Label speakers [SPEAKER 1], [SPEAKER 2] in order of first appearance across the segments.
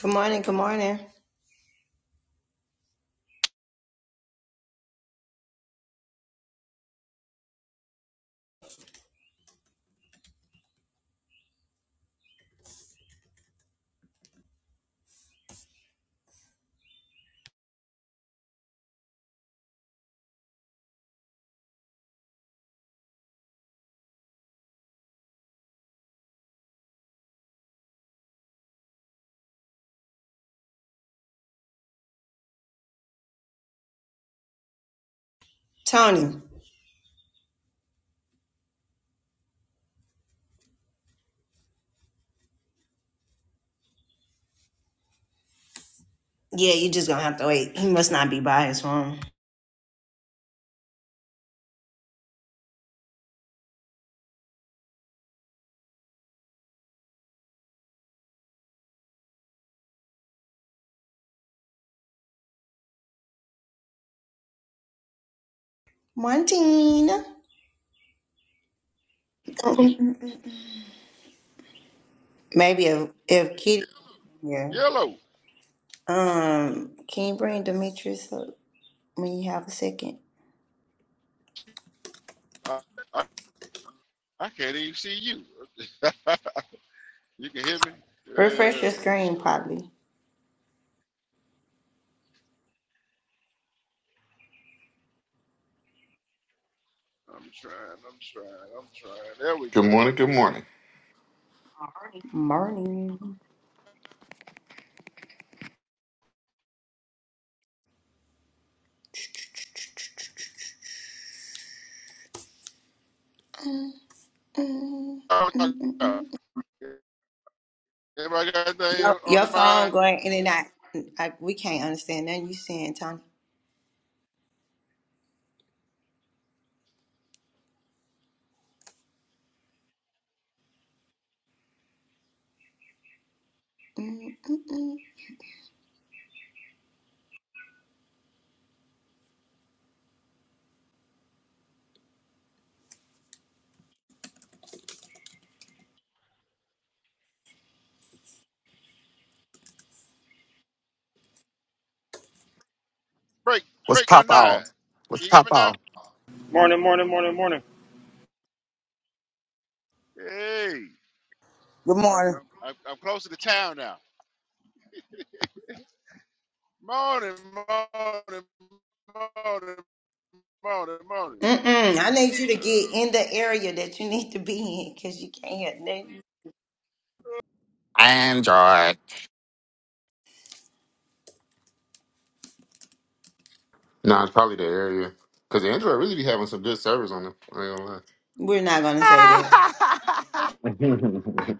[SPEAKER 1] Good morning, good morning. Tony. Yeah, you just gonna have to wait. He must not be by his phone. Morning. Maybe if if Kitty here.
[SPEAKER 2] Yellow.
[SPEAKER 1] Um, can you bring Demetrius up when you have a second?
[SPEAKER 2] I, I can't even see you. you can hear me?
[SPEAKER 1] Refresh your
[SPEAKER 2] Yes.
[SPEAKER 1] screen probably.
[SPEAKER 2] I'm trying. I'm trying. I'm trying. There we
[SPEAKER 3] Good
[SPEAKER 2] go.
[SPEAKER 3] morning. Good morning.
[SPEAKER 1] Morning.
[SPEAKER 2] Oh, my God. Everybody got anything
[SPEAKER 1] Your,
[SPEAKER 2] on
[SPEAKER 1] your
[SPEAKER 2] their
[SPEAKER 1] phone
[SPEAKER 2] mind?
[SPEAKER 1] going in and out. I, we can't understand nothing you saying, Tony. Mm-mm.
[SPEAKER 2] Break.
[SPEAKER 4] What's
[SPEAKER 2] Break one
[SPEAKER 4] pop
[SPEAKER 2] nine.
[SPEAKER 4] out? What's
[SPEAKER 2] You get
[SPEAKER 4] pop
[SPEAKER 2] me now?
[SPEAKER 4] out?
[SPEAKER 5] Morning, morning, morning, morning.
[SPEAKER 2] Hey.
[SPEAKER 6] Good morning.
[SPEAKER 2] I'm, I'm close to the town now. Morning. Morning. Morning. Morning. Morning.
[SPEAKER 1] I need you to get
[SPEAKER 2] Oh.
[SPEAKER 1] in the area that you need to be in because you can't hear nothing.
[SPEAKER 4] Android.
[SPEAKER 3] Nah, it's probably the area because Android really be having some good servers on them. I
[SPEAKER 1] We're not going to say that.
[SPEAKER 3] ain't gonna lie.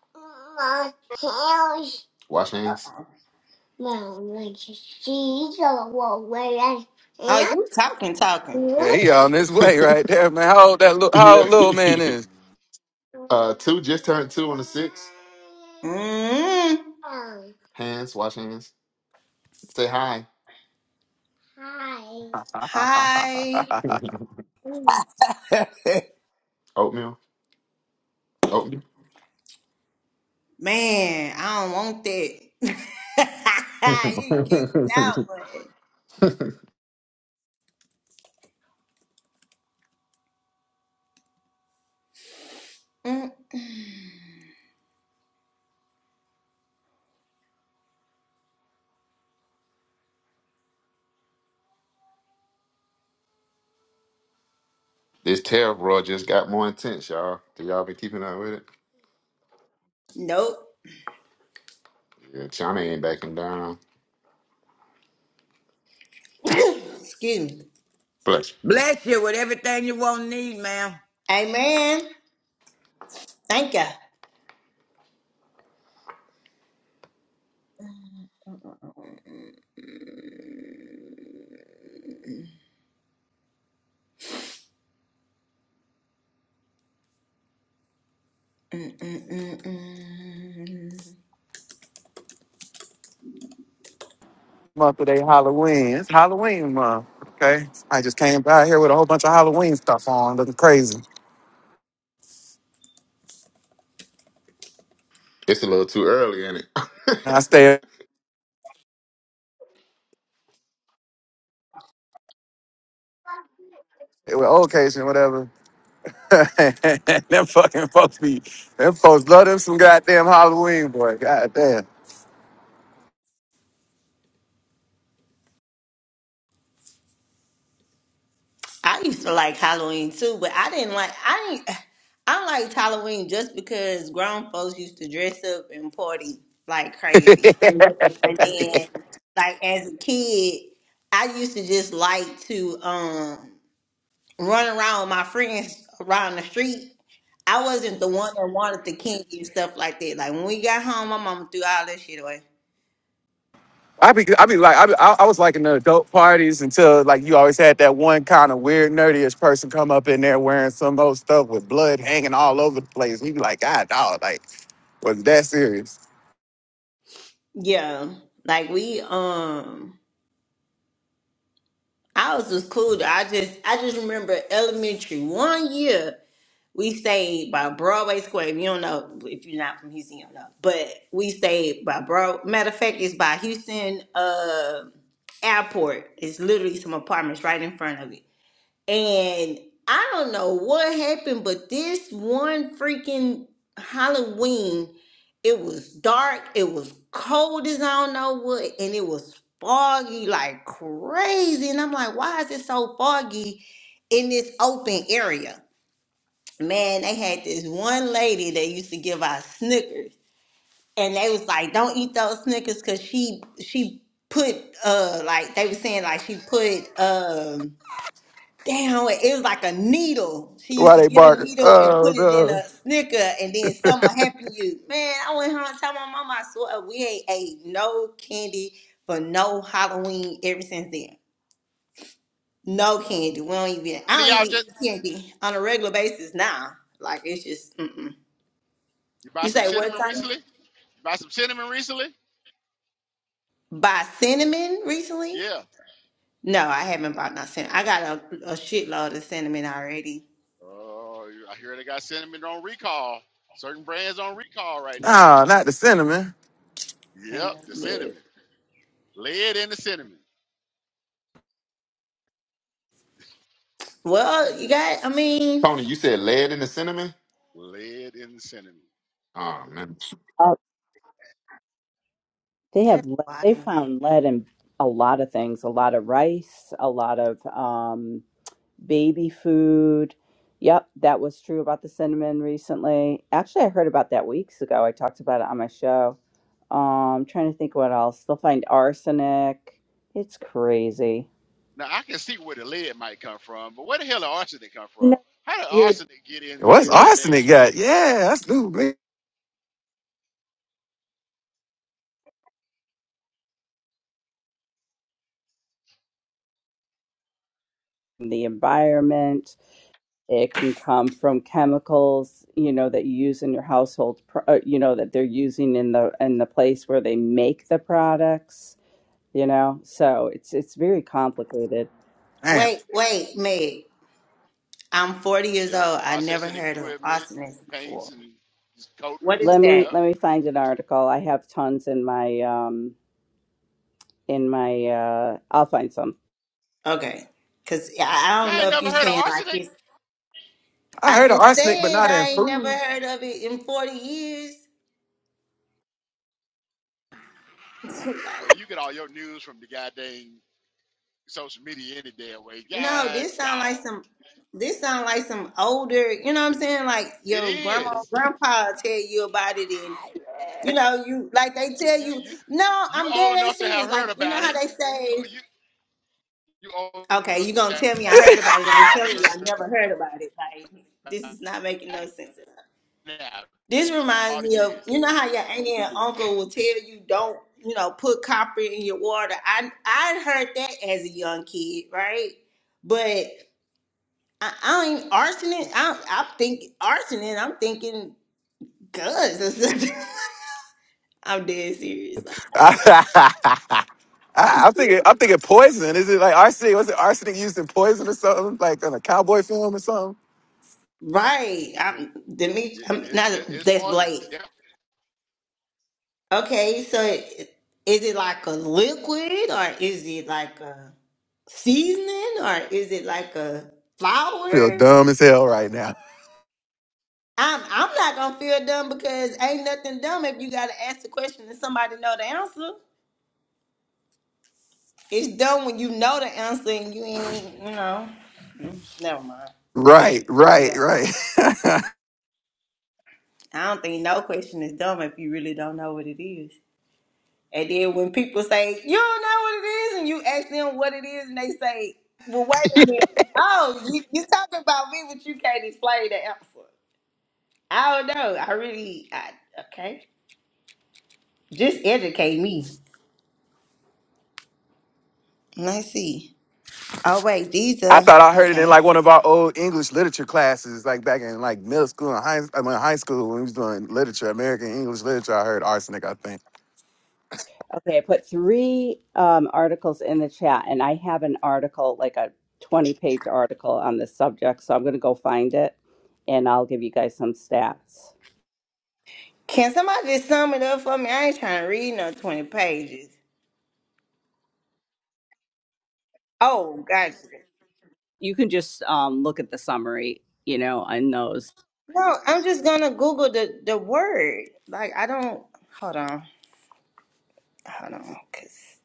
[SPEAKER 3] My hands. Wash hands. My cheese away
[SPEAKER 1] Oh,
[SPEAKER 3] and
[SPEAKER 1] you talking, talking.
[SPEAKER 4] Yeah, he on
[SPEAKER 3] what?
[SPEAKER 4] his way right there, man. How old that little, how old
[SPEAKER 3] yeah.
[SPEAKER 4] little man is?
[SPEAKER 3] Uh, two just turned two on the six.
[SPEAKER 1] Mm,
[SPEAKER 3] Hands. Wash hands. Say hi. Hi.
[SPEAKER 1] hi.
[SPEAKER 3] Oatmeal. Oatmeal.
[SPEAKER 1] Man, I don't want that. you kicked out one. Mm,
[SPEAKER 3] This tariff roar just got more intense, y'all. Have y'all been keeping up with it?
[SPEAKER 1] nope.
[SPEAKER 3] Yeah, China ain't backing down.
[SPEAKER 1] Excuse me.
[SPEAKER 3] But
[SPEAKER 6] Bless you with everything you won't need, ma'am.
[SPEAKER 1] Amen. Thank ya. Mm, mm, mm, mm.
[SPEAKER 4] month of today Halloween. It's Halloween month. Okay. I just came by here with a whole bunch of Halloween stuff on, looking crazy.
[SPEAKER 3] it's a little too early, ain't
[SPEAKER 4] And I
[SPEAKER 3] it?
[SPEAKER 4] stay with old Cation, whatever. them fucking folks be, them folks love them some goddamn Halloween, boy. Goddamn.
[SPEAKER 1] I used to like Halloween too, but I didn't like I didn't I liked Halloween just because grown folks used to dress up and party like crazy. And then, like as a kid, I used to just like to um run around with my friends around the street. I wasn't the one that wanted the kinky and stuff like that. Like when we got home, my mama threw all that shit away.
[SPEAKER 4] I be, I be like, I, be, I, I was like in the adult parties until like you always had that one kind of weird nerdiest person come up in there wearing some old stuff with blood hanging all over the place. You be like, God, dog, like was that serious?
[SPEAKER 1] Yeah, like we um, I was just cool. I just I just remember elementary one year. We stayed by Broadway Square. If you don't know, if you're not from Houston, you don't know. But we stayed by Broad. Matter of fact, it's by Houston uh, Airport. It's literally some apartments right in front of it. And I don't know what happened, but this one freaking Halloween, it was dark. It was cold as I don't know what, and it was foggy like crazy. And I'm like, why is it so foggy in this open area? man, they had this one lady that used to give out Snickers, and they was like, "Don't eat those Snickers," because she she put uh like they was saying like she put um down it was like a needle. She used
[SPEAKER 4] Why
[SPEAKER 1] to
[SPEAKER 4] they
[SPEAKER 1] get a
[SPEAKER 4] barking?
[SPEAKER 1] needle and
[SPEAKER 4] Oh
[SPEAKER 1] put it in
[SPEAKER 4] no,
[SPEAKER 1] a Snicker, and then something would happen to you. Man, I went home and told my mama, I swear we ain't ate no candy for no Halloween ever since then. No candy. We don't even.
[SPEAKER 2] Any of
[SPEAKER 1] I don't
[SPEAKER 2] y'all
[SPEAKER 1] even
[SPEAKER 2] just
[SPEAKER 1] eat candy on a regular basis now. Like it's just. Mm-mm.
[SPEAKER 2] you buy
[SPEAKER 1] You
[SPEAKER 2] some
[SPEAKER 1] say what
[SPEAKER 2] cinnamon
[SPEAKER 1] time?
[SPEAKER 2] recently? You buy some cinnamon recently?
[SPEAKER 1] Buy cinnamon recently?
[SPEAKER 2] Yeah.
[SPEAKER 1] No, I haven't bought no cinnamon. I got a, a shitload of cinnamon already,
[SPEAKER 2] Oh, I hear they got cinnamon on recall. Certain brands on recall right now.
[SPEAKER 4] nah, not the cinnamon.
[SPEAKER 2] Yep,
[SPEAKER 1] man.
[SPEAKER 2] the
[SPEAKER 1] Yeah.
[SPEAKER 2] cinnamon. Lead in the cinnamon.
[SPEAKER 1] Well, you got. I mean,
[SPEAKER 3] Tony, you said lead in the cinnamon?
[SPEAKER 2] Lead in the cinnamon.
[SPEAKER 3] Oh man.
[SPEAKER 7] Uh, they have
[SPEAKER 1] that's
[SPEAKER 7] le- they
[SPEAKER 1] wild.
[SPEAKER 7] found lead in a lot of things, a lot of rice, a lot of um, baby food. Yep, that was true about the cinnamon recently. Actually, I heard about that weeks ago. I talked about it on my show. Um, trying to think what else. They'll find arsenic. It's crazy.
[SPEAKER 2] Now I can see where the lead might come from, but where the hell did arsenic come
[SPEAKER 7] You know,
[SPEAKER 2] from? How did
[SPEAKER 7] weird
[SPEAKER 2] arsenic get into
[SPEAKER 4] What's
[SPEAKER 2] goddamn
[SPEAKER 4] arsenic got? Yeah, that's new. man.
[SPEAKER 7] the environment. It can come from chemicals, you know, that you use in your household, pro- uh, you know, that they're using in the in the place where they make the products, you know. So it's it's very complicated.
[SPEAKER 4] Damn,
[SPEAKER 1] Wait, wait, Meg. I'm 40
[SPEAKER 2] the,
[SPEAKER 1] years
[SPEAKER 2] yeah, the
[SPEAKER 1] old. I never
[SPEAKER 2] processing
[SPEAKER 1] heard of
[SPEAKER 2] equipment,
[SPEAKER 1] arsonist
[SPEAKER 2] paints
[SPEAKER 1] before.
[SPEAKER 2] and
[SPEAKER 1] What
[SPEAKER 2] coatings
[SPEAKER 1] is
[SPEAKER 7] Let
[SPEAKER 2] and
[SPEAKER 7] me
[SPEAKER 1] that?
[SPEAKER 2] yep.
[SPEAKER 7] let me find
[SPEAKER 2] Mm.
[SPEAKER 7] an article. I have tons in my um in my uh I'll find some.
[SPEAKER 1] Okay, cause I I don't
[SPEAKER 2] Y'all
[SPEAKER 1] know
[SPEAKER 2] ain't
[SPEAKER 1] if
[SPEAKER 2] never
[SPEAKER 1] you
[SPEAKER 2] heard of
[SPEAKER 1] saying like
[SPEAKER 2] arsenic?
[SPEAKER 1] it's.
[SPEAKER 4] I
[SPEAKER 1] I
[SPEAKER 4] heard of
[SPEAKER 1] just
[SPEAKER 4] arsenic, but
[SPEAKER 1] said
[SPEAKER 4] not in
[SPEAKER 1] I ain't never
[SPEAKER 4] food.
[SPEAKER 1] heard of it in 40 years.
[SPEAKER 2] Well, well,
[SPEAKER 1] Like
[SPEAKER 2] you get all your news from the goddamn social media any damn way.
[SPEAKER 1] No,
[SPEAKER 2] God
[SPEAKER 1] this
[SPEAKER 2] dog.
[SPEAKER 1] sound like some. This sound like some older. You know what I'm saying? Like
[SPEAKER 2] It
[SPEAKER 1] your grandma,
[SPEAKER 2] is.
[SPEAKER 1] grandpa tell you about it, and you know you like they tell
[SPEAKER 2] you
[SPEAKER 1] you.
[SPEAKER 2] you
[SPEAKER 1] No,
[SPEAKER 2] you
[SPEAKER 1] I'm
[SPEAKER 2] old
[SPEAKER 1] dead
[SPEAKER 2] enough
[SPEAKER 1] ass
[SPEAKER 2] to have
[SPEAKER 1] serious. Like
[SPEAKER 2] heard
[SPEAKER 1] you know
[SPEAKER 2] about it.
[SPEAKER 1] how they say.
[SPEAKER 2] You you you old
[SPEAKER 1] Okay,
[SPEAKER 2] enough
[SPEAKER 1] you
[SPEAKER 2] to
[SPEAKER 1] gonna tell
[SPEAKER 2] have
[SPEAKER 1] me I heard about it? I'm telling you,
[SPEAKER 2] heard
[SPEAKER 1] I never heard about it. Like this is
[SPEAKER 2] about
[SPEAKER 1] not making no
[SPEAKER 2] it
[SPEAKER 1] sense. At all.
[SPEAKER 2] now.
[SPEAKER 1] This
[SPEAKER 2] All
[SPEAKER 1] reminds
[SPEAKER 2] the
[SPEAKER 1] me of
[SPEAKER 2] years.
[SPEAKER 1] you know how your auntie and uncle will tell you don't you know put copper in your water. I I heard that as a young kid, right? I, I ain't arsoning. I, I'm thinking arsoning. I'm thinking guns or something. I'm dead serious. Like,
[SPEAKER 4] I,
[SPEAKER 1] I'm s-
[SPEAKER 4] I'm thinking, I'm thinking poison. Is it like arsenic? Was it arsenic used in poison or something, like in a cowboy film or something?
[SPEAKER 1] right. I'm Demetri.
[SPEAKER 2] It,
[SPEAKER 1] I'm
[SPEAKER 2] it,
[SPEAKER 1] not.
[SPEAKER 2] it- it's
[SPEAKER 1] That's Blake.
[SPEAKER 2] poisonous. Yeah.
[SPEAKER 1] Okay. So i- is it like a liquid or is it like a seasoning or is it like a
[SPEAKER 4] feel
[SPEAKER 1] flour?
[SPEAKER 4] dumb as hell right now.
[SPEAKER 1] I'm I'm not gonna feel dumb because ain't nothing dumb if you gotta ask the question and somebody know the answer. It's dumb when you know the answer and you ain't, you know. Mm, Never mind. But
[SPEAKER 4] Right, right,
[SPEAKER 1] yeah,
[SPEAKER 4] right. I
[SPEAKER 1] I don't think no question is dumb if you really don't know what it is. And then when people say you don't know what it is, and you ask them what it is, and they say, "Well, wait a minute. Oh, you you talking about me, but you can't explain the answer." I don't know. I really, I okay. Just educate me. Let's see. Oh wait, these are
[SPEAKER 4] thought I heard it in like
[SPEAKER 1] okay.
[SPEAKER 4] one of our old English literature classes, like back in like middle school and high, I mean, high school when we was doing literature, American English literature. I heard arsenic, I think.
[SPEAKER 7] Okay, I put three um articles in the chat and I have an article like a 20 page article on this subject, so I'm going to go find it and I'll give you guys some stats.
[SPEAKER 1] Can somebody just sum it up for me? I ain't trying to read no 20 pages. Oh, gotcha.
[SPEAKER 7] you can just um, look at the summary, you know, on those.
[SPEAKER 1] No, I'm just gonna Google the, the word. Like, I don't. Hold on. Hold on. Cause,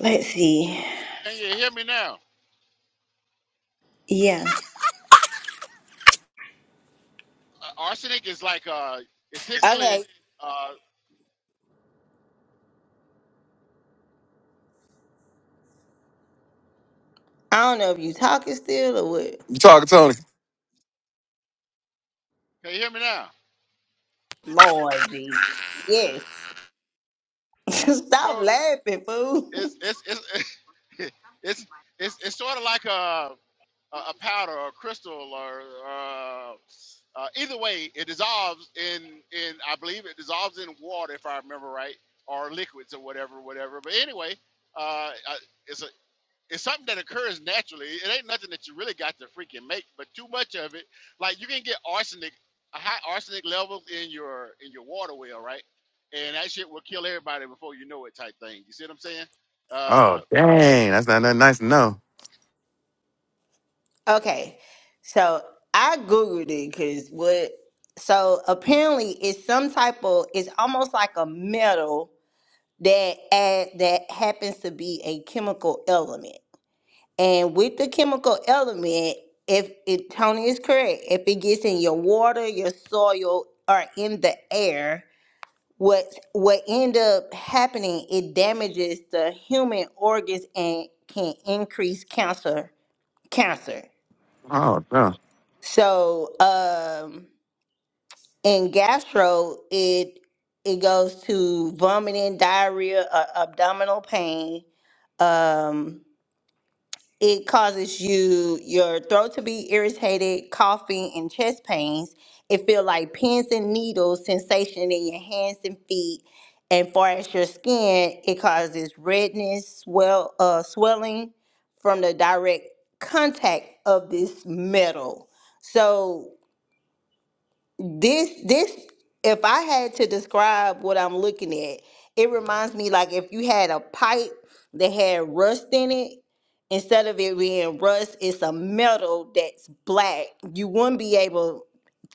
[SPEAKER 1] let's see.
[SPEAKER 2] Can you hear me now?
[SPEAKER 1] Yeah.
[SPEAKER 2] Uh, arsenic is like uh, it's typically
[SPEAKER 1] Okay.
[SPEAKER 2] uh,
[SPEAKER 1] I don't know if you talking still or what.
[SPEAKER 4] You talking, Tony?
[SPEAKER 2] can you hear me now?
[SPEAKER 1] Lord Jesus. Yes. Stop
[SPEAKER 2] So
[SPEAKER 1] laughing, fool.
[SPEAKER 2] it's it's it's it's it's, it's sort of like a. a, a powder or a crystal or uh, uh, either way, it dissolves in in I believe it dissolves in water if I remember right, or liquids or whatever, whatever. But anyway, uh, uh, it's a it's something that occurs naturally. It ain't nothing that you really got to freaking make, but too much of it, like you can get arsenic, a high arsenic levels in your in your water well, right? And that shit will kill everybody before you know it, type thing. You see what I'm saying?
[SPEAKER 4] Oh,
[SPEAKER 2] Uh,
[SPEAKER 4] dang. That's not nothing nice to know.
[SPEAKER 1] okay. So I Googled it because what. So apparently it's some type of. It's almost like a metal that add, that happens to be a chemical element. And with the chemical element, if it, Tony is correct, if it gets in your water, your soil, or in the air, what what end up happening? It damages the human organs and can increase cancer. Cancer.
[SPEAKER 4] Oh, no.
[SPEAKER 1] So, um, in gastro, it it goes to vomiting, diarrhea, uh, abdominal pain. Um, It causes you your throat to be irritated, coughing, and chest pains. It feel like pins and needles, sensation in your hands and feet. And far as your skin, it causes redness, swell, uh, swelling from the direct contact of this metal. So this this if I had to describe what I'm looking at, it reminds me like if you had a pipe that had rust in it, instead of it being rust, it's a metal that's black. You wouldn't be able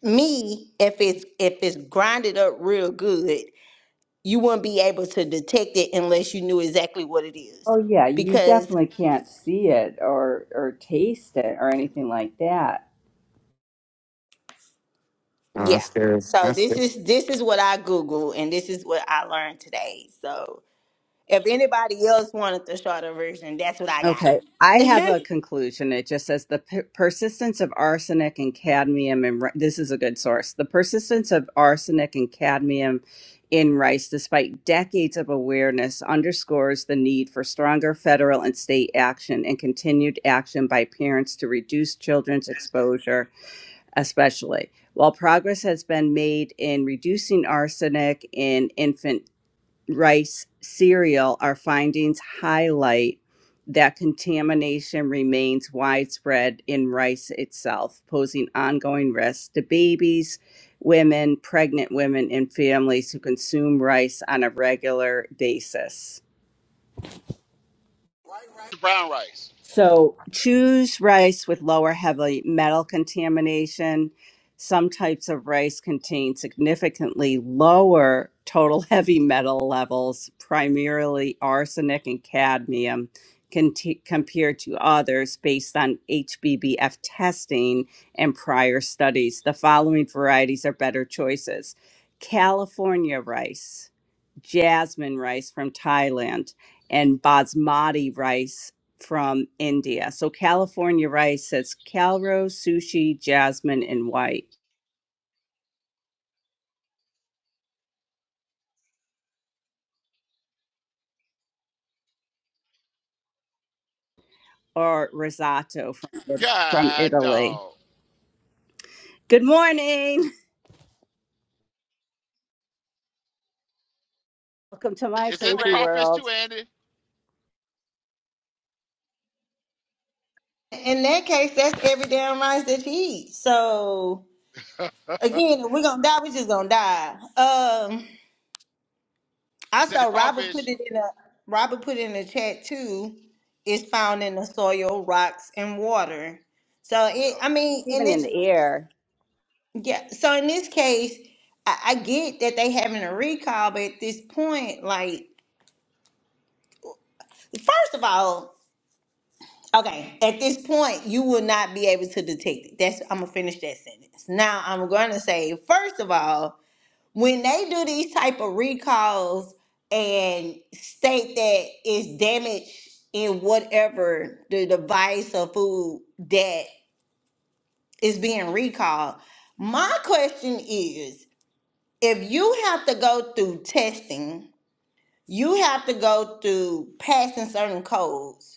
[SPEAKER 1] me if it's if it's grinded up real good, you wouldn't be able to detect it unless you knew exactly what it is.
[SPEAKER 7] Oh yeah, you
[SPEAKER 1] Because
[SPEAKER 7] definitely can't see it or or taste it or anything like that.
[SPEAKER 4] Oh,
[SPEAKER 1] yeah.
[SPEAKER 4] that's scary.
[SPEAKER 1] So
[SPEAKER 4] That's
[SPEAKER 1] this
[SPEAKER 4] scary.
[SPEAKER 1] is this is what I Google and this is what I learned today. So If anybody else wanted the shorter version, that's what I got.
[SPEAKER 7] Okay, I have a conclusion. It just says the per- persistence of arsenic and cadmium in ri- this is a good source. The persistence of arsenic and cadmium in rice, despite decades of awareness, underscores the need for stronger federal and state action and continued action by parents to reduce children's exposure especially. While progress has been made in reducing arsenic in infant rice cereal, our findings highlight that contamination remains widespread in rice itself, posing ongoing risks to babies, women, pregnant women, and families who consume rice on a regular basis.
[SPEAKER 2] right. brown rice.
[SPEAKER 7] So choose rice with lower heavy metal contamination. Some types of rice contain significantly lower total heavy metal levels, primarily arsenic and cadmium, conti- compared to others based on HBBF testing and prior studies. The following varieties are better choices California rice, jasmine rice from Thailand, and basmati rice from India. So California rice says calro, sushi, jasmine, and white, or risotto from, from
[SPEAKER 2] God
[SPEAKER 7] Italy.
[SPEAKER 2] dog.
[SPEAKER 7] Good morning. Welcome to my
[SPEAKER 2] It's in the
[SPEAKER 7] crazy
[SPEAKER 2] crawfish
[SPEAKER 7] world,
[SPEAKER 2] too, Andy.
[SPEAKER 1] In that case, that's every damn rice that you eat. So again, if we're gonna die, we just gonna die. Um I
[SPEAKER 2] It's in the
[SPEAKER 1] saw Robert put
[SPEAKER 2] crawfish.
[SPEAKER 1] it in a Robert put it in the chat too. It's found in the soil, rocks, and water. So it
[SPEAKER 2] Yep.
[SPEAKER 1] I mean in
[SPEAKER 7] even in
[SPEAKER 1] this
[SPEAKER 7] the air.
[SPEAKER 1] yeah, so in this case, I, I get that they having a recall, but at this point, like first of all, Okay, at this point, you will not be able to detect it. That's I'm gonna finish that sentence. Now I'm gonna say, first of all, when they do these type of recalls and state that it's damage in whatever the device or food that is being recalled, my question is, if you have to go through testing, you have to go through passing certain codes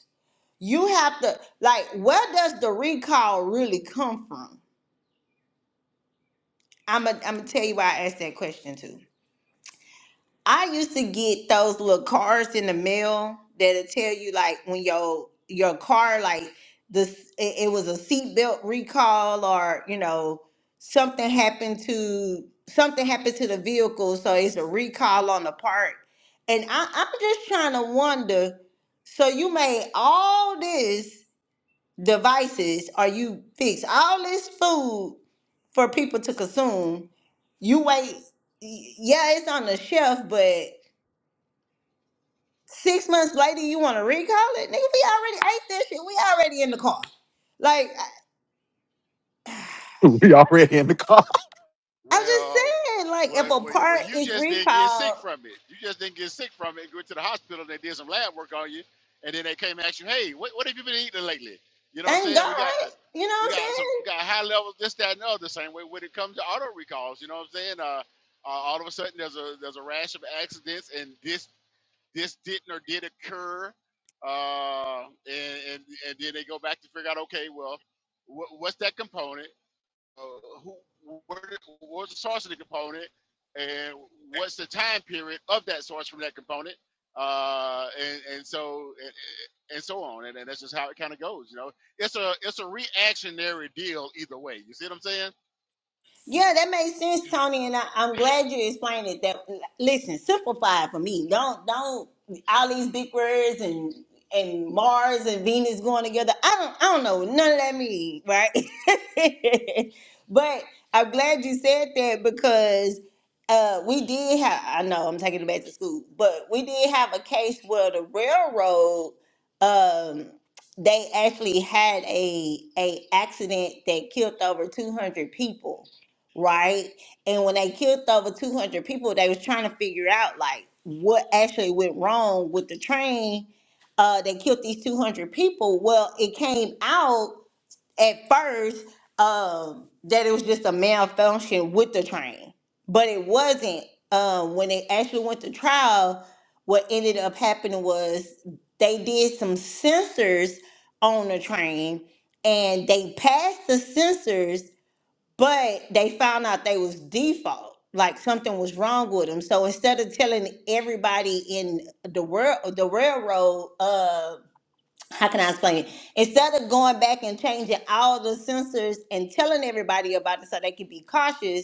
[SPEAKER 1] you have to like where does the recall really come from? I'm gonna I'm gonna tell you why I asked that question too. I used to get those little cards in the mail that'll tell you like when your your car like this it, it was a seatbelt recall or you know something happened to something happened to the vehicle so it's a recall on the part. And I, I'm just trying to wonder. So you made all this devices or you fix all this food for people to consume. You wait, y- yeah, it's on the shelf, but six months later you want to recall it? Nigga, we already ate this shit. We already in the car. Like, I,
[SPEAKER 4] We already in the car.
[SPEAKER 1] I'm
[SPEAKER 2] Well,
[SPEAKER 1] just saying, like,
[SPEAKER 2] well,
[SPEAKER 1] if a
[SPEAKER 2] well, well,
[SPEAKER 1] part
[SPEAKER 2] you
[SPEAKER 1] is
[SPEAKER 2] just didn't get sick
[SPEAKER 1] recalled,
[SPEAKER 2] from it. You just didn't get sick from it. You went to the hospital and they did some lab work on you, and then they came and asked you, "Hey, what, what have you been eating lately?" You know what I'm
[SPEAKER 1] thank
[SPEAKER 2] saying? We
[SPEAKER 1] God.
[SPEAKER 2] got
[SPEAKER 1] You know
[SPEAKER 2] we
[SPEAKER 1] what I'm
[SPEAKER 2] got
[SPEAKER 1] saying?
[SPEAKER 2] some we got high levels this that and the other. Same way when it comes to auto recalls, you know what I'm saying? Uh, uh, all of a sudden there's a there's a rash of accidents and this. this didn't or did occur, uh, and, and and then they go back to figure out, okay, well, wh- what's that component? Uh, who? Where, did- what's the source of the component? And what's the time period of that source from that component? Uh, and and so and, and so on, and, and that's just how it kind of goes. You know, it's a it's a reactionary deal either way. You see what I'm saying?
[SPEAKER 1] Yeah, that makes sense, Tony, and I, I'm glad you explained it. That listen, simplify it for me. Don't don't all these big words and and Mars and Venus going together. I don't I don't know what none of that mean, right? but I'm glad you said that because uh, we did have. I know I'm taking it back to school, but we did have a case where the railroad. Um, they actually had a a accident that killed over 200 people right? And when they killed over 200 people, they was trying to figure out like what actually went wrong with the train. Uh, they killed these 200 people. Well, it came out at first um, that it was just a malfunction with the train, but it wasn't. Um, when they actually went to trial, what ended up happening was they did some sensors on the train and they passed the sensors but they found out they was default like something was wrong with them so instead of telling everybody in the world the railroad uh how can i explain it instead of going back and changing all the sensors and telling everybody about it so they can be cautious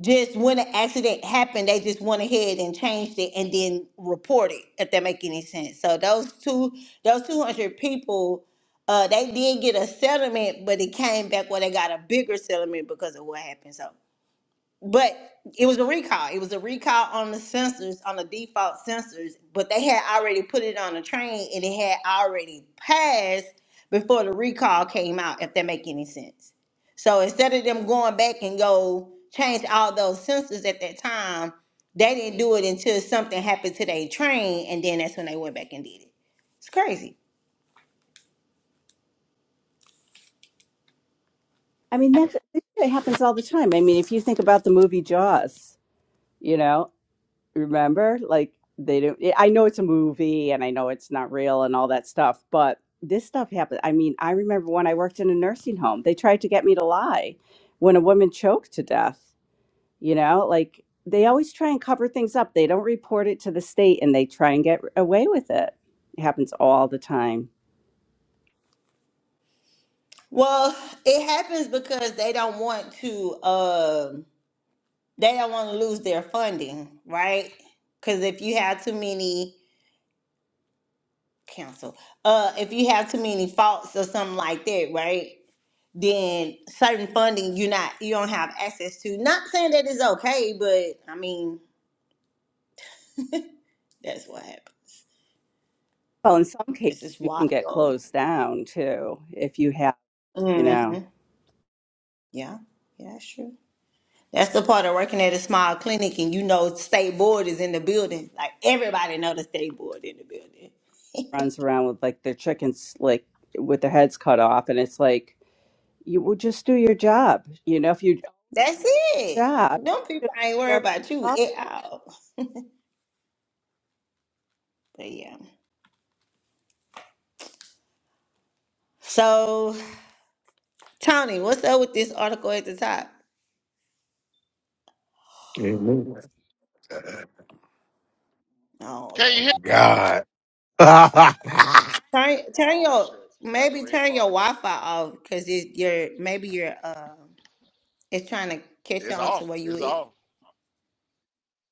[SPEAKER 1] just when the accident happened, they just went ahead and changed it and then report it. If that make any sense. So those two, those two hundred people, uh, they did get a settlement, but it came back where they got a bigger settlement because of what happened. So but it was a recall. It was a recall on the sensors, on the default sensors, but they had already put it on the train and it had already passed before the recall came out, if that make any sense. So instead of them going back and go change all those sensors at that time, they didn't do it until something happened to their train, and then that's when they went back and did it. It's crazy.
[SPEAKER 7] I mean, that, that happens all the time. I mean, if you think about the movie Jaws, you know, remember like they don't yeah, i know it's a movie and i know it's not real and all that stuff but this stuff happened i mean i remember when i worked in a nursing home they tried to get me to lie when a woman choked to death you know like they always try and cover things up they don't report it to the state and they try and get away with it it happens all the time
[SPEAKER 1] Well, it happens because they don't want to. Um, They don't want to lose their funding, right? Because if you have too many cancel, uh, if you have too many faults or something like that, right? Then certain funding you not you don't have access to. Not saying that it's okay, but I mean that's what happened.
[SPEAKER 7] well in some cases
[SPEAKER 1] This is
[SPEAKER 7] you can get
[SPEAKER 1] wild.
[SPEAKER 7] closed down too if you have you know
[SPEAKER 1] Mm-hmm. Yeah, yeah, that's true. That's the part of working at a small clinic, and you know, state board is in the building. Like everybody know the state board in the building.
[SPEAKER 7] runs around with like their chickens like with their heads cut off and it's like you will just do your job you know if you do
[SPEAKER 1] That's it.
[SPEAKER 7] your job
[SPEAKER 1] Them
[SPEAKER 7] you
[SPEAKER 1] people
[SPEAKER 7] shouldn't
[SPEAKER 1] ain't
[SPEAKER 7] be
[SPEAKER 1] worried
[SPEAKER 7] nervous
[SPEAKER 1] about
[SPEAKER 7] at
[SPEAKER 1] you
[SPEAKER 7] all
[SPEAKER 1] at all. But yeah. So Tony, what's up with this article at the top? Oh
[SPEAKER 2] Can you hear?
[SPEAKER 1] Lord.
[SPEAKER 4] God.
[SPEAKER 1] Turn turn
[SPEAKER 2] Oh
[SPEAKER 1] your
[SPEAKER 2] shit! Got the
[SPEAKER 1] maybe
[SPEAKER 2] red
[SPEAKER 1] turn
[SPEAKER 2] bar.
[SPEAKER 1] your Wi Fi off because it your maybe your uh it's trying to catch
[SPEAKER 2] It's
[SPEAKER 1] on
[SPEAKER 2] off.
[SPEAKER 1] to where you
[SPEAKER 2] It's
[SPEAKER 1] at.
[SPEAKER 2] off.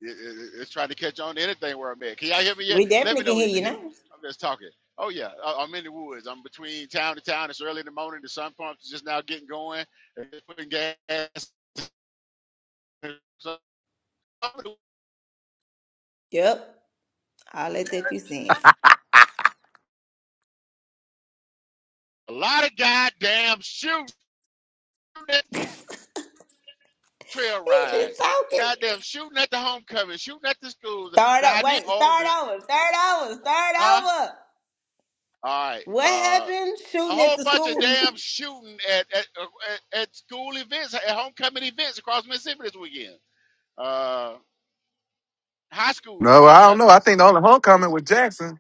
[SPEAKER 2] It, it- it's trying to catch on to anything where I'm at. Can y'all hear me yet?
[SPEAKER 1] We
[SPEAKER 2] Let me
[SPEAKER 1] definitely
[SPEAKER 2] know
[SPEAKER 1] can hear
[SPEAKER 2] you can
[SPEAKER 1] you
[SPEAKER 2] hear
[SPEAKER 1] now.
[SPEAKER 2] me. I'm just talking. Oh yeah, I, I'm in the woods. I'm between town to town. It's early in the morning. The sun pumps is just now getting going. And just putting gas. So
[SPEAKER 1] Yep. All that that you saying.
[SPEAKER 2] a lot of goddamn shooting at trail
[SPEAKER 1] He's just
[SPEAKER 2] rides.
[SPEAKER 1] talking.
[SPEAKER 2] Goddamn shooting at the homecoming. Shooting at the schools.
[SPEAKER 1] Start
[SPEAKER 2] Now
[SPEAKER 1] up.
[SPEAKER 2] I did
[SPEAKER 1] Wait.
[SPEAKER 2] own
[SPEAKER 1] Start
[SPEAKER 2] the
[SPEAKER 1] over. Start over. Start
[SPEAKER 2] huh.
[SPEAKER 1] over.
[SPEAKER 2] All right.
[SPEAKER 1] What
[SPEAKER 2] Uh,
[SPEAKER 1] happened?
[SPEAKER 2] a
[SPEAKER 1] Shooting at
[SPEAKER 2] whole
[SPEAKER 1] the
[SPEAKER 2] bunch of
[SPEAKER 1] school.
[SPEAKER 2] damn shooting at at, uh, at at school events, at homecoming events across Mississippi this weekend. Uh, high school
[SPEAKER 4] no, I don't know. I
[SPEAKER 2] homecomings.
[SPEAKER 4] think the only homecoming was Jackson.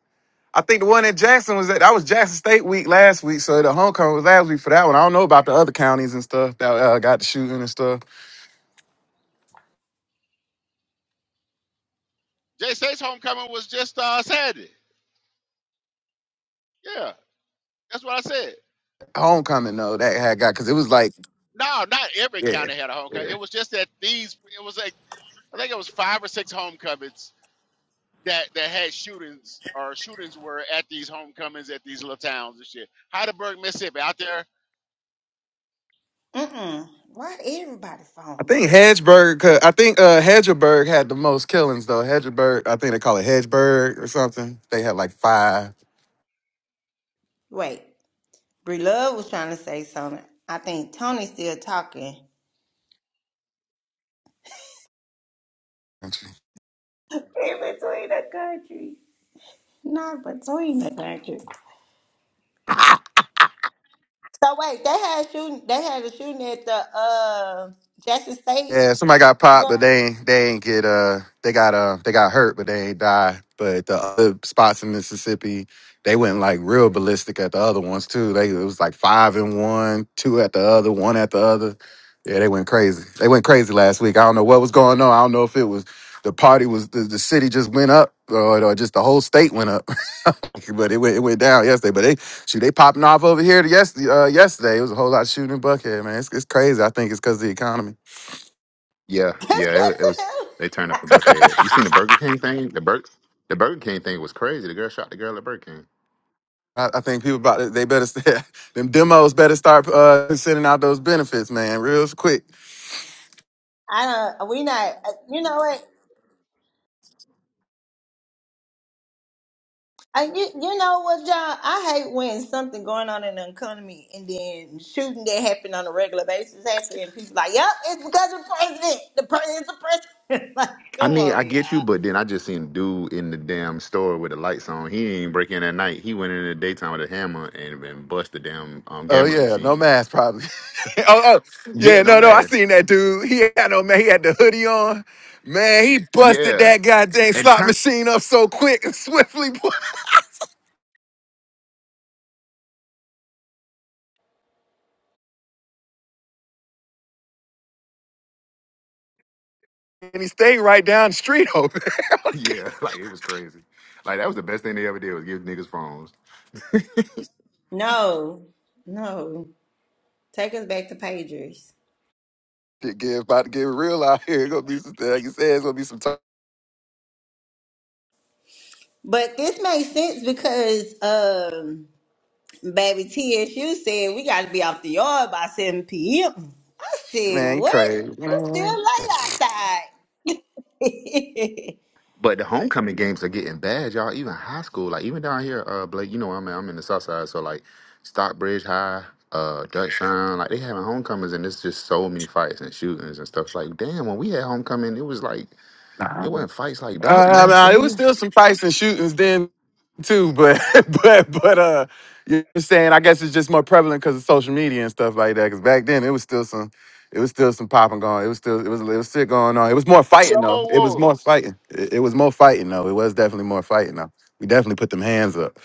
[SPEAKER 4] I think the one in Jackson was that that was Jackson State week last week, so the homecoming was last week for that one. I don't know about the other counties and stuff that uh, got the shooting and stuff.
[SPEAKER 2] Jay State's homecoming was just uh, Saturday. Yeah, that's what I said.
[SPEAKER 4] Homecoming though, that had got because it was like
[SPEAKER 2] No, not every
[SPEAKER 4] yeah,
[SPEAKER 2] county had a homecoming.
[SPEAKER 4] yeah.
[SPEAKER 2] It was just that these. It was like I think it was five or six homecomings that that had shootings or shootings were at these homecomings at these little towns and shit. Heidelberg, Mississippi, out there,
[SPEAKER 1] Mm mm. Why everybody
[SPEAKER 4] I
[SPEAKER 1] phone
[SPEAKER 4] think
[SPEAKER 1] messing up?
[SPEAKER 4] Hedgeburg, 'cause- I think uh, Hedgeburg had the most killings though. Hedgeburg, I think they call it Hedgeburg or something. They had like five.
[SPEAKER 1] Wait. Brie Love was trying to say something. I think Tony's still talking. In between the country. Not between the country. So wait, they had shooting. They had a shooting at the uh Jackson State.
[SPEAKER 4] Yeah, somebody got popped,
[SPEAKER 1] game?
[SPEAKER 4] but they ain't they ain't get uh they got uh they got hurt, but they ain't die. But the other spots in Mississippi, they went like real ballistic at the other ones too. They it was like five and one, two at the other, one at the other. Yeah, they went crazy. They went crazy last week. I don't know what was going on. I don't know if it was the party was the, the city just went up or, or just the whole state went up. but it went it went down yesterday. But they shoot they popping off over here to yes, uh, yesterday. It was a whole lot of shooting in Buckhead, man. It's, it's crazy. I think it's because of the economy.
[SPEAKER 3] Yeah, yeah. It, it was they turned up the bucket. You seen the Burger King thing? The Burger the Burger King thing was crazy. The girl shot the girl at Burger King.
[SPEAKER 4] I, I think people about to- they better st- them demos better start uh, sending out those benefits, man, real quick.
[SPEAKER 1] I don't. We not. You know what? I, you, you know what, y'all? I hate when something going on in the economy and then shooting that happen on a regular basis happen and people like, yep, it's because of the president. The president's the president. like,
[SPEAKER 3] I
[SPEAKER 1] come
[SPEAKER 3] mean, I
[SPEAKER 1] on,
[SPEAKER 3] get
[SPEAKER 1] y'all.
[SPEAKER 3] you, but then I just seen a dude in the damn store with the lights on. He ain't break in at night. He went in the daytime with a hammer and, and bust the damn um,
[SPEAKER 4] Oh
[SPEAKER 3] gambling
[SPEAKER 4] yeah, no
[SPEAKER 3] machines.
[SPEAKER 4] mask probably. oh, oh
[SPEAKER 3] Yeah,
[SPEAKER 4] yeah,
[SPEAKER 3] no
[SPEAKER 4] no, no, I
[SPEAKER 3] mask.
[SPEAKER 4] seen that dude. He had no man. He had the hoodie on. Man, he busted
[SPEAKER 3] Yeah.
[SPEAKER 4] that goddamn
[SPEAKER 3] And
[SPEAKER 4] slot
[SPEAKER 3] turn
[SPEAKER 4] machine up so quick and swiftly, boy. And he stayed right down the street open.
[SPEAKER 3] yeah, like it was crazy. Like that was the best thing they ever did was give niggas phones.
[SPEAKER 1] No, no. Take us back to pagers.
[SPEAKER 4] Shit, get about to get real out here. It's gonna be some, like you said, it's gonna be some talk.
[SPEAKER 1] But this makes sense because um baby TSU said we gotta be off the yard by seven PM. I said,
[SPEAKER 4] Man, he
[SPEAKER 1] What?
[SPEAKER 4] crazy. Man.
[SPEAKER 1] It's still late outside.
[SPEAKER 3] But the homecoming games are getting bad, y'all. Even high school, like even down here, uh, Blake, you know I'm I'm in the South Side, so like Stockbridge High, uh, Dutch Sound, like they having homecomings, and it's just so many fights and shootings and stuff. Like damn, when we had homecoming, it was like it wasn't fights like that. You
[SPEAKER 4] Uh,
[SPEAKER 3] know what
[SPEAKER 4] nah, it was
[SPEAKER 3] I'm
[SPEAKER 4] still some fights and shootings then too, but but but uh, you know what I'm saying I guess it's just more prevalent because of social media and stuff like that. Because back then it was still some, it was still some popping going. It was still it was it was shit going on. It was more
[SPEAKER 2] so
[SPEAKER 4] fighting though. It was more
[SPEAKER 2] was.
[SPEAKER 4] fighting. It, it was more fighting though. It was definitely more fighting though. We definitely put them hands up.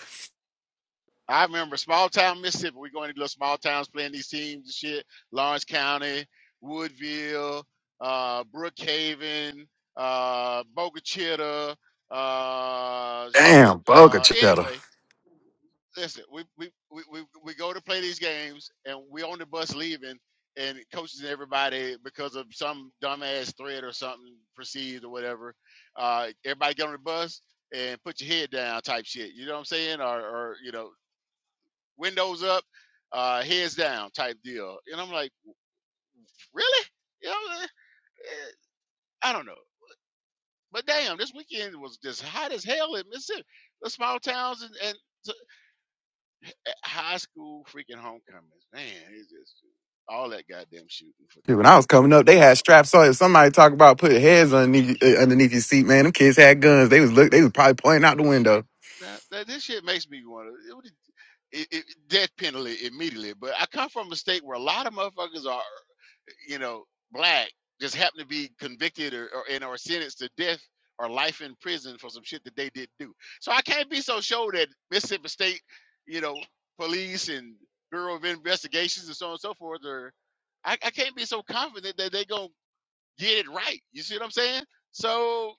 [SPEAKER 2] I remember small town Mississippi. We going to little small towns playing these teams and shit. Lawrence County, Woodville, uh, Brookhaven, uh, Boca Chica, uh, shit.
[SPEAKER 4] Damn, Boca
[SPEAKER 2] Uh,
[SPEAKER 4] Cheddar.
[SPEAKER 2] anyway, listen, we, we we we we go to play these games and we on the bus leaving, and coaches and everybody because of some dumbass threat or something perceived or whatever. Uh, everybody get on the bus and put your head down type shit. You know what I'm saying? Or or you know windows up, uh, heads down type deal. And I'm like, really? You know, eh, eh, I don't know. But damn, this weekend was just hot as hell in Mississippi. The small towns and, and high school freaking homecomings. Man, it's just all that goddamn shooting for
[SPEAKER 4] Shit,
[SPEAKER 2] no
[SPEAKER 4] When I was
[SPEAKER 2] fucking
[SPEAKER 4] coming up,
[SPEAKER 2] reason
[SPEAKER 4] they
[SPEAKER 2] at
[SPEAKER 4] had
[SPEAKER 2] all.
[SPEAKER 4] straps on. If somebody talk about putting heads underneath you- uh, underneath your seat, man, them kids had guns. They was look. They was probably pointing out the window.
[SPEAKER 2] Now, that this shit makes me want to it, it, it, death penalty immediately. But I come from a state where a lot of motherfuckers are you know, black just happen to be convicted or, or and or sentenced to death or life in prison for some shit that they didn't do. So I can't be so sure that Mississippi State, you know, police and Bureau of Investigations and so on and so forth are I, I can't be so confident that they're gonna get it right. You see what I'm saying? So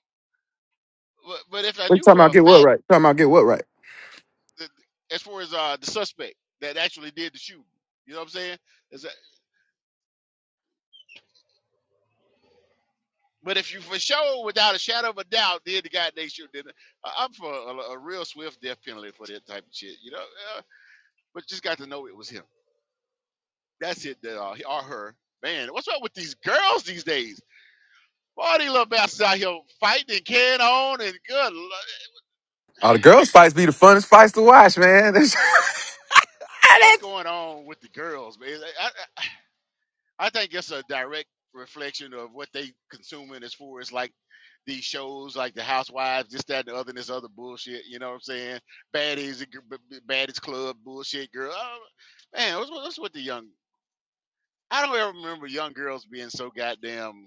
[SPEAKER 2] but, but if I
[SPEAKER 4] We
[SPEAKER 2] knew
[SPEAKER 4] talking
[SPEAKER 2] for
[SPEAKER 4] about
[SPEAKER 2] a
[SPEAKER 4] get what
[SPEAKER 2] fact
[SPEAKER 4] right? Talking about get what right?
[SPEAKER 2] that as far as uh the suspect that actually did the shooting, you know what I'm saying? Is that But if you for sure, without a shadow of a doubt, did the guy they should did it. I- I'm for a, a real swift death penalty for that type of shit, you know. Uh, but just got to know it was him. That's it, that, uh, or her. Man, what's up with these girls these days? All these little bastards out here fighting and carrying on and good. lo-
[SPEAKER 4] Oh, the girls' fights be the funnest fights to watch, man. That's-
[SPEAKER 2] What's going on with the girls, man? I think it's a direct reflection of what they consuming as far as like these shows, like the Housewives, this, that, and the other, and this other bullshit. You know what I'm saying? Baddies, baddies club bullshit, girl. Oh, man, what's, what's with the young? I don't ever remember young girls being so goddamn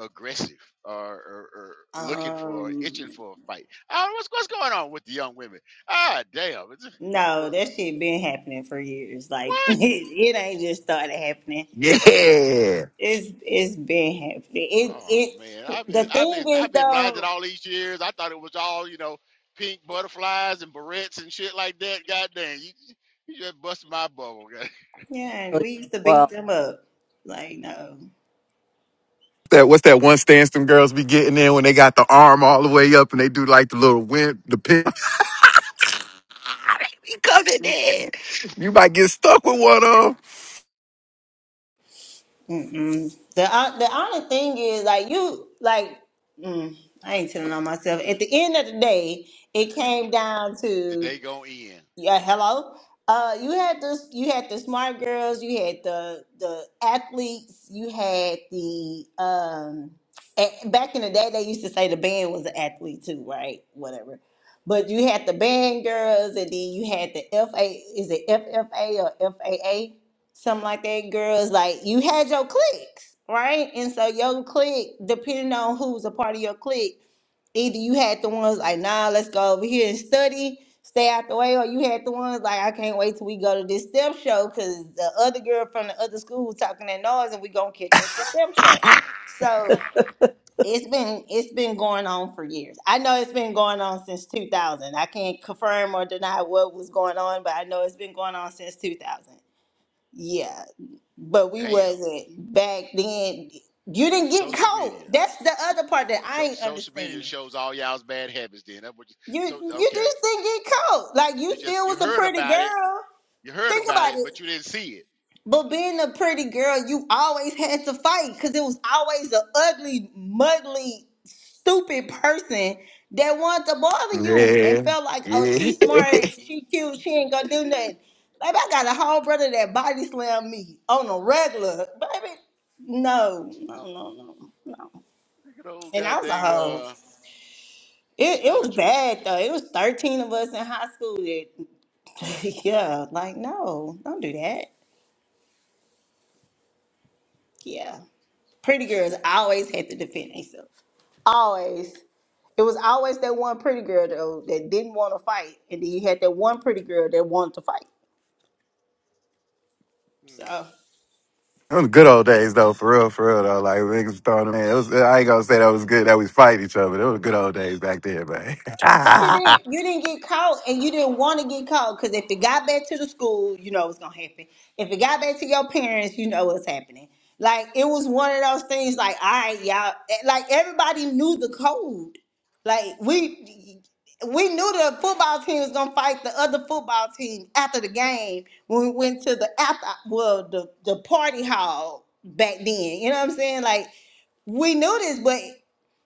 [SPEAKER 2] aggressive or, or, or looking for, itching
[SPEAKER 1] um
[SPEAKER 2] for a fight. I don't know what's what's going on with the young women. Ah, damn. It's,
[SPEAKER 1] no,
[SPEAKER 2] well,
[SPEAKER 1] that shit been happening for years. Like it,
[SPEAKER 2] what?
[SPEAKER 1] it ain't just started happening.
[SPEAKER 4] yeah.
[SPEAKER 1] It's it's been happening. It
[SPEAKER 2] Oh man,
[SPEAKER 1] it
[SPEAKER 2] I've
[SPEAKER 1] the
[SPEAKER 2] been I've
[SPEAKER 1] thing
[SPEAKER 2] been
[SPEAKER 1] is
[SPEAKER 2] I've been blinded
[SPEAKER 1] though,
[SPEAKER 2] all these years. I thought it was all you know, pink butterflies and barrettes and shit like that. God damn, you you just busted my bubble. God.
[SPEAKER 1] yeah,
[SPEAKER 7] till you're-
[SPEAKER 1] we used to beat
[SPEAKER 7] well
[SPEAKER 1] them up. Like no.
[SPEAKER 4] That what's that one stance them girls be getting in when they got the arm all the way up and they do like the little wind, the pin. they be coming in. You might get stuck with one of
[SPEAKER 1] Mm-mm. The hon- the only thing is like you like mm, I ain't telling on myself. At the end of the day, it came down
[SPEAKER 2] The
[SPEAKER 1] to
[SPEAKER 2] day gonna end.
[SPEAKER 1] yeah, hello. Uh, you had this. You had the smart girls. You had the the athletes. You had the um. a- back in the day, they used to say the band was an athlete too, right? Whatever. But you had the band girls, and then you had the FA. Is it FFA or FAA? Something like that. Girls, like you had your cliques, right? And so your clique, depending on who was a part of your clique Either you had the ones like, nah, let's go over here and study, stay out the way, or you had the ones like, I can't wait till we go to this STEM show because the other girl from the other school was talking that noise and we gonna catch at the STEM show. So it's been it's been going on for years. I know it's been going on since 2000. I can't confirm or deny what was going on, but I know it's been going on since 2000. Yeah, but we
[SPEAKER 2] Damn,
[SPEAKER 1] wasn't back then. You didn't get
[SPEAKER 2] social
[SPEAKER 1] cold.
[SPEAKER 2] media.
[SPEAKER 1] That's the other part that I
[SPEAKER 2] So
[SPEAKER 1] ain't
[SPEAKER 2] social media
[SPEAKER 1] understanding
[SPEAKER 2] shows all y'all's bad habits. Then that what you,
[SPEAKER 1] You
[SPEAKER 2] so
[SPEAKER 1] you
[SPEAKER 2] okay.
[SPEAKER 1] just didn't get caught. Like
[SPEAKER 2] You
[SPEAKER 1] you
[SPEAKER 2] just
[SPEAKER 1] still
[SPEAKER 2] you
[SPEAKER 1] was a
[SPEAKER 2] heard
[SPEAKER 1] pretty
[SPEAKER 2] about it.
[SPEAKER 1] girl.
[SPEAKER 2] You heard
[SPEAKER 1] Think
[SPEAKER 2] about
[SPEAKER 1] about
[SPEAKER 2] it,
[SPEAKER 1] it.
[SPEAKER 2] but you didn't see it.
[SPEAKER 1] But being a pretty girl, you always had to fight because it was always an ugly, muddly, stupid person that wanted to bother
[SPEAKER 4] them.
[SPEAKER 1] you
[SPEAKER 4] Yeah.
[SPEAKER 1] and felt like, oh,
[SPEAKER 4] Yeah.
[SPEAKER 1] she's smart, she cute, she ain't gonna do nothing. Like I got a whole brother that body slammed me on a regular, baby. No, no, no, no, no.
[SPEAKER 2] Look at old
[SPEAKER 1] And I was a
[SPEAKER 2] goddamn
[SPEAKER 1] hoe.
[SPEAKER 2] uh,
[SPEAKER 1] It, it
[SPEAKER 2] Snyder.
[SPEAKER 1] was
[SPEAKER 2] Tra-
[SPEAKER 1] bad though. It was 13 of us in high school that yeah, like no, don't do that. Yeah. Pretty girls always had to defend themselves. Always. It was always that one pretty girl though that didn't want to fight, and then you had that one pretty girl that wanted to fight.
[SPEAKER 2] hmm.
[SPEAKER 1] So
[SPEAKER 4] Them the good old days though, for real, for real though. Like niggas was throwing them in. It was, I ain't gonna say that was good that we fight each other. It was the good old days back there, man.
[SPEAKER 1] But you didn't. You didn't get caught, and you didn't want to get caught because if it got back to the school, you know it's gonna happen. If it got back to your parents, you know what's happening. Like it was one of those things. Like all right, y'all. eh, Like everybody knew the code. Like we we knew the football team was gonna fight the other football team after the game when we went to the after well the the party hall back then. You know what I'm saying? Like we knew this, but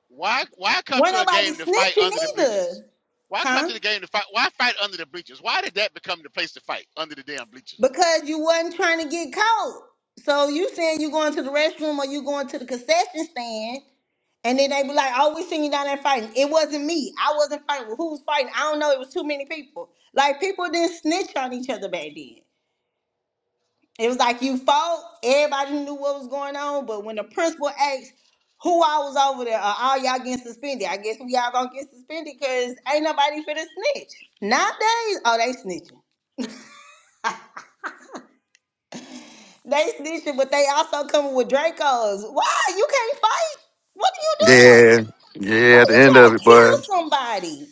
[SPEAKER 2] Why why come
[SPEAKER 1] weren't
[SPEAKER 2] to a
[SPEAKER 1] nobody
[SPEAKER 2] game to fight
[SPEAKER 1] snitching
[SPEAKER 2] under the bleachers?
[SPEAKER 1] either,
[SPEAKER 2] Why come
[SPEAKER 1] huh?
[SPEAKER 2] to the game to fight? Why fight under the bleachers? Why did that become the place to fight under the damn bleachers?
[SPEAKER 1] Because you wasn't trying to get caught. So you saying you going to the restroom or you going to the concession stand, and then they be like, "Oh, we seen you down there fighting." It wasn't me. I wasn't fighting. Well, who was fighting? I don't know. It was too many people. Like people didn't snitch on each other back then. It was like you fought. Everybody knew what was going on. But when the principal asked who I was over there, or all y'all getting suspended, I guess we all gonna get suspended because ain't nobody finna snitch. Nowadays, oh they snitching. They snitching, but they also coming with Dracos. Why? You can't fight? What are you doing?
[SPEAKER 4] yeah.
[SPEAKER 1] Why
[SPEAKER 4] Yeah, at
[SPEAKER 1] are
[SPEAKER 4] the
[SPEAKER 1] you
[SPEAKER 4] end of
[SPEAKER 1] trying to
[SPEAKER 4] it,
[SPEAKER 1] kill
[SPEAKER 4] boy.
[SPEAKER 1] somebody?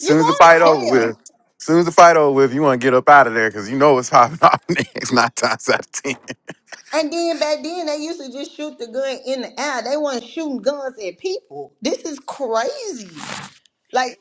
[SPEAKER 1] You
[SPEAKER 4] as the
[SPEAKER 1] going
[SPEAKER 4] fight
[SPEAKER 1] to
[SPEAKER 4] over with,
[SPEAKER 1] jail.
[SPEAKER 4] soon as the fight over with, you want to get up out of there because you know it's popping off next nine times out of ten.
[SPEAKER 1] And then back then they used to just shoot the gun in the air. They weren't shooting guns at people. This is crazy. Like,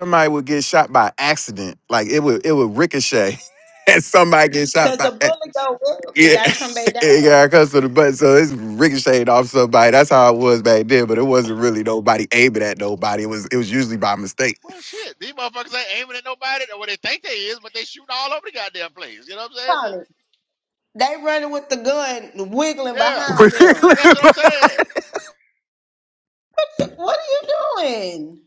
[SPEAKER 4] Somebody would get shot by accident, like it would it would ricochet, and somebody get shot
[SPEAKER 1] cause
[SPEAKER 4] by
[SPEAKER 1] the
[SPEAKER 4] ac-
[SPEAKER 1] bullet go up, you
[SPEAKER 4] yeah.
[SPEAKER 1] gotta come back down.
[SPEAKER 4] It got cussed to the butt, so it's ricocheted off somebody. That's how it was back then, but it wasn't really nobody aiming at nobody. It was it was usually by mistake.
[SPEAKER 2] Well, shit, these motherfuckers ain't aiming at nobody, or what they think they is, but they shooting all over the goddamn place. You know what I'm saying? So,
[SPEAKER 1] Tony, They running with the gun wiggling
[SPEAKER 2] yeah,
[SPEAKER 1] behind them.
[SPEAKER 2] that's what I'm saying.
[SPEAKER 1] What are you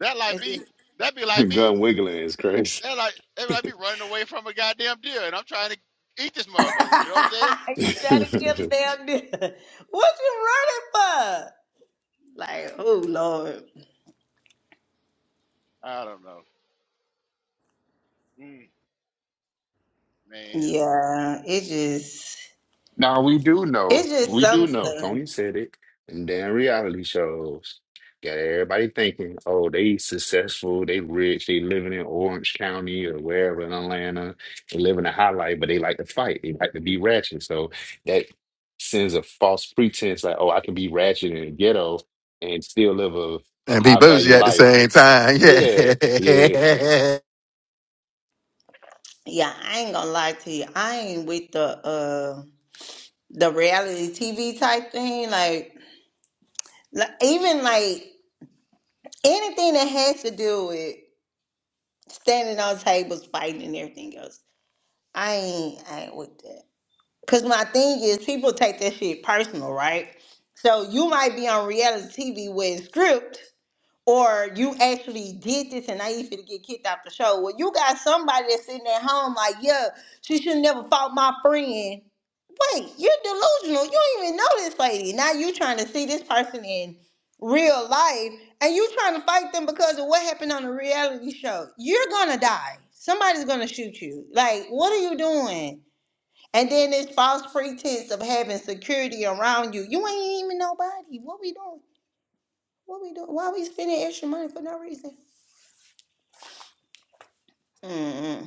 [SPEAKER 2] That like
[SPEAKER 1] doing?
[SPEAKER 2] me. That be like
[SPEAKER 3] saying?
[SPEAKER 2] me.
[SPEAKER 3] Gun wiggling is crazy.
[SPEAKER 2] That like that be like me running away from a goddamn deer, and I'm trying to eat this motherfucker. You know what I'm saying?
[SPEAKER 1] you trying to kill the damn deer. What you running for? Like, oh Lord.
[SPEAKER 2] I don't know. Mm, man.
[SPEAKER 1] Yeah, it just
[SPEAKER 3] Now we do know.
[SPEAKER 1] it's just
[SPEAKER 3] We do
[SPEAKER 1] some
[SPEAKER 3] know.
[SPEAKER 1] stuff.
[SPEAKER 3] Tony said it. And then reality shows got everybody thinking, oh, they successful, they rich, they living in Orange County or wherever in Atlanta, they living a high life, but they like to fight. They like to be ratchet. So that sends a false pretense like, oh, I can be ratchet in the ghetto and still live a, a
[SPEAKER 4] and be
[SPEAKER 3] high
[SPEAKER 4] bougie
[SPEAKER 3] value
[SPEAKER 4] at the
[SPEAKER 3] life.
[SPEAKER 4] same time. Yeah.
[SPEAKER 3] Yeah, yeah.
[SPEAKER 1] Yeah, I ain't gonna lie to you. I ain't with the uh the reality TV type thing. Like, like even like anything that has to do with standing on tables, fighting and everything else. I ain't I ain't with that. Cause my thing is, people take that shit personal, right? So you might be on reality TV with a script, or you actually did this, and now you finna get kicked off the show. Well, you got somebody that's sitting at home like, yeah, she should never fought my friend. Wait, you're delusional. You don't even know this lady. Now you trying to see this person in real life, and you trying to fight them because of what happened on the reality show. You're gonna die. Somebody's gonna shoot you. Like, what are you doing? And then this false pretense of having security around you. You ain't even nobody. What we doing? What we doing? Why we spending extra money for no reason? Mm-mm.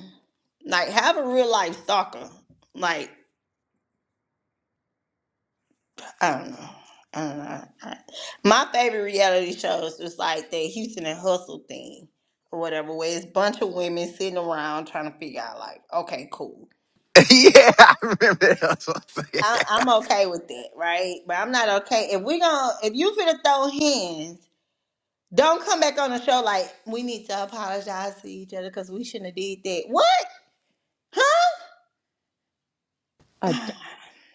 [SPEAKER 1] Like, have a real life stalker. Like, I don't know. I don't know. I- my favorite reality shows was like that Houston and Hustle thing or whatever, where it's a bunch of women sitting around trying to figure out, like, okay, cool.
[SPEAKER 4] yeah, I remember that. That's what I'm
[SPEAKER 1] I,
[SPEAKER 4] saying.
[SPEAKER 1] I'm okay with that, right? But I'm not okay. If we're gonna, if you finna throw hands, Don't come back on the show like we need to apologize to each other because we shouldn't have did that. What?
[SPEAKER 7] I-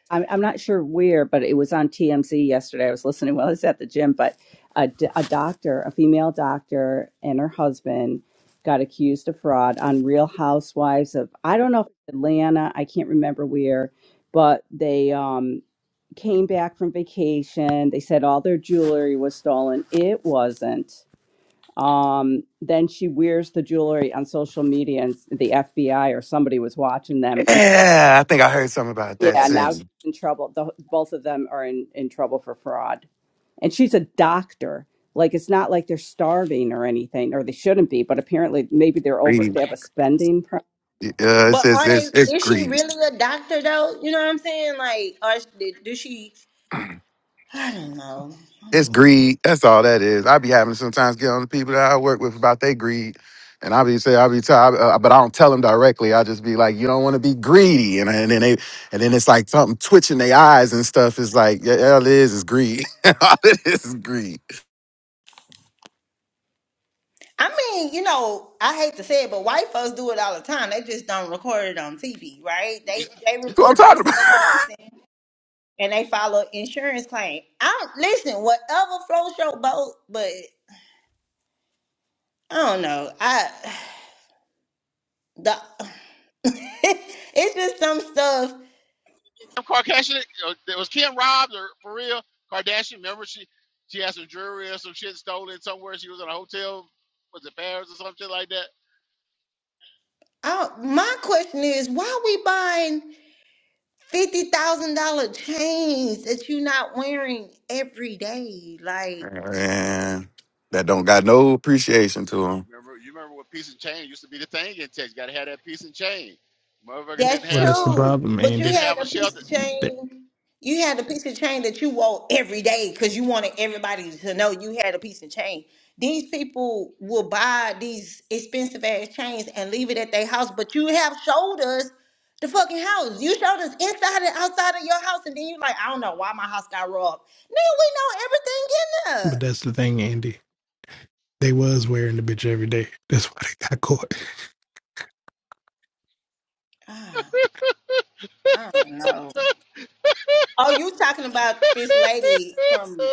[SPEAKER 7] I'm, I'm not sure where but it was on tmz yesterday i was listening while i was at the gym but a, d- a doctor a female doctor and her husband got accused of fraud on real housewives of i don't know if it's atlanta i can't remember where but they um came back from vacation. They said all their jewelry was stolen. It wasn't. Um, then she wears the jewelry on social media, and the FBI or somebody was watching them.
[SPEAKER 4] Yeah, I think I heard something about that
[SPEAKER 7] Yeah, now she's
[SPEAKER 4] too.
[SPEAKER 7] in trouble. The, both of them are in, in trouble for fraud. And she's a doctor. Like, it's not like they're starving or anything, or they shouldn't be, but apparently, maybe they're over,
[SPEAKER 4] Greed.
[SPEAKER 7] they
[SPEAKER 4] Uh,
[SPEAKER 7] have a spending problem.
[SPEAKER 4] it's,
[SPEAKER 1] But
[SPEAKER 4] it's,
[SPEAKER 1] are they?
[SPEAKER 4] it's, it's
[SPEAKER 1] Is she
[SPEAKER 4] greed.
[SPEAKER 1] really a doctor though? You know what I'm saying? Like, or is- did- do she? I don't know. I'm
[SPEAKER 4] It's
[SPEAKER 1] just.
[SPEAKER 4] greed. That's all that is. I be having to sometimes get on the people that I work with about their greed. And I be say I be tell, I- uh, but I don't tell them directly. I just be like, you don't want to be greedy, and, and then they, and then it's like something twitching their eyes and stuff. It's like, yeah, all it is is greed. all it is is greed. That's
[SPEAKER 1] I mean, you know, I hate to say it, but white folks do it all the time. They just don't record it on TV, right? They they
[SPEAKER 4] what I'm
[SPEAKER 1] report they
[SPEAKER 4] talking
[SPEAKER 1] stuff
[SPEAKER 4] about.
[SPEAKER 1] missing and they follow insurance claim. I don't listen. Whatever floats your boat, but I don't know. I the it's just some stuff.
[SPEAKER 2] Kardashian, uh, there was Kim robbed or for real? Kardashian, remember she she had some jewelry or some shit stolen somewhere. She was in a hotel, was it Paris or something like that?
[SPEAKER 1] Uh, my question is, why we buying fifty thousand dollar chains that you're not wearing every day? Like,
[SPEAKER 4] Man, that don't got no appreciation to them.
[SPEAKER 2] Remember you remember what piece and chain used to be the thing in Texas. Got to have that piece and chain. Motherfucker didn't
[SPEAKER 1] That's
[SPEAKER 8] Well,
[SPEAKER 2] have
[SPEAKER 8] that's the
[SPEAKER 2] a
[SPEAKER 1] true.
[SPEAKER 8] problem,
[SPEAKER 1] But you
[SPEAKER 8] Andy.
[SPEAKER 2] didn't
[SPEAKER 1] had
[SPEAKER 2] have a
[SPEAKER 1] a piece
[SPEAKER 2] shelter.
[SPEAKER 1] of
[SPEAKER 8] That-
[SPEAKER 1] chain. You had a piece of chain that you wore every day because you wanted everybody to know you had a piece of chain. These people will buy these expensive ass chains and leave it at their house, but you have showed us the fucking house. You showed us inside and outside of your house, and then you like, I don't know why my house got robbed. Nigga, we know everything in
[SPEAKER 8] But
[SPEAKER 1] there.
[SPEAKER 8] that's the thing, Andy. They was wearing the bitch every day. That's why they got caught.
[SPEAKER 1] Ah, I don't know. Oh, you talking about this lady from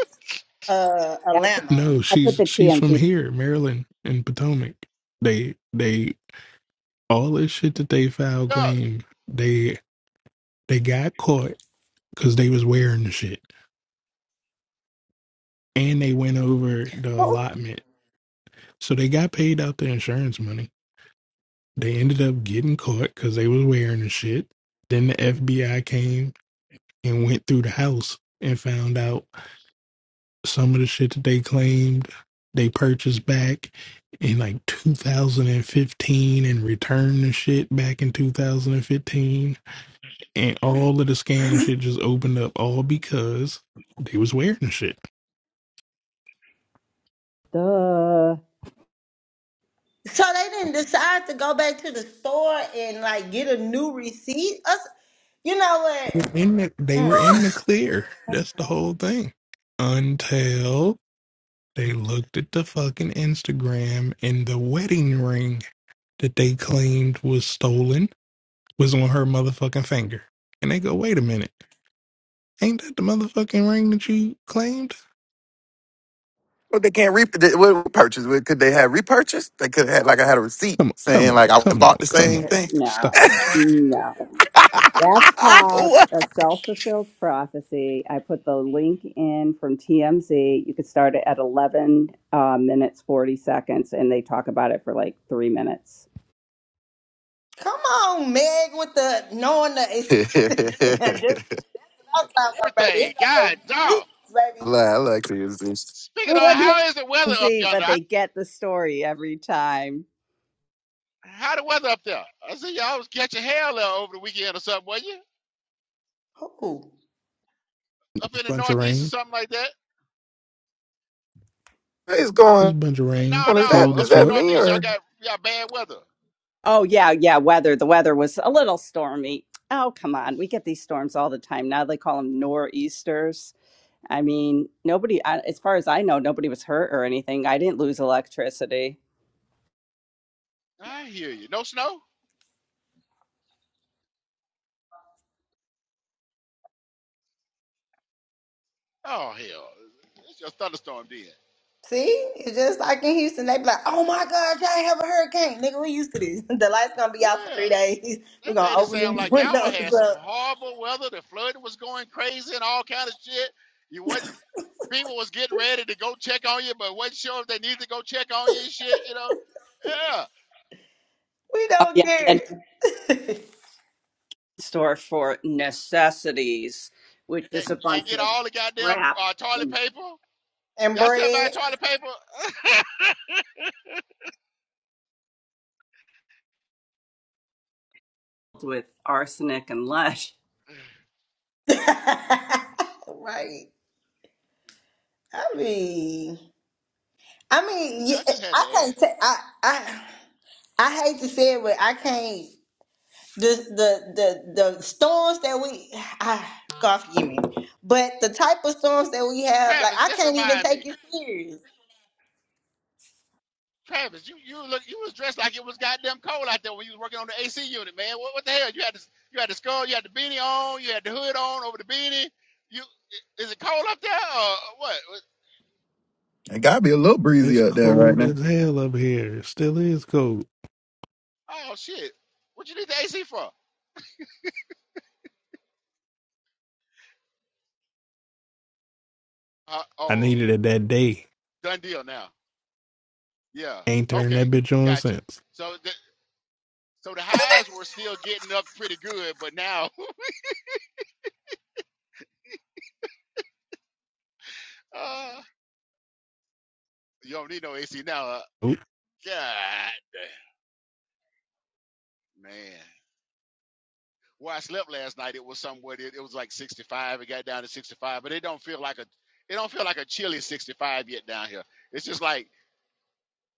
[SPEAKER 1] uh
[SPEAKER 7] I put
[SPEAKER 1] Atlanta?
[SPEAKER 8] No,
[SPEAKER 7] I put
[SPEAKER 8] she's
[SPEAKER 7] the
[SPEAKER 8] she's from
[SPEAKER 7] TMZ.
[SPEAKER 8] here, Maryland and Potomac. They they all this shit that they filed
[SPEAKER 2] Drugs,
[SPEAKER 8] claim. They they got caught because they was wearing the shit, and they went over the allotment. So they got paid out the insurance money. They ended up getting caught because they was wearing the shit. Then the FBI came and went through the house and found out some of the shit that they claimed they purchased back in like 2015 and returned the shit back in 2015 and all of the scam and shit just opened up all because they was wearing the shit
[SPEAKER 7] Duh.
[SPEAKER 1] So they didn't decide to go back to the store and like get a new receipt. Us, you know what?
[SPEAKER 8] in the, they were in the
[SPEAKER 1] Mm-mm.
[SPEAKER 8] clear that's the whole thing until they looked at the fucking instagram and the wedding ring that they claimed was stolen was on her motherfucking finger and they go wait a minute Ain't that the motherfucking ring that you claimed?
[SPEAKER 4] But they can't re- they, what purchase? What Could they have repurchased? They could have had like I had a receipt
[SPEAKER 8] Come on, come
[SPEAKER 4] saying
[SPEAKER 8] on,
[SPEAKER 4] like I went and
[SPEAKER 8] come on,
[SPEAKER 4] bought the
[SPEAKER 8] come on.
[SPEAKER 4] same thing.
[SPEAKER 8] Stop
[SPEAKER 7] No, no. That's called
[SPEAKER 4] what?
[SPEAKER 7] a self fulfilled prophecy. I put the link in from TMZ. You could start it at 11 uh, minutes, 40 seconds, and they talk about it for like three minutes.
[SPEAKER 1] Come on, Meg, with the knowing the. Now, this is what I'm talking about, baby.
[SPEAKER 2] everything.
[SPEAKER 1] It's not the
[SPEAKER 2] God dog.
[SPEAKER 1] receipts, baby.
[SPEAKER 4] Lie, I like to use this.
[SPEAKER 2] Speaking of,
[SPEAKER 7] Everyone
[SPEAKER 2] how is the weather
[SPEAKER 7] hates
[SPEAKER 2] up
[SPEAKER 7] TMZ,
[SPEAKER 2] yonder?
[SPEAKER 7] but
[SPEAKER 2] I,
[SPEAKER 7] they get the story every time.
[SPEAKER 2] how the weather up there? I see y'all was catching hell uh, over the weekend or something, wasn't you?
[SPEAKER 1] Who?
[SPEAKER 2] Up
[SPEAKER 8] this
[SPEAKER 2] in the
[SPEAKER 8] bunch of
[SPEAKER 2] northeast or
[SPEAKER 8] rain.
[SPEAKER 2] something like that.
[SPEAKER 4] What is
[SPEAKER 8] This
[SPEAKER 4] going
[SPEAKER 8] bunch of rain.
[SPEAKER 2] No,
[SPEAKER 4] on? Is that
[SPEAKER 2] no,
[SPEAKER 8] Cold as
[SPEAKER 4] is
[SPEAKER 2] up in the
[SPEAKER 4] that
[SPEAKER 8] fuck.
[SPEAKER 4] me
[SPEAKER 2] northeast, y'all
[SPEAKER 4] or?
[SPEAKER 2] got y'all bad weather.
[SPEAKER 7] Oh, yeah, yeah, weather. The weather was a little stormy. Oh, come on. We get these storms all the time. Now they call them nor'easters. I mean, nobody, I- as far as I know, nobody was hurt or anything. I didn't lose electricity.
[SPEAKER 2] I hear you. No snow? Oh hell, it's just thunderstorm then.
[SPEAKER 1] See, it's just like in Houston. They be like, "Oh my God, y'all have a hurricane, nigga. We used to this. The lights gonna be out for
[SPEAKER 2] Yeah,
[SPEAKER 1] three days.
[SPEAKER 2] they
[SPEAKER 1] We're gonna
[SPEAKER 2] made it
[SPEAKER 1] open
[SPEAKER 2] sound
[SPEAKER 1] these
[SPEAKER 2] like y'all
[SPEAKER 1] windows
[SPEAKER 2] had some
[SPEAKER 1] up.
[SPEAKER 2] horrible weather. The flooding was going crazy and all kind of shit. You what? People was getting ready to go check on you, but wasn't sure if they needed to go check on you and shit. You know? Yeah,
[SPEAKER 1] We
[SPEAKER 7] Oh,
[SPEAKER 1] don't
[SPEAKER 7] yeah.
[SPEAKER 1] care."
[SPEAKER 7] store for necessities, which
[SPEAKER 2] and,
[SPEAKER 7] is a bunch
[SPEAKER 2] and get
[SPEAKER 7] of
[SPEAKER 2] all the goddamn
[SPEAKER 7] crap
[SPEAKER 2] uh, toilet
[SPEAKER 7] and
[SPEAKER 2] paper.
[SPEAKER 1] And
[SPEAKER 2] Y'all still buy
[SPEAKER 1] bread,
[SPEAKER 2] toilet paper?
[SPEAKER 7] with arsenic and lead.
[SPEAKER 1] right? I mean. I mean,
[SPEAKER 2] yeah, I
[SPEAKER 1] yeah,
[SPEAKER 2] just had to
[SPEAKER 1] I can't.
[SPEAKER 2] ask.
[SPEAKER 1] ta- I I I hate to say it, but I can't. The the the the storms that we, ah, God forgive me, but the type of storms that we have, like
[SPEAKER 2] Travis,
[SPEAKER 1] I
[SPEAKER 2] just
[SPEAKER 1] can't even
[SPEAKER 2] remind me.
[SPEAKER 1] take it serious.
[SPEAKER 2] Travis, you you look you was dressed like it was goddamn cold out there when you was working on the AC unit, man. What, what the hell? You had the you had the skull, you had the beanie on, you had the hood on over the beanie. You is it cold up there or what?
[SPEAKER 4] It gotta be a little
[SPEAKER 8] It's
[SPEAKER 4] breezy out there right
[SPEAKER 8] cold
[SPEAKER 4] now.
[SPEAKER 8] as hell up here. It still is cold.
[SPEAKER 2] Oh shit! What you need the AC for? Uh,
[SPEAKER 8] I
[SPEAKER 2] oh,
[SPEAKER 8] needed it that day.
[SPEAKER 2] done deal now. Yeah.
[SPEAKER 8] Ain't turned
[SPEAKER 2] Okay,
[SPEAKER 8] that bitch on
[SPEAKER 2] got you.
[SPEAKER 8] since.
[SPEAKER 2] So the so the highs were still getting up pretty good, but now uh, you don't need no AC now. Uh,
[SPEAKER 8] Oop.
[SPEAKER 2] God, man. where I slept last night, it was somewhere it, it was like 65. It got down to 65, but it don't feel like a it don't feel like a chilly 65 yet down here. It's just like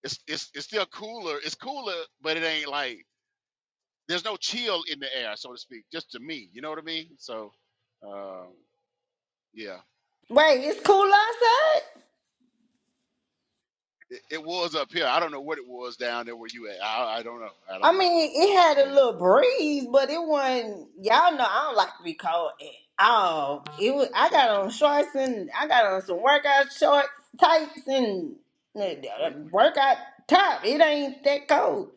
[SPEAKER 2] it's it's it's still cooler. It's cooler, but it ain't like there's no chill in the air, so to speak. Just to me, you know what I mean? So, um, yeah,
[SPEAKER 1] Wait, it's cool outside.
[SPEAKER 2] it, it was up here. I don't know what it was down there where you at. I, I don't know. I don't
[SPEAKER 1] I
[SPEAKER 2] know.
[SPEAKER 1] mean, it had a
[SPEAKER 2] Uh,
[SPEAKER 1] little breeze, but it wasn't. Y'all know I don't like to be cold at all. It was. I got
[SPEAKER 2] Gotcha.
[SPEAKER 1] on shorts and I got on some workout shorts, tights, and uh,
[SPEAKER 2] Uh, What,
[SPEAKER 1] uh, workout top. It ain't that cold.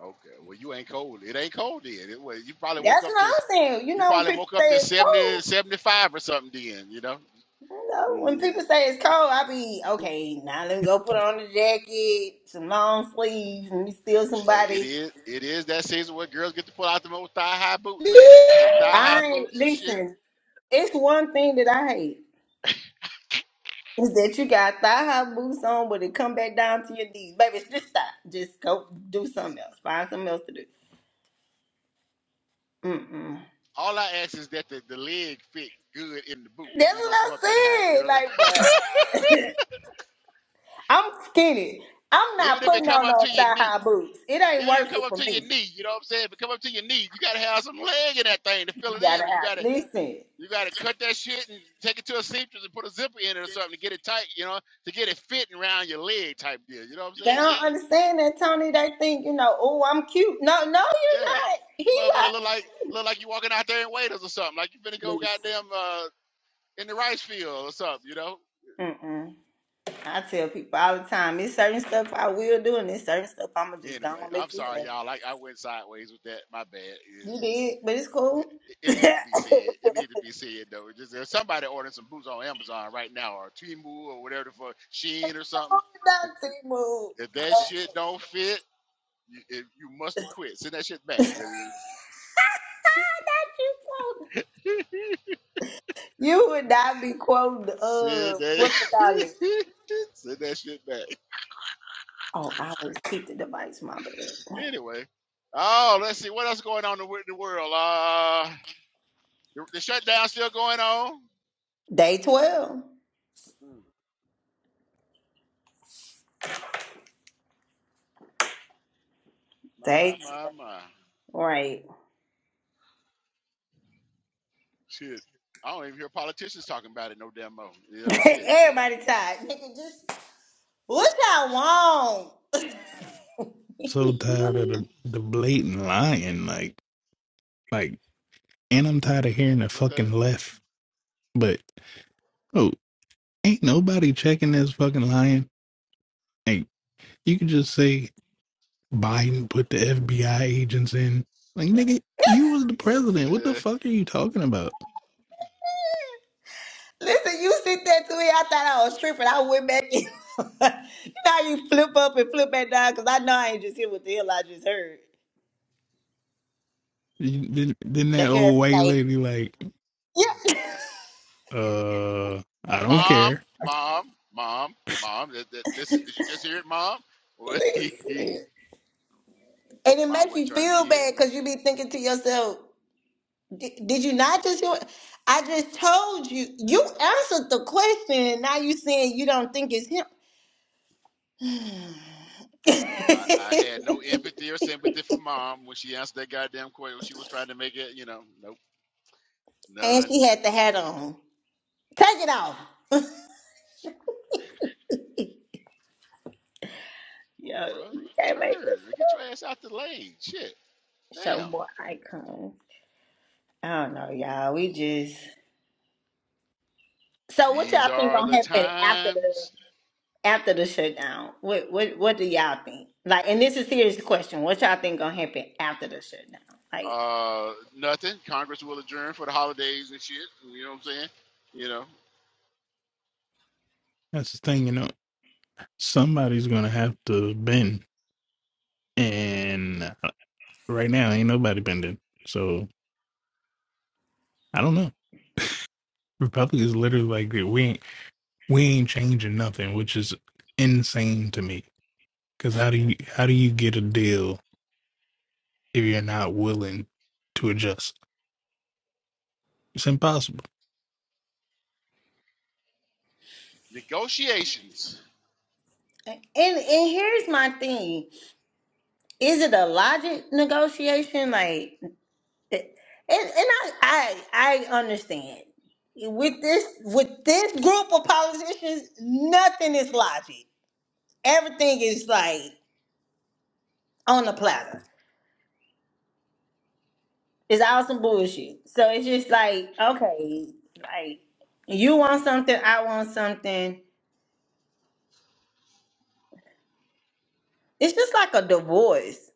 [SPEAKER 2] Okay. Well, you ain't cold. It ain't cold then. It was, you probably woke
[SPEAKER 1] That's
[SPEAKER 2] up
[SPEAKER 1] what
[SPEAKER 2] to s-
[SPEAKER 1] I'm saying. You
[SPEAKER 2] you
[SPEAKER 1] know, when
[SPEAKER 2] probably
[SPEAKER 1] people
[SPEAKER 2] woke
[SPEAKER 1] say
[SPEAKER 2] up to
[SPEAKER 1] it's
[SPEAKER 2] 70,
[SPEAKER 1] cold,
[SPEAKER 2] 75 or something then, you know?
[SPEAKER 1] you know, when
[SPEAKER 2] Yeah.
[SPEAKER 1] people say it's cold, I be okay. Now let me go put on a jacket, some long sleeves, and me steal
[SPEAKER 2] But it
[SPEAKER 1] somebody.
[SPEAKER 2] is it is that season where girls get to pull out the most thigh high boots, eh, the thigh high
[SPEAKER 1] I ain't
[SPEAKER 2] boots and shit.
[SPEAKER 1] listen. It's one thing that I hate is that you got thigh high boots on, but it come back down to your knees. Baby, just stop. Just go do something else. Find something else to do. Mm-mm.
[SPEAKER 2] All I ask is that the, the leg fit good in the boot if
[SPEAKER 1] That's
[SPEAKER 2] it's gonna come
[SPEAKER 1] what
[SPEAKER 2] up that high,
[SPEAKER 1] I
[SPEAKER 2] you
[SPEAKER 1] said.
[SPEAKER 2] know.
[SPEAKER 1] Like, bro, I'm skinny. I'm
[SPEAKER 2] Even
[SPEAKER 1] not
[SPEAKER 2] if it
[SPEAKER 1] putting
[SPEAKER 2] come
[SPEAKER 1] on
[SPEAKER 2] up
[SPEAKER 1] no
[SPEAKER 2] to your
[SPEAKER 1] thigh
[SPEAKER 2] knee,
[SPEAKER 1] high boots. It ain't
[SPEAKER 2] even if it
[SPEAKER 1] worth
[SPEAKER 2] come
[SPEAKER 1] it
[SPEAKER 2] up
[SPEAKER 1] for
[SPEAKER 2] to your
[SPEAKER 1] me.
[SPEAKER 2] knee, you know what I'm saying? If it come up to your knee, you gotta have some leg in that thing to fill
[SPEAKER 1] You
[SPEAKER 2] it
[SPEAKER 1] gotta
[SPEAKER 2] in, or you
[SPEAKER 1] have.
[SPEAKER 2] gotta
[SPEAKER 1] Listen, they
[SPEAKER 2] You got to cut that shit and take it to a seamstress and put a zipper in it or something to get it tight, you know, to get it fitting around your leg type deal. You know what I'm saying? It's-
[SPEAKER 1] don't understand that Tony. They think you know. Oh, I'm cute. No, no, you're
[SPEAKER 2] yeah,
[SPEAKER 1] not. He
[SPEAKER 2] motherfucker
[SPEAKER 1] like.
[SPEAKER 2] look like look like you walking out there in waiters or something, like you finna go
[SPEAKER 1] Listen.
[SPEAKER 2] goddamn uh, in the rice field or something, you know.
[SPEAKER 1] Mm-mm. I tell people all the time. It's certain stuff I will do, and it's certain stuff I'ma just go
[SPEAKER 2] Anyway,
[SPEAKER 1] and
[SPEAKER 2] I'm
[SPEAKER 1] let you
[SPEAKER 2] sorry
[SPEAKER 1] have. it.
[SPEAKER 2] y'all. I I went sideways with that. My bad.
[SPEAKER 1] You
[SPEAKER 2] Yeah.
[SPEAKER 1] did, but it's
[SPEAKER 2] It,
[SPEAKER 1] cool.
[SPEAKER 2] it, it needed
[SPEAKER 1] oh,
[SPEAKER 2] to be said. It needs to be said though. It's just there's somebody ordering some boots on Amazon right now or Temu or whatever the fuck Shein or something.
[SPEAKER 1] not
[SPEAKER 2] If,
[SPEAKER 1] T-Move.
[SPEAKER 2] if that shit don't fit You, if you must have quit. Send that shit back. Yeah,
[SPEAKER 1] not you quoting. You would not be quoting.
[SPEAKER 2] Send
[SPEAKER 1] Uh,
[SPEAKER 2] that.
[SPEAKER 1] what's the call it?
[SPEAKER 2] send that shit back.
[SPEAKER 1] Oh, I will keep the device, my bad.
[SPEAKER 2] Anyway. Oh, let's see what else going on in the world. Uh, the, the shutdown still going on.
[SPEAKER 1] Day twelve.
[SPEAKER 2] Hmm, My,
[SPEAKER 1] Day. twelve.
[SPEAKER 2] my, my.
[SPEAKER 1] Right.
[SPEAKER 2] Shit. I don't even hear politicians talking about it no damn more. You know, shit. You
[SPEAKER 1] Everybody tired. Nigga, just what y'all want?
[SPEAKER 2] know. Mm.
[SPEAKER 8] So tired of the, the blatant lying. Like, like, and I'm tired of hearing the
[SPEAKER 2] What
[SPEAKER 8] fucking left. But, oh, ain't nobody checking this fucking lying. Like, you could just say Biden put the FBI agents in. Like, nigga, you was the president. What the
[SPEAKER 2] the? Uh,
[SPEAKER 8] fuck are you talking about?
[SPEAKER 1] Listen, you sit there to me. I thought I was tripping. I went back in. you know how you flip up and flip back down? Because I know I ain't just hear what the hell I just heard.
[SPEAKER 8] You- Didn't that
[SPEAKER 1] That girl
[SPEAKER 8] old white
[SPEAKER 1] say,
[SPEAKER 8] lady like,
[SPEAKER 1] yeah.
[SPEAKER 8] uh, I don't
[SPEAKER 2] mom,
[SPEAKER 8] care.
[SPEAKER 2] mom, mom, mom. That, that, this is, did you just hear it, mom?
[SPEAKER 1] Listen. and it
[SPEAKER 2] mom
[SPEAKER 1] makes
[SPEAKER 2] wasn't
[SPEAKER 1] you
[SPEAKER 2] trying to
[SPEAKER 1] feel
[SPEAKER 2] hear it.
[SPEAKER 1] bad because you be thinking to yourself, "Di- did you not just hear? I just told you. You answered the question, and now you saying you don't think it's him.
[SPEAKER 2] I, I had no empathy or sympathy for mom when she answered that goddamn question. She was trying to make it, you know, nope,
[SPEAKER 1] and
[SPEAKER 2] none.
[SPEAKER 1] she had the hat on. Take it off.
[SPEAKER 2] Come on,
[SPEAKER 1] Yo,
[SPEAKER 2] bro.
[SPEAKER 1] you can't make
[SPEAKER 2] Turn.
[SPEAKER 1] this
[SPEAKER 2] Get your ass out the lane. Shit.
[SPEAKER 1] show
[SPEAKER 2] Damn.
[SPEAKER 1] more icons. I don't know, y'all. We just so what
[SPEAKER 2] These
[SPEAKER 1] y'all think
[SPEAKER 2] are the
[SPEAKER 1] gonna happen after
[SPEAKER 2] times.
[SPEAKER 1] the after the shutdown? What what what do y'all think? Like, and this is a serious question. What y'all think gonna happen after the shutdown? Like,
[SPEAKER 2] Uh, nothing. Congress will adjourn for the holidays and shit. You know what I'm saying? You know,
[SPEAKER 8] That's the thing, you know. Somebody's gonna have to bend, and uh, right now ain't nobody bending. So I don't know. Republicans literally like we ain't we ain't changing nothing, which is insane to me. Because how do you how do you get a deal if you're not willing to adjust? It's impossible.
[SPEAKER 2] negotiations.
[SPEAKER 1] and and here's my thing: Is it a logic negotiation? Like, and and I I I understand with this with this group of politicians, nothing is logic everything is like on the platter. It's all some bullshit. So it's just like, okay, like you want something, I want something. It's just like a divorce.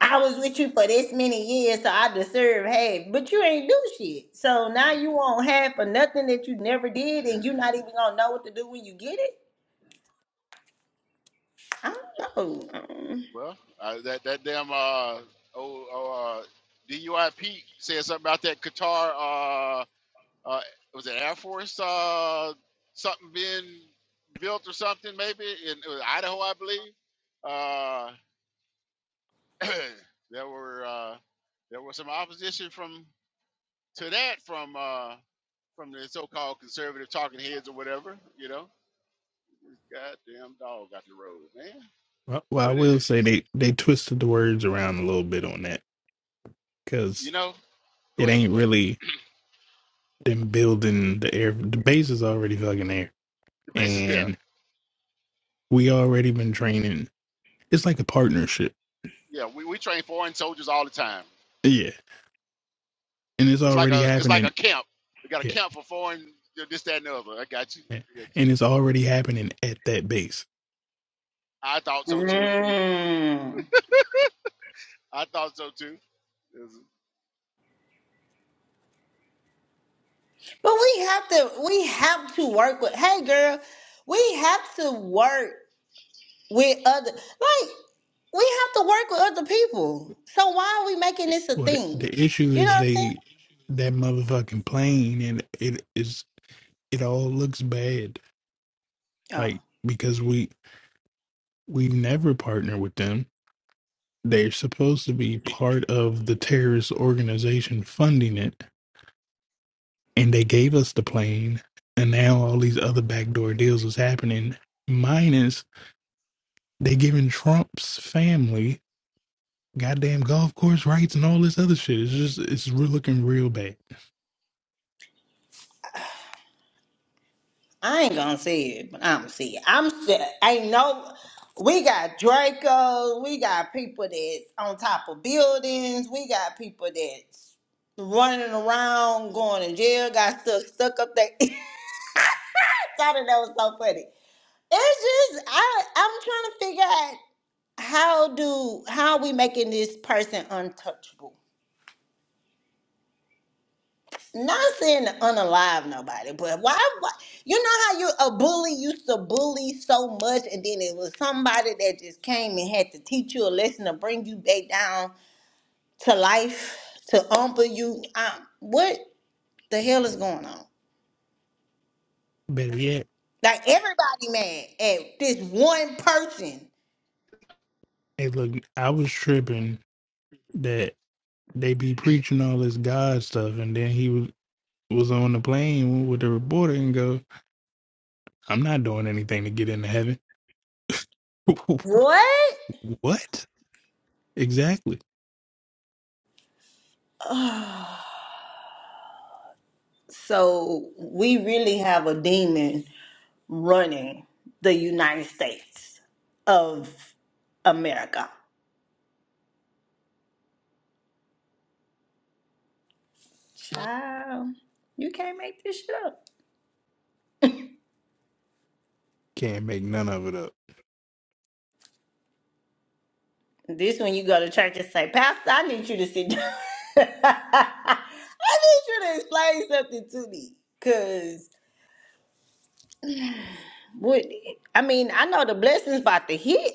[SPEAKER 1] I was with you for this many years, so I deserve half, but you ain't do shit. So now you want half for nothing that you never did, and you not even gonna know what to do when you get it. I don't know.
[SPEAKER 2] Well, uh, that that damn uh, oh, oh uh, D.U.I.P. Pete said something about that Qatar uh. Uh, was it Air Force uh, something being built or something? Maybe in it was Idaho, I believe. Uh, there were uh, there was some opposition from to that from uh, from the so-called conservative talking heads or whatever. You know, goddamn dog got the road, man.
[SPEAKER 8] Well, well, I
[SPEAKER 2] But uh,
[SPEAKER 8] will say they they twisted the words around a little bit on that
[SPEAKER 2] you
[SPEAKER 8] because
[SPEAKER 2] know, go
[SPEAKER 8] it
[SPEAKER 2] ahead,
[SPEAKER 8] ain't
[SPEAKER 2] go ahead.
[SPEAKER 8] really them building the air. The base is already fucking there,
[SPEAKER 2] The base is there.
[SPEAKER 8] and we already been training. It's like a partnership,
[SPEAKER 2] Yeah, we, we train foreign soldiers all the time.
[SPEAKER 8] yeah, and it's
[SPEAKER 2] It's like
[SPEAKER 8] already
[SPEAKER 2] a it's like
[SPEAKER 8] happening.
[SPEAKER 2] a camp. We got a
[SPEAKER 8] Yeah,
[SPEAKER 2] camp for foreign this, that, and the other. I got you.
[SPEAKER 8] yeah. and it's already happening at that base.
[SPEAKER 2] I thought
[SPEAKER 1] Mm.
[SPEAKER 2] so too.
[SPEAKER 1] Mm.
[SPEAKER 2] I thought so too.
[SPEAKER 1] But we have to, we have to work with. Hey, girl, we have to work. with other like we have to work with other people. So why are we making this a
[SPEAKER 8] Well, the,
[SPEAKER 1] thing?
[SPEAKER 8] the issue
[SPEAKER 1] You know
[SPEAKER 8] is
[SPEAKER 1] what I'm saying?
[SPEAKER 8] they that motherfucking plane, and it is it all looks bad,
[SPEAKER 1] Oh,
[SPEAKER 8] like because we we never partner with them They're supposed to be part of the terrorist organization funding it, and they gave us the plane, and now all these other backdoor deals is happening. Minus they giving Trump's family goddamn golf course rights and all this other shit. It's just it's re- looking real bad.
[SPEAKER 1] I ain't gonna say it, but I'm see it. I'm saying ain't no we got Draco, we got people that's on top of buildings, we got people that's running around, going to jail, got stuck stuck up there. I thought that was so funny. It's just I I'm trying to figure out how do how we making this person untouchable? not saying to unalive nobody, but why, why? You know how you a bully used to bully so much, and then it was somebody that just came and had to teach you a lesson to bring you back down to life, to humble you. Um, what the hell is going on?
[SPEAKER 8] Better yet,
[SPEAKER 1] Like everybody mad at this one person.
[SPEAKER 8] hey look, I was tripping that they be preaching all this God stuff, and then he was was on the plane with the reporter and go, "I'm not doing anything to get into heaven."
[SPEAKER 1] What?
[SPEAKER 8] what? Exactly.
[SPEAKER 1] Ugh. so we really have a demon running the United States of America. Child, you can't make this shit up.
[SPEAKER 8] Can't make none of it up.
[SPEAKER 1] This when you go to church and say, Pastor, I need you to sit down. I need you to explain something to me. Cause what I mean, I know the blessings about to hit.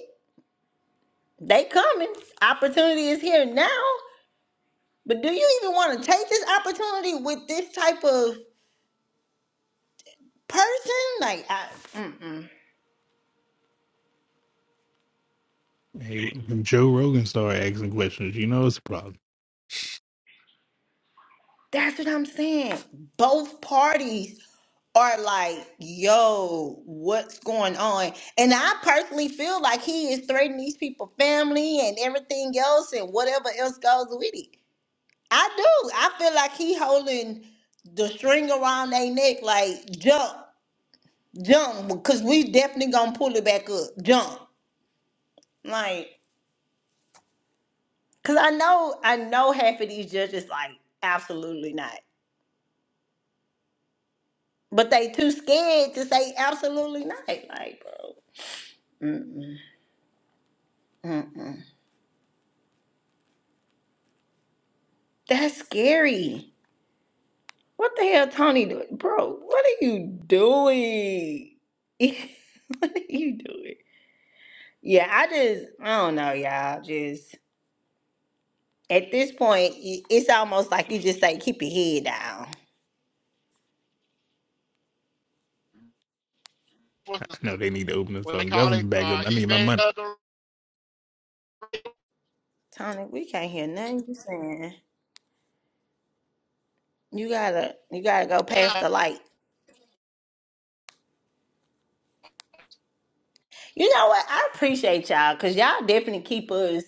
[SPEAKER 1] They coming. Opportunity is here now. But do you even want to take this opportunity with this type of person? Like I mm-mm.
[SPEAKER 8] Hey, when Joe Rogan started asking questions, you know it's a problem.
[SPEAKER 1] That's what I'm saying. Both parties are like, yo, what's going on? And I personally feel like he is threatening these people, family and everything else and whatever else goes with it. I do. I feel like he holding the string around their neck like jump, jump, because we definitely gonna pull it back up. Jump. Like, cause I know I know half of these judges like absolutely not. But they too scared to say absolutely not. Like, bro, mm-mm, mm-mm. that's scary. What the hell, Tony? Doing, bro? What are you doing? what are you doing? Yeah, I just, I don't know, y'all. Just at this point, i- it's almost like you just say, keep your head down,
[SPEAKER 8] I know they need to open this
[SPEAKER 2] What they
[SPEAKER 8] fucking
[SPEAKER 2] call it,
[SPEAKER 8] government back
[SPEAKER 2] uh,
[SPEAKER 8] up. I need my money.
[SPEAKER 2] evangelical.
[SPEAKER 1] Tony. We can't hear nothing you saying. You gotta, you gotta go past the light. You know what? I appreciate y'all because y'all definitely keep us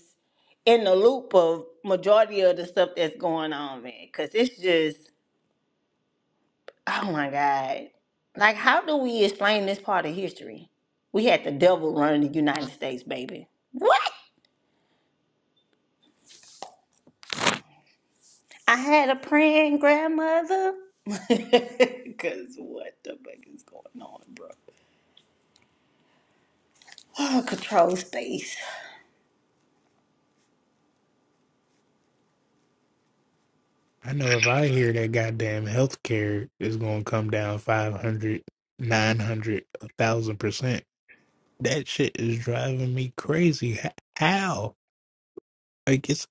[SPEAKER 1] in the loop of majority of the stuff that's going on, man. Because it's just, oh my God. Like, how do we explain this part of history? We had the devil run the United States, baby. What? I had a praying grandmother. Because what the fuck is going on, bro? Oh, control space.
[SPEAKER 8] I know if I hear that goddamn health care is going to come down 500, 900, 1,000%, that shit is driving me crazy. H- How? Like, it's,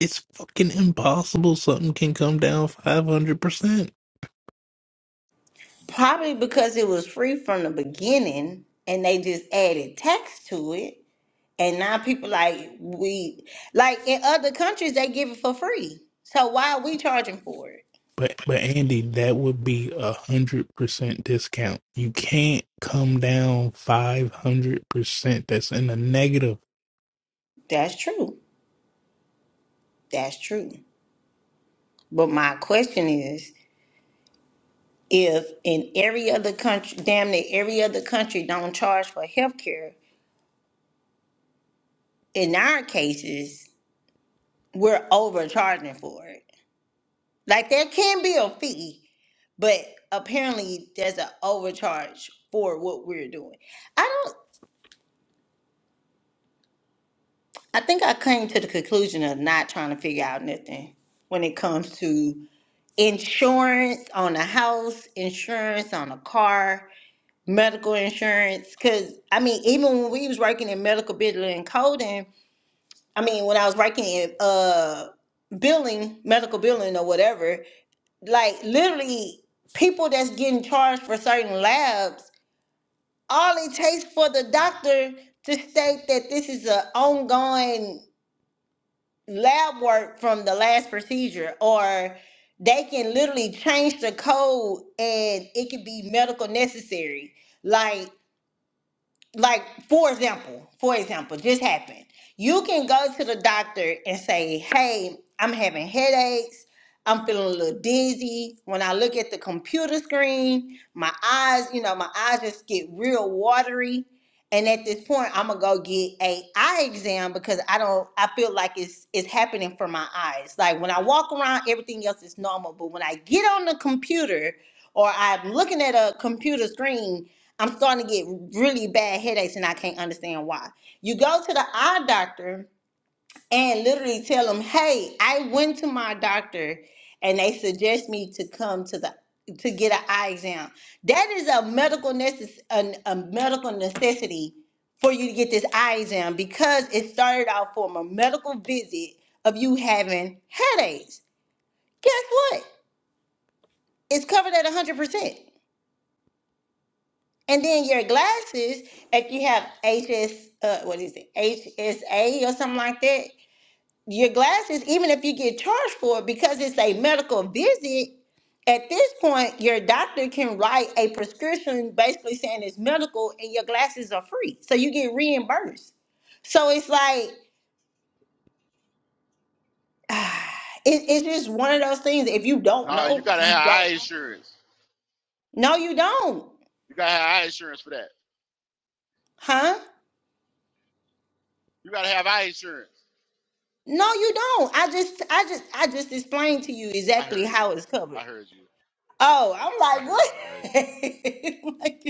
[SPEAKER 8] it's fucking impossible something can come down 500%.
[SPEAKER 1] Probably because it was free from the beginning and they just added text to it. And now people like we like in other countries they give it for free. So why are we charging for it?
[SPEAKER 8] But but Andy, that would be a hundred percent discount. You can't come down five hundred percent. That's in the negative.
[SPEAKER 1] That's true. That's true. But my question is if in every other country damn near every other country don't charge for healthcare, in our cases, we're overcharging for it. Like there can be a fee, but apparently there's an overcharge for what we're doing. I don't. I think I came to the conclusion of not trying to figure out nothing when it comes to insurance on a house, insurance on a car, medical insurance. Cause I mean, even when we was working in medical billing and coding, I mean, when I was working in uh billing, medical billing or whatever, like literally people that's getting charged for certain labs, all it takes for the doctor to state that this is an ongoing lab work from the last procedure or they can literally change the code and it could be medical necessary like like for example, for example, just happened. You can go to the doctor and say, "Hey, I'm having headaches. I'm feeling a little dizzy. When I look at the computer screen, my eyes, you know, my eyes just get real watery." And at this point, I'm gonna go get a eye exam because I don't. I feel like it's it's happening for my eyes. Like when I walk around, everything else is normal, but when I get on the computer or I'm looking at a computer screen, I'm starting to get really bad headaches and I can't understand why. You go to the eye doctor and literally tell them, "Hey, I went to my doctor and they suggest me to come to the to get an eye exam." That is a medical necess- a, a medical necessity for you to get this eye exam because it started out from a medical visit of you having headaches. Guess what? It's covered at 100%. And then your glasses, if you have HS, uh, what is it, HSA or something like that, your glasses, even if you get charged for it because it's a medical visit, at this point, your doctor can write a prescription basically saying it's medical and your glasses are free. So you get reimbursed. So it's like, it, it's just one of those things. If you don't
[SPEAKER 2] No, you
[SPEAKER 1] know,
[SPEAKER 2] gotta have
[SPEAKER 1] you
[SPEAKER 2] eye
[SPEAKER 1] don't know.
[SPEAKER 2] insurance.
[SPEAKER 1] No, you don't.
[SPEAKER 2] You gotta have eye insurance for that.
[SPEAKER 1] Huh?
[SPEAKER 2] You gotta have eye insurance.
[SPEAKER 1] No, you don't. I just, I just, I just explained to you
[SPEAKER 2] I
[SPEAKER 1] exactly
[SPEAKER 2] heard
[SPEAKER 1] how
[SPEAKER 2] you.
[SPEAKER 1] it's covered.
[SPEAKER 2] I heard you.
[SPEAKER 1] Oh,
[SPEAKER 2] I
[SPEAKER 1] I'm like,
[SPEAKER 2] heard
[SPEAKER 1] what?
[SPEAKER 2] you. I heard you.
[SPEAKER 1] like,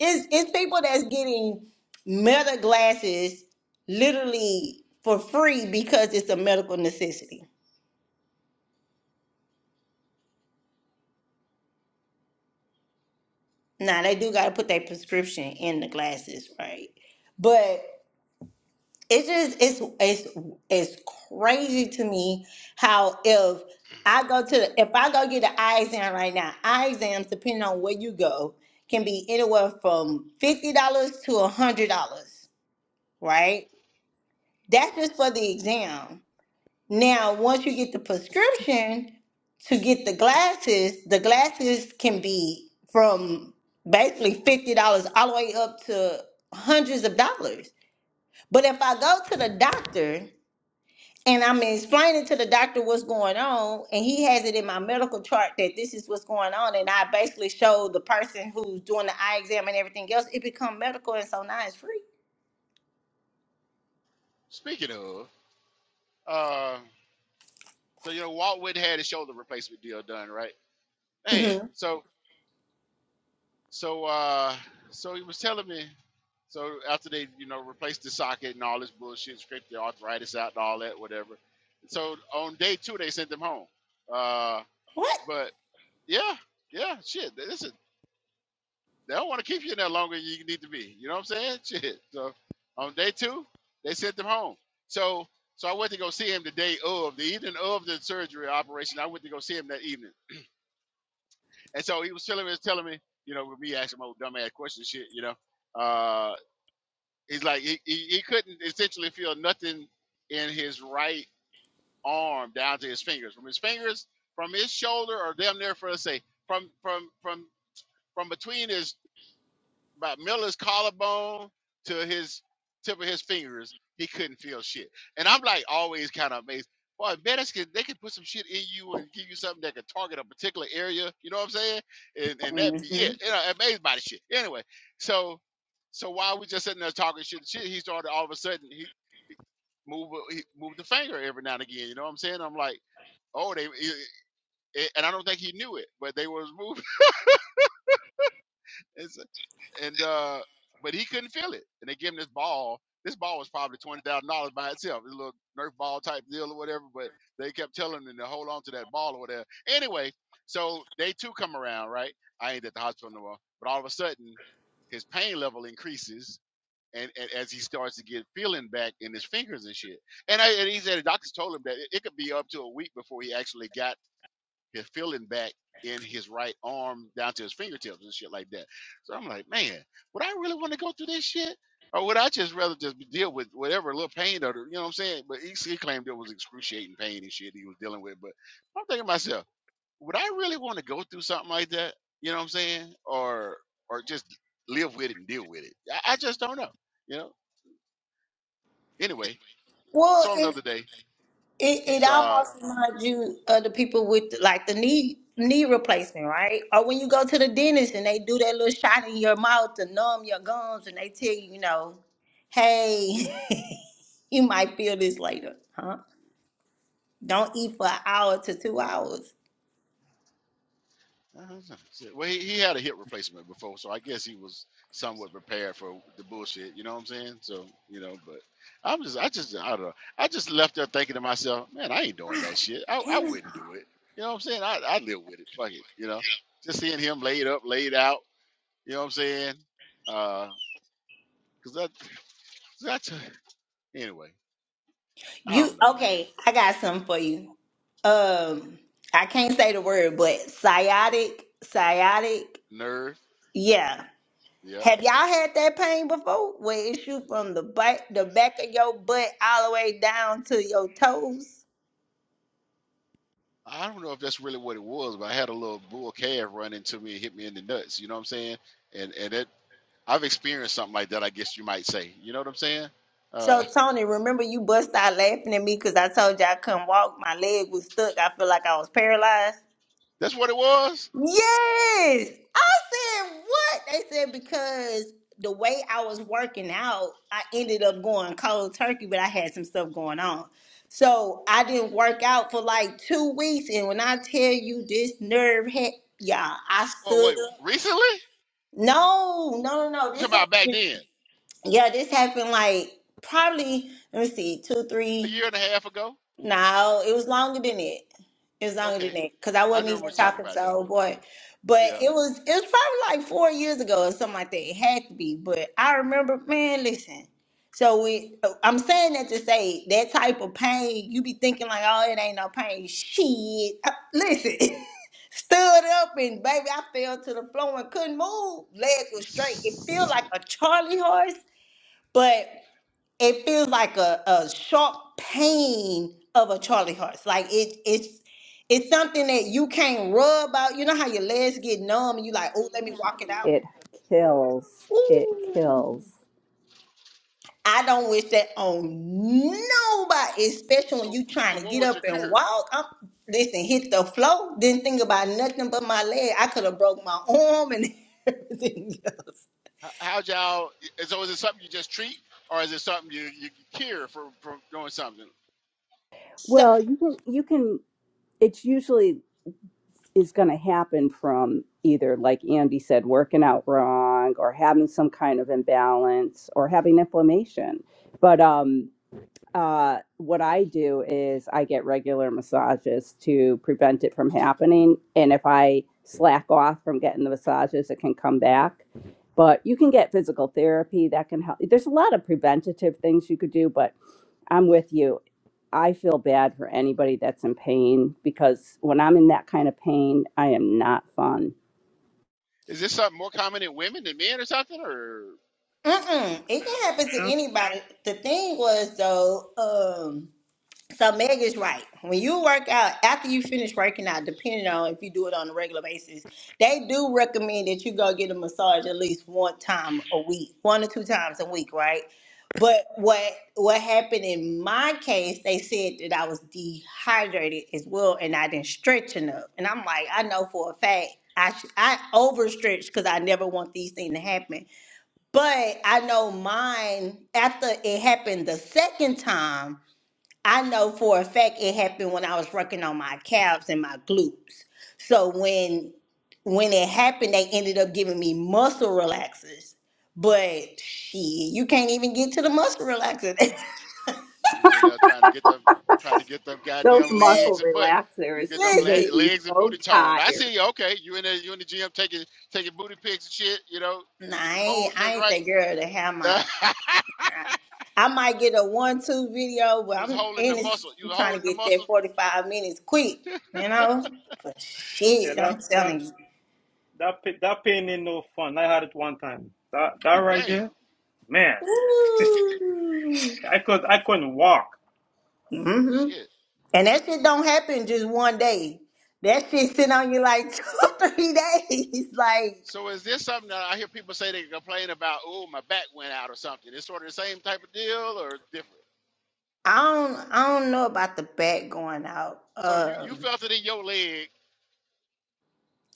[SPEAKER 1] it's it's people that's getting meta glasses literally for free because it's a medical necessity. Now they do got to put their prescription in the glasses, right? But. it just it's it's it's crazy to me how if I go to the, if I go get an eye exam right now, eye exams depending on where you go can be anywhere from fifty dollars to a hundred dollars, right? That's just for the exam. Now, once you get the prescription to get the glasses, the glasses can be from basically fifty dollars all the way up to hundreds of dollars. But if I go to the doctor and I'm explaining to the doctor what's going on, and he has it in my medical chart that this is what's going on, and I basically show the person who's doing the eye exam and everything else. It become medical, and so now it's free.
[SPEAKER 2] Speaking of, uh, so you know Walt Whitney had his shoulder replacement deal done, right? Man,
[SPEAKER 1] Mhm.
[SPEAKER 2] so So uh so he was telling me so after they, you know, replaced the socket and all this bullshit, scraped the arthritis out and all that, whatever. So on day two they sent them home. Uh
[SPEAKER 1] What?
[SPEAKER 2] but yeah, yeah, shit. listen, they don't want to keep you in there longer than you need to be. You know what I'm saying? Shit. So on day two, they sent them home. So so I went to go see him the day of, the evening of the surgery operation. I went to go see him that evening. And so he was telling me, telling me, you know, with me asking my dumb ass questions, shit, you know. uh. He's like he, he, he couldn't essentially feel nothing in his right arm down to his fingers. From his fingers, from his shoulder, or damn near for let us say from from from from between his about Miller's collarbone to his tip of his fingers, he couldn't feel shit. And I'm like always kind of amazed. Boy, medics can they can put some shit in you and give you something that can target a particular area. You know what I'm saying? And and that would be
[SPEAKER 1] hmm
[SPEAKER 2] it. You know, amazed by the shit. Anyway, so so while we just sitting there talking shit, and shit, he started all of a sudden he, he move he moved the finger every now and again. You know what I'm saying? I'm like, oh, they eh, eh, and I don't think he knew it, but they was moving. And so and uh, but he couldn't feel it, and they gave him this ball. This ball was probably twenty thousand dollars by itself, a little Nerf ball type deal or whatever. But they kept telling him to hold on to that ball or whatever. Anyway, so they too come around, right? I ain't at the hospital no more. But all of a sudden, his pain level increases, and, and as he starts to get feeling back in his fingers and shit. And I, and he said the doctors told him that it, it could be up to a week before he actually got his feeling back in his right arm down to his fingertips and shit like that. So I'm like, man, would I really want to go through this shit? Or would I just rather just deal with whatever little pain or the- you know what I'm saying? But he, he claimed it was excruciating pain and shit he was dealing with. But I'm thinking to myself, would I really want to go through something like that? You know what I'm saying? Or or just live with it and deal with it? I, I just don't know. You know. Anyway,
[SPEAKER 1] Well,
[SPEAKER 2] saw him the
[SPEAKER 1] it
[SPEAKER 2] other day.
[SPEAKER 1] it, it
[SPEAKER 2] He's uh
[SPEAKER 1] almost reminds you of the people with like the knee knee replacement, right? Or when you go to the dentist and they do that little shot in your mouth to numb your gums, and they tell you, you know, hey, you might feel this later, huh? Don't eat for an hour to two hours.
[SPEAKER 2] Uh-huh. Well, he, he had a hip replacement before, so I guess he was somewhat prepared for the bullshit. You know what I'm saying? So you know, but I'm just, I just, I don't know. I just left there thinking to myself, man, I ain't doing
[SPEAKER 1] God
[SPEAKER 2] that shit. I, I
[SPEAKER 1] damn.
[SPEAKER 2] wouldn't do it. You know what I'm saying? I, I live with it. Fuck it. You know, just seeing him laid up, laid out. You know what I'm saying? Uh, cause that, that's anyway. I
[SPEAKER 1] You
[SPEAKER 2] don't know, man.
[SPEAKER 1] okay? I got something for you. Um, I can't say the word, but sciatic, sciatic.
[SPEAKER 2] Nerve.
[SPEAKER 1] Yeah.
[SPEAKER 2] Yeah.
[SPEAKER 1] Have y'all had that pain before? Where it shoot from the back, the back of your butt all the way down to your toes.
[SPEAKER 2] I don't know if that's really what it was, but I had a little bull calf run into me and hit me in the nuts. You know what I'm saying? and and that I've experienced something like that. I guess you might say. You know what I'm saying? Uh,
[SPEAKER 1] So Tony, remember you bust out laughing at me because I told you I couldn't walk. My leg was stuck. I feel like I was paralyzed.
[SPEAKER 2] that's what it was.
[SPEAKER 1] Yes. I said, what? They said, because the way I was working out, I ended up going cold turkey, but I had some stuff going on. So I didn't work out for like two weeks. And when I tell you this nerve hit, yeah, I
[SPEAKER 2] Oh
[SPEAKER 1] stood
[SPEAKER 2] wait,
[SPEAKER 1] up.
[SPEAKER 2] recently?
[SPEAKER 1] No, no, no, no.
[SPEAKER 2] You talking
[SPEAKER 1] This
[SPEAKER 2] about back
[SPEAKER 1] happened.
[SPEAKER 2] then?
[SPEAKER 1] Yeah, this happened like probably, let me see, two,
[SPEAKER 2] A
[SPEAKER 1] three.
[SPEAKER 2] year and a half ago?
[SPEAKER 1] No, it was longer than it. It was longer than
[SPEAKER 2] Okay,
[SPEAKER 1] that because I
[SPEAKER 2] I
[SPEAKER 1] wasn't
[SPEAKER 2] remember
[SPEAKER 1] even
[SPEAKER 2] what you're talking
[SPEAKER 1] talking
[SPEAKER 2] about
[SPEAKER 1] to
[SPEAKER 2] though.
[SPEAKER 1] old boy. But
[SPEAKER 2] Yeah.
[SPEAKER 1] it was it was probably like four years ago or something like that. It had to be. But I remember, man, listen. So we, I'm saying that to say that type of pain, you be thinking like, oh, it ain't no pain. Shit, Uh, listen, stood up and baby, I fell to the floor and couldn't move. Leg was straight. It felt
[SPEAKER 2] So,
[SPEAKER 1] like a Charlie horse, but it feels like a, a sharp pain of a Charlie horse. Like it it's it's something that you can't rub out. You know how your legs get numb and you like, oh, let me walk it out.
[SPEAKER 7] It kills. It
[SPEAKER 1] Ooh.
[SPEAKER 7] kills.
[SPEAKER 1] I don't wish that on nobody, especially when you
[SPEAKER 2] so
[SPEAKER 1] trying to
[SPEAKER 2] what
[SPEAKER 1] get
[SPEAKER 2] was
[SPEAKER 1] up
[SPEAKER 2] your
[SPEAKER 1] and
[SPEAKER 2] cure?
[SPEAKER 1] walk. I'm, listen, hit the floor, didn't think about nothing but my leg. I could have broke my arm and everything else.
[SPEAKER 2] How how'd y'all? So, is it something you just treat, or is it something you you cure for from doing something?
[SPEAKER 1] So,
[SPEAKER 7] Well, you can you can it's usually is going to happen from either like Andy said working out wrong or having some kind of imbalance or having inflammation. But um Uh, what I do is I get regular massages to prevent it from happening. And if I slack off from getting the massages, it can come back. But you can get physical therapy that can help. There's a lot of preventative things you could do, but I'm with you. I feel bad for anybody that's in pain because when I'm in that kind of pain, I am not fun.
[SPEAKER 2] Is this something more common in women than men, or something, or?
[SPEAKER 1] mm-mm, it can happen to
[SPEAKER 5] That,
[SPEAKER 1] anybody. The thing was though, um, So Meg is right. When you work out, after you finish working out, depending on if you do it on a regular basis, they do recommend that you go get a massage at least one time a week, one or two times a week, right? But what what happened in my case, they said that I was dehydrated as well, and I didn't stretch enough. And I'm like, I know for a fact I sh- I overstretched because I never want these things to happen. But I know mine after it happened the second time. I know for a fact it happened when I was working on my calves and my glutes. So when when it happened, they ended up giving me muscle relaxers. But shit, you can't even get to the muscle relaxer.
[SPEAKER 2] You was in there trying to get them, trying to get them
[SPEAKER 7] Those
[SPEAKER 2] goddamn legs
[SPEAKER 7] muscle
[SPEAKER 2] and butt. You
[SPEAKER 7] relaxers
[SPEAKER 2] getting them
[SPEAKER 7] make
[SPEAKER 2] le-
[SPEAKER 1] Listen,
[SPEAKER 7] you
[SPEAKER 2] legs and
[SPEAKER 7] so
[SPEAKER 2] booty toned. I
[SPEAKER 7] tired.
[SPEAKER 2] see you. Okay, you in there, you in the gym taking taking booty pics and shit. You know,
[SPEAKER 1] nah,
[SPEAKER 2] you get
[SPEAKER 1] I
[SPEAKER 2] the pose
[SPEAKER 1] ain't, I
[SPEAKER 2] just
[SPEAKER 1] ain't
[SPEAKER 2] right.
[SPEAKER 1] that girl to have my. I, I might get a one-two video,
[SPEAKER 2] you
[SPEAKER 1] but
[SPEAKER 2] was
[SPEAKER 1] I'm and
[SPEAKER 2] holding the
[SPEAKER 1] it's,
[SPEAKER 2] muscle. You
[SPEAKER 1] I'm
[SPEAKER 2] was
[SPEAKER 1] trying
[SPEAKER 2] holding
[SPEAKER 1] to
[SPEAKER 2] the
[SPEAKER 1] get
[SPEAKER 2] muscle.
[SPEAKER 1] that forty-five minutes quick, you know. But
[SPEAKER 5] yeah,
[SPEAKER 1] shit,
[SPEAKER 5] that
[SPEAKER 1] I'm
[SPEAKER 5] that
[SPEAKER 1] telling you.
[SPEAKER 5] that pa- that pain ain't no fun. I had it one time. That that right
[SPEAKER 2] Damn,
[SPEAKER 5] there, man. I could I couldn't walk.
[SPEAKER 1] Ooh.
[SPEAKER 2] shit.
[SPEAKER 1] And that shit don't happen just one day. That shit sit on you like two or three days. Like
[SPEAKER 2] So is this something that I hear people say they complain about? Oh, my back went out or something. It's sort of the same type of deal or different.
[SPEAKER 1] I don't I don't know about the back going out.
[SPEAKER 2] So you you
[SPEAKER 1] Um
[SPEAKER 2] felt it in your leg.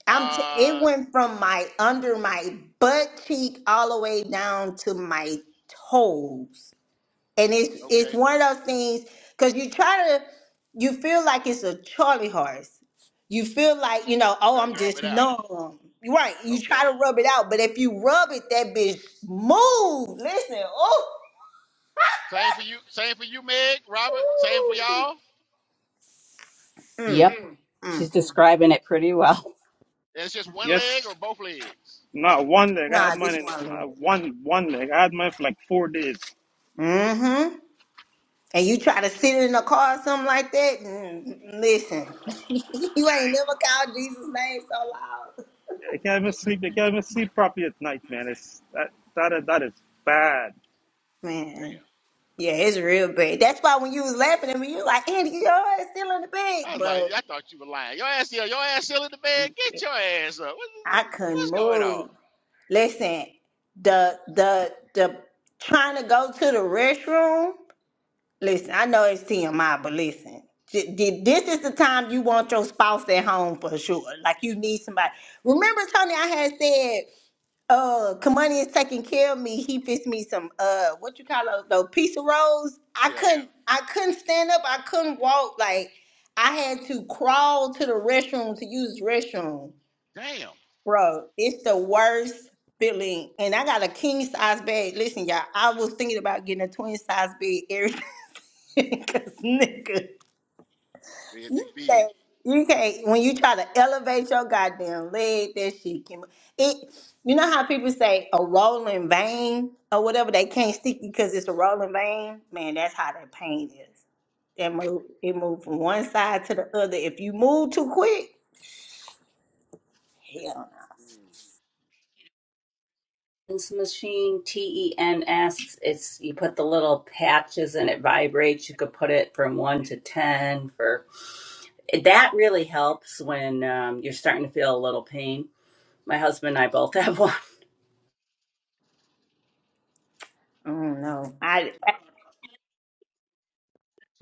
[SPEAKER 1] I'm t- it
[SPEAKER 2] Uh,
[SPEAKER 1] went from my under my butt cheek all the way down to my toes. and it's
[SPEAKER 2] okay.
[SPEAKER 1] it's one of those things because you try to you feel like it's a Charlie horse. You feel like you know,
[SPEAKER 2] You
[SPEAKER 1] oh,
[SPEAKER 2] try to
[SPEAKER 1] I'm
[SPEAKER 2] rub
[SPEAKER 1] just
[SPEAKER 2] it out.
[SPEAKER 1] numb. Right. You
[SPEAKER 2] Okay.
[SPEAKER 1] try to rub it out, but if you rub it, that bitch move. Listen, oh.
[SPEAKER 2] Same for you. Same for you, Meg, Robert. Same for
[SPEAKER 1] Ooh.
[SPEAKER 2] y'all.
[SPEAKER 1] Mm,
[SPEAKER 7] Yep. She's
[SPEAKER 1] mm.
[SPEAKER 7] describing it pretty well.
[SPEAKER 2] And it's just one leg or
[SPEAKER 5] Yes,
[SPEAKER 2] both legs.
[SPEAKER 5] not one leg. I had
[SPEAKER 1] Nah,
[SPEAKER 5] mine
[SPEAKER 1] this
[SPEAKER 5] in
[SPEAKER 1] one leg.
[SPEAKER 5] uh, one one leg. I had mine for like four days.
[SPEAKER 1] Mm-hmm. And you try to sit in a car or something like that. Mm, mm, mm, listen, you ain't never
[SPEAKER 5] I,
[SPEAKER 1] called Jesus' name so loud.
[SPEAKER 5] I can't even sleep. I can't even sleep properly at night, man. It's that that that is bad.
[SPEAKER 1] Man.
[SPEAKER 2] Damn.
[SPEAKER 1] Yeah,
[SPEAKER 2] Mm.
[SPEAKER 1] it's real bad. That's why when you was laughing at me, you like, Andy, your heart is still in the bag,
[SPEAKER 2] I was like,
[SPEAKER 1] bro.
[SPEAKER 2] I thought you were lying. Your ass still, your ass still in the bed. Get your ass up. What-
[SPEAKER 1] I couldn't
[SPEAKER 2] what's going on?
[SPEAKER 1] move. Listen, the the the trying to go to the restroom. Listen,
[SPEAKER 2] Mm.
[SPEAKER 1] I know it's TMI, but listen, Th- th- this is the time you want your spouse at home for sure. Like you need somebody. Remember, Tony, I had said. uh Kamani is taking care of me. He fixed me some uh what you call those those pizza rolls. I
[SPEAKER 2] Yeah.
[SPEAKER 1] couldn't I couldn't stand up, I couldn't walk. Like I had to crawl to the restroom to use the restroom.
[SPEAKER 2] Damn.
[SPEAKER 1] Bro, it's the worst feeling. And I got a king size bed. Listen, y'all, I was thinking about getting a twin size bed everything. Cause nigga.
[SPEAKER 2] They're
[SPEAKER 1] You
[SPEAKER 2] too big.
[SPEAKER 1] can't, you can't, when you try to elevate your goddamn leg, that shit can, it, you know how people say a rolling vein or whatever, they can't stick because it's a rolling vein? Man, that's how that pain is. That move, it move from one side to the other. If you move too quick, hell,
[SPEAKER 2] Mm.
[SPEAKER 7] Tens machine ten asks it's you put the little patches and it vibrates you could put it from 1 to 10 for that really helps when um, you're starting to feel a little pain my husband and i both have one
[SPEAKER 1] no. I don't know. I-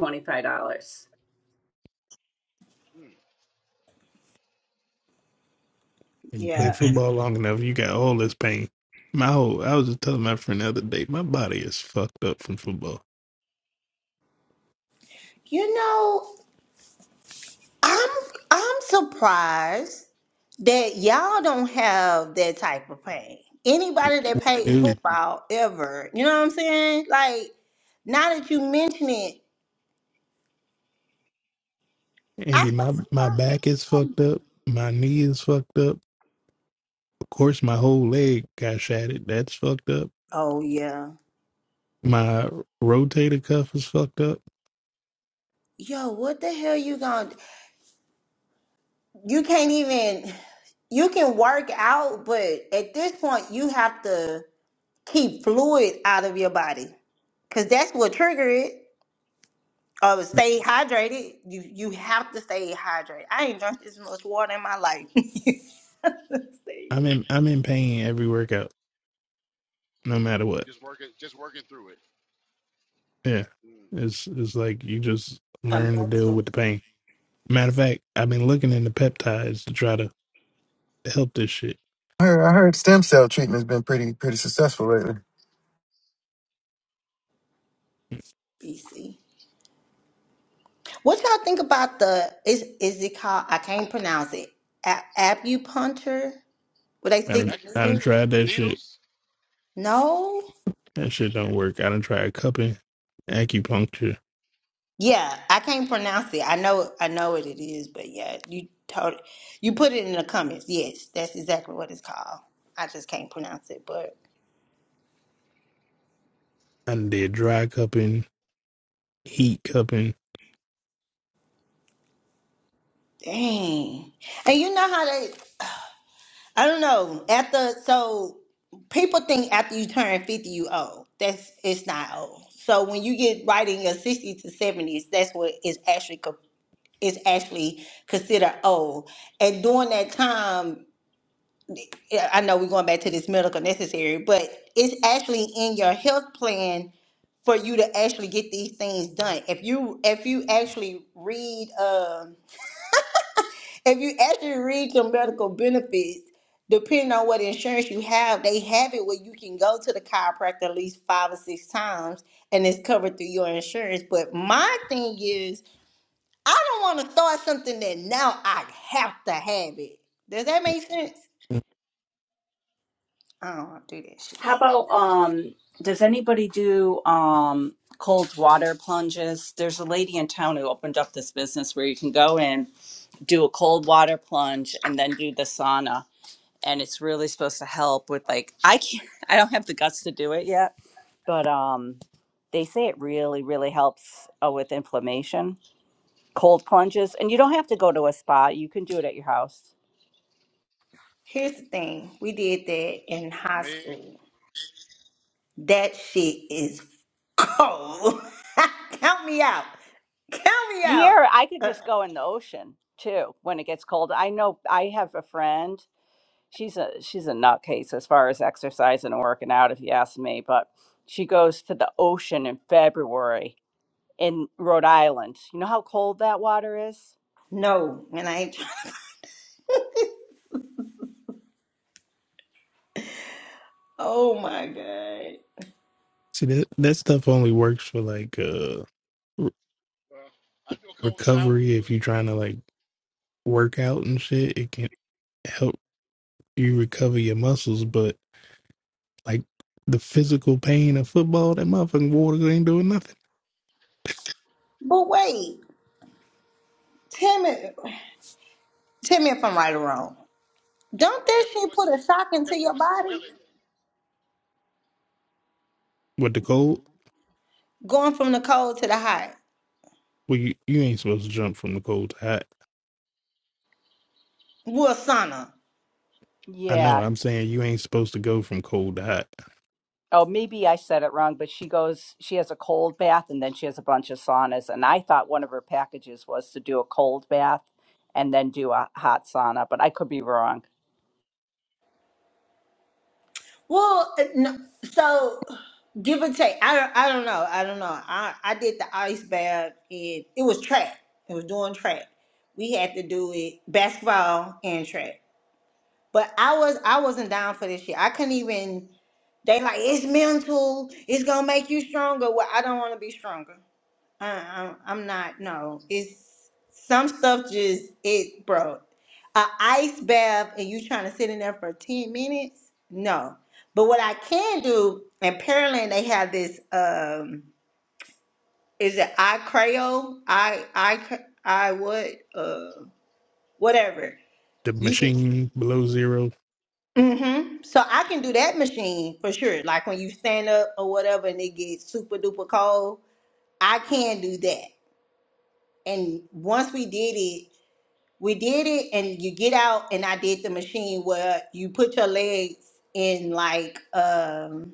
[SPEAKER 7] $25
[SPEAKER 2] Mm.
[SPEAKER 8] And you play
[SPEAKER 1] yeah.
[SPEAKER 8] football long enough, you got all this pain. My whole I was just telling my friend the other day, my body is fucked up from football.
[SPEAKER 1] You know, I'm I'm surprised that y'all don't have that type of pain. Anybody that played
[SPEAKER 8] Dude,
[SPEAKER 1] football ever, you know what I'm saying? Like now that you mention it, I
[SPEAKER 8] Andy,
[SPEAKER 1] can
[SPEAKER 8] my my
[SPEAKER 1] see
[SPEAKER 8] back is
[SPEAKER 1] how.
[SPEAKER 8] fucked up, my knee is fucked up. Of course my whole leg got shattered. That's fucked up.
[SPEAKER 1] Oh yeah,
[SPEAKER 8] My rotator cuff is fucked up.
[SPEAKER 1] yo, what the hell you gonna? You can't even. You can work out, but at this point, you have to keep fluid out of your body because that's what trigger it. Oh, stay hydrated. You you have to stay hydrated. I ain't drunk this much water in my life. See,
[SPEAKER 8] I'm in I'm in pain every workout, no matter what.
[SPEAKER 2] Just working, just working through it.
[SPEAKER 8] Yeah,
[SPEAKER 2] Mm.
[SPEAKER 8] it's it's like you just
[SPEAKER 1] I'm
[SPEAKER 8] learn to deal
[SPEAKER 1] mental
[SPEAKER 8] with the pain. Matter of fact, I've been looking into peptides to try to help this shit.
[SPEAKER 4] I heard, I heard stem cell treatment's been pretty pretty successful lately,
[SPEAKER 1] BC. What y'all think about the is is it called? I can't pronounce it. A- acupuncture? Would they
[SPEAKER 8] I done,
[SPEAKER 1] stick the
[SPEAKER 8] I done
[SPEAKER 1] needle?
[SPEAKER 2] Acupuncture,
[SPEAKER 8] tried
[SPEAKER 2] the
[SPEAKER 8] that shit.
[SPEAKER 2] needles.
[SPEAKER 1] No.
[SPEAKER 8] That shit don't work. I done tried cupping, acupuncture.
[SPEAKER 1] Yeah, I can't pronounce it. I know I know what it is, but yeah, you told you put it in the comments. Yes, that's exactly what it's called. I just can't pronounce it, but
[SPEAKER 8] I done did dry cupping, heat cupping.
[SPEAKER 1] dang. And you know how they I don't know. After so people think after you turn 50 you old. That's it's not old. So when you get right in your 60s to 70s, that's what is actually co- is actually considered old. And during that time, yeah, I know we're going back to this medical necessary, but it's actually in your health plan for you to actually get these things done. If you if you actually read um, if you actually read your medical benefits, depending on what insurance you have, they have it where you can go to the chiropractor at least five or six times and it's covered through your insurance. But my thing is, I don't want to start something that now I have to have it. Does that make sense? I don't want to do that shit.
[SPEAKER 7] how about um does anybody do um cold water plunges there's a lady in town who opened up this business where you can go in do a cold water plunge and then do the sauna and it's really supposed to help with like I can't I don't have the guts to do it yet, but um they say it really really helps uh, with inflammation, cold plunges, and you don't have to go to a spa. You can do it at your house.
[SPEAKER 1] Here's the thing we did that in
[SPEAKER 2] Well,
[SPEAKER 1] high
[SPEAKER 2] Meg,
[SPEAKER 1] school. That shit is cold. Count me out. Count me out.
[SPEAKER 7] Here, I could
[SPEAKER 1] Uh,
[SPEAKER 7] just go in the ocean too when it gets cold. I know I have a friend. She's a she's a nutcase as far as exercise and working out if you ask me, but she goes to the ocean in February in Rhode Island. You know how cold that water is?
[SPEAKER 1] No, and I ain't Oh my God.
[SPEAKER 8] See that that stuff only works for like uh re-
[SPEAKER 2] well, I do a cold shower.
[SPEAKER 8] recovery if
[SPEAKER 2] Really
[SPEAKER 8] you're trying to like work out and shit. It can help you recover your muscles, but like the physical pain of football, that motherfucking water ain't doing nothing.
[SPEAKER 1] But wait, tell me, tell me if I'm right or wrong. Don't that
[SPEAKER 2] helping
[SPEAKER 1] shit
[SPEAKER 2] with
[SPEAKER 1] put
[SPEAKER 2] some,
[SPEAKER 1] a shock into
[SPEAKER 2] helping
[SPEAKER 1] your
[SPEAKER 2] with some
[SPEAKER 1] body?
[SPEAKER 2] swelling. You
[SPEAKER 8] With the cold,
[SPEAKER 1] Going from the cold to the hot.
[SPEAKER 8] well, you, you ain't supposed to jump from the cold to hot.
[SPEAKER 1] Well, sauna.
[SPEAKER 8] I
[SPEAKER 7] Yeah,
[SPEAKER 8] know. I'm saying you ain't supposed to go from cold to hot.
[SPEAKER 7] oh, maybe I said it wrong, but she goes, she has a cold bath and then she has a bunch of saunas. And I thought one of her packages was to do a cold bath and then do a hot sauna, but I could be wrong.
[SPEAKER 1] Well, uh, no, so give or take. I don't, I don't know. I don't know. I, I did the ice bath and it was track. It was doing track. We had to do it basketball and track. But I was I wasn't down for this shit. I couldn't even they like it's mental. It's gonna make you stronger. Well, I don't want to be stronger. Uh, I'm, I'm not. No, it's some stuff just it, bro. A ice bath and you trying to sit in there for ten minutes? No. But what I can do in Pearland, they have this. um Is it I Creo? I I I what? Uh, whatever.
[SPEAKER 8] The
[SPEAKER 1] You can.
[SPEAKER 8] machine below zero,
[SPEAKER 1] Mm-hmm. So I can do that machine for sure. Like when you stand up or whatever and it gets super duper cold, I can do that. And once we did it, we did it and you get out and I did the machine where you put your legs in like um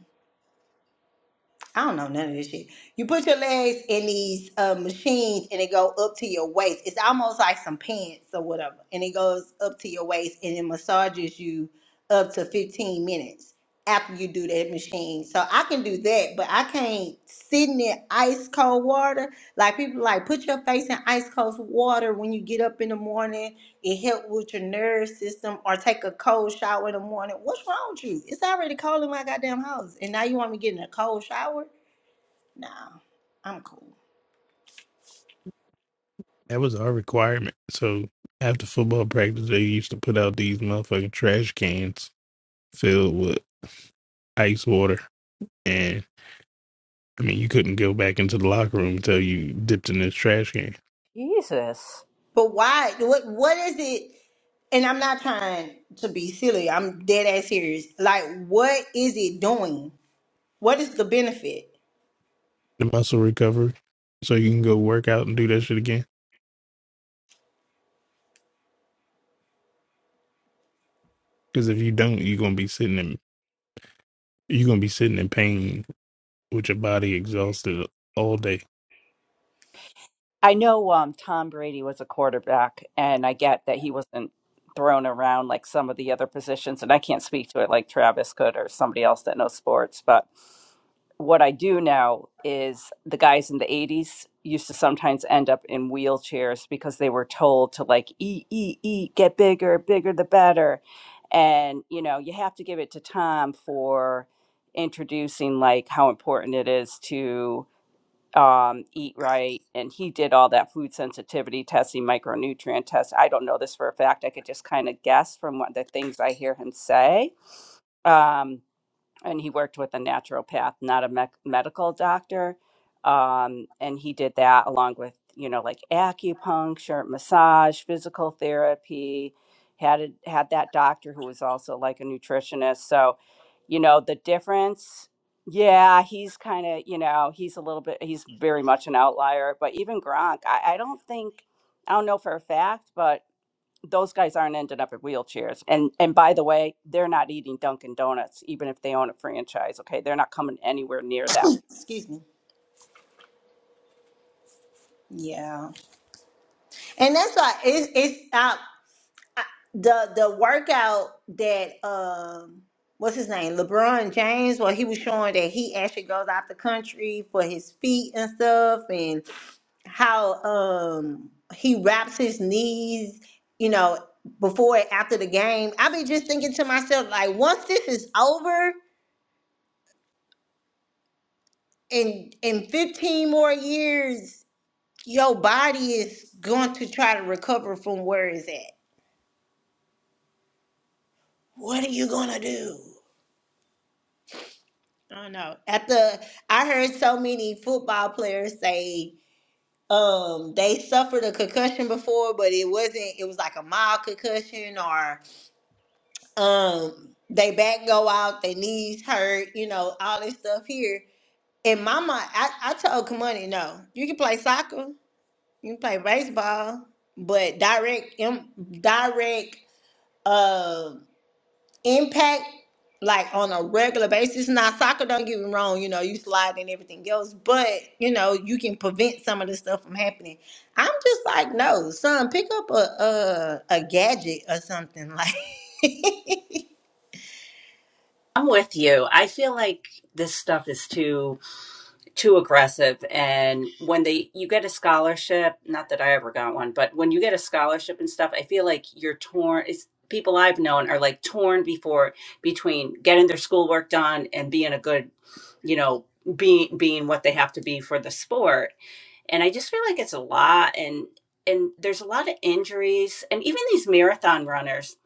[SPEAKER 1] I don't know none of this shit. You put your legs in these uh, machines and it go up to your waist. It's almost like some pants or whatever, and it goes up to your waist and it massages you up to fifteen minutes after you do that machine. So I can do that, but I can't sit in that ice cold water. Like people like put your face in ice cold water when you get up in the morning it helps with your nerve system or take a cold shower in the morning. What's wrong with you? It's already cold in my goddamn house. And now you want me getting a cold shower? Nah, I'm cool.
[SPEAKER 8] that was our requirement. So after football practice, they used to put out these motherfucking trash cans filled with ice water. And I mean, you couldn't go back into the locker room until you dipped in this trash can.
[SPEAKER 7] Jesus.
[SPEAKER 1] But why what what is it? And I'm not trying to be silly. I'm dead ass serious. Like what is it doing? What is the benefit?
[SPEAKER 8] The muscle recovery, so you can go work out and do that shit again. Because if you don't, you're gonna be sitting in you're gonna be sitting in pain with your body exhausted all day.
[SPEAKER 7] I know um, Tom Brady was a quarterback, and I get that he wasn't thrown around like some of the other positions, and I can't speak to it like Travis could or somebody else that knows sports. But what I do know is the guys in the 80s used to sometimes end up in wheelchairs because they were told to like eat, eat, eat, get bigger, bigger the better. And, you know, you have to give it to Tom for introducing like how important it is to um, eat right and he did all that food sensitivity testing micronutrient test i don't know this for a fact i could just kind of guess from what the things i hear him say um, and he worked with a naturopath, not a mec- medical doctor. Um, and he did that along with, you know, like acupuncture, massage, physical therapy. Had a, had that doctor who was also like a nutritionist. So, you know, the difference. Yeah, he's kind of, you know, he's a little bit, he's very much an outlier. But even Gronk, I, I don't think, I don't know for a fact, but those guys aren't ending up in wheelchairs. And and by the way, they're not eating Dunkin' Donuts, even if they own a franchise. Okay, they're not coming anywhere near that.
[SPEAKER 1] Excuse me. Yeah. And that's why it's it's out. I- the the workout that um what's his name LeBron James where he was showing that he actually goes out the country for his feet and stuff and how um he wraps his knees you know before and after the game I be just thinking to myself like once this is over in in 15 more years your body is going to try to recover from where it's at what are you gonna do I know. At the, I heard so many football players say um they suffered a concussion before, but it wasn't. It was like a mild concussion, or um they back go out, their knees hurt, you know, all this stuff here. And my mind, I, I told Kamani, no, you can play soccer, you can play baseball, but direct, im- direct. um impact like on a regular basis. Now, soccer, don't get me wrong, you know, you slide and everything else, but you know, you can prevent some of this stuff from happening. I'm just like, no, son, pick up a a, a gadget or something. Like, you
[SPEAKER 7] I'm with you. I feel like this stuff is too too aggressive and when they you get a scholarship, not that I ever got one, but when you get a scholarship and stuff, I feel like you're torn it's people I've known are like torn before between getting their schoolwork done and being a good, you know, being being what they have to be for the sport. and I just feel like it's a lot and and there's a lot of injuries and even these marathon runners.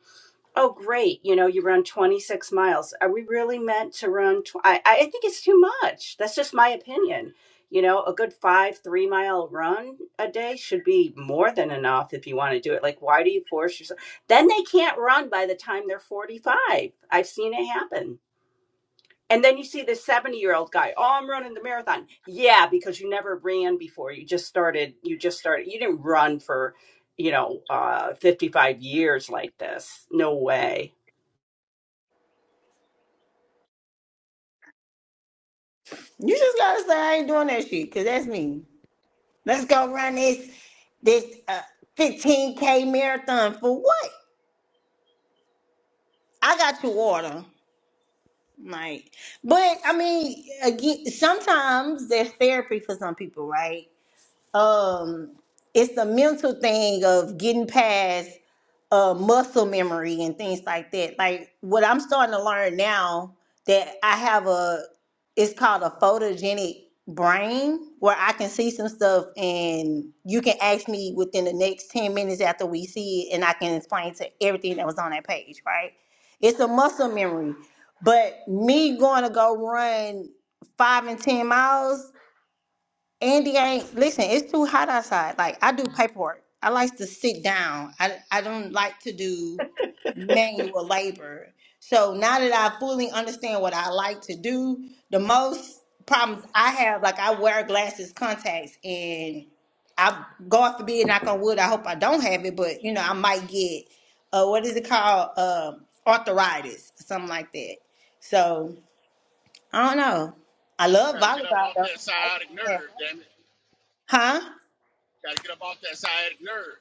[SPEAKER 7] Oh great, you know you run 26 miles. Are we really meant to run tw- I I think it's too much. That's just my opinion. You know, a good 5 3 mile run a day should be more than enough if you want to do it. Like why do you force yourself? Then they can't run by the time they're 45. I've seen it happen and then you see this 70 year old guy, oh, I'm running the marathon. Yeah, because you never ran before. You just started, you just started, you didn't run for, you know, uh, 55 years like this. No way.
[SPEAKER 1] just gotta say, I ain't doing that shit, cause that's me. Let's go run this this uh, 15k marathon for what? I got your water. Like, but I mean, again, sometimes there's therapy for some people, right? um it's the mental thing of getting past uh muscle memory and things like that like what i'm starting to learn now that i have a it's called a photogenic brain where i can see some stuff and you can ask me within the next 10 minutes after we see it and i can explain to everything that was on that page right it's a muscle memory but me going to go run five and ten miles Andy, I ain't, listen, it's too hot outside. Like I do paperwork. I like to sit down. I I don't like to do manual labor. So now that I fully understand what I like to do, the most problems I have, like I wear glasses, contacts, and I God forbid, knock on wood, I hope I don't have it, but you know, I might get uh what is it called? Um arthritis, something like that. So I don't know. I love
[SPEAKER 2] got to get up
[SPEAKER 1] volleyball
[SPEAKER 2] off
[SPEAKER 1] though.
[SPEAKER 2] that
[SPEAKER 1] I
[SPEAKER 2] sciatic
[SPEAKER 1] can have-
[SPEAKER 2] nerve, damn it.
[SPEAKER 1] Huh?
[SPEAKER 2] You got to get up off that sciatic nerve.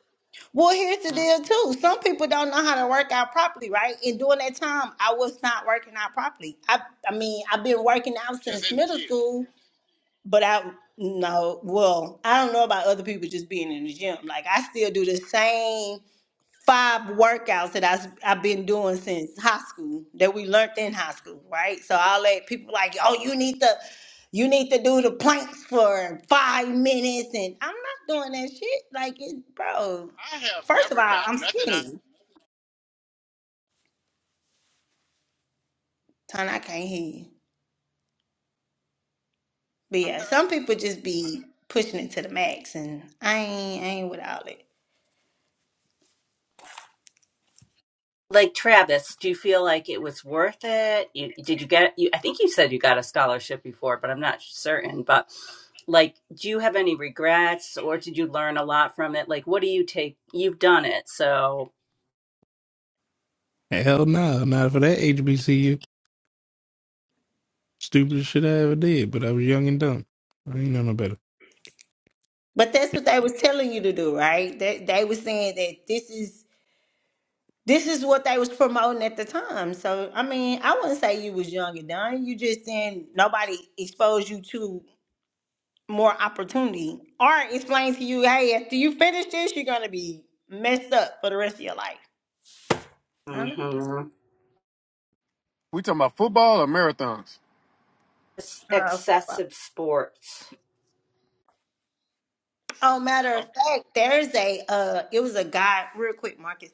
[SPEAKER 1] Well, here's the deal too. Some people don't know how to work out properly, right? And during that time, I was not working out properly. I, I mean, I've been working out
[SPEAKER 2] just
[SPEAKER 1] since
[SPEAKER 2] in the
[SPEAKER 1] middle
[SPEAKER 2] gym.
[SPEAKER 1] school, but I no, well, I don't know about other people just being in the gym. Like I still do the same five workouts that I, have been doing since high school that we learned in high school, right? So I'll let people like, oh, you need to, you need to do the planks for five minutes, and I'm not doing that shit. Like, it, bro,
[SPEAKER 2] I have
[SPEAKER 1] first of
[SPEAKER 2] never
[SPEAKER 1] all,
[SPEAKER 2] got
[SPEAKER 1] I'm
[SPEAKER 2] nothing out.
[SPEAKER 1] skinny. Ton, I can't hear you. But yeah, some people just be pushing it to the max, and I ain't, I ain't with all that.
[SPEAKER 7] Like Travis, do you feel like it was worth it? You, did you get you I think you said you got a scholarship before, but I'm not certain, but like do you have any regrets or did you learn a lot from it? Like what do you take? You've done it. So,
[SPEAKER 8] Hell no, not for that HBCU. Stupidest shit I ever did, but I was young and dumb. I ain't know no better.
[SPEAKER 1] But that's what they was telling you to do, right? That they, they was saying that this is This is what they was promoting at the time. So I mean, I wouldn't say you was young and dumb. You just then nobody exposed you to more opportunity or explained to you, hey, after you finish this, you're gonna be messed up for the rest of your life. I don't know.
[SPEAKER 7] hmm
[SPEAKER 9] We talking about football or marathons?
[SPEAKER 1] Oh,
[SPEAKER 7] Excessive sports.
[SPEAKER 1] Oh, matter of fact, there's a uh, it was a guy. Real quick, Marcus.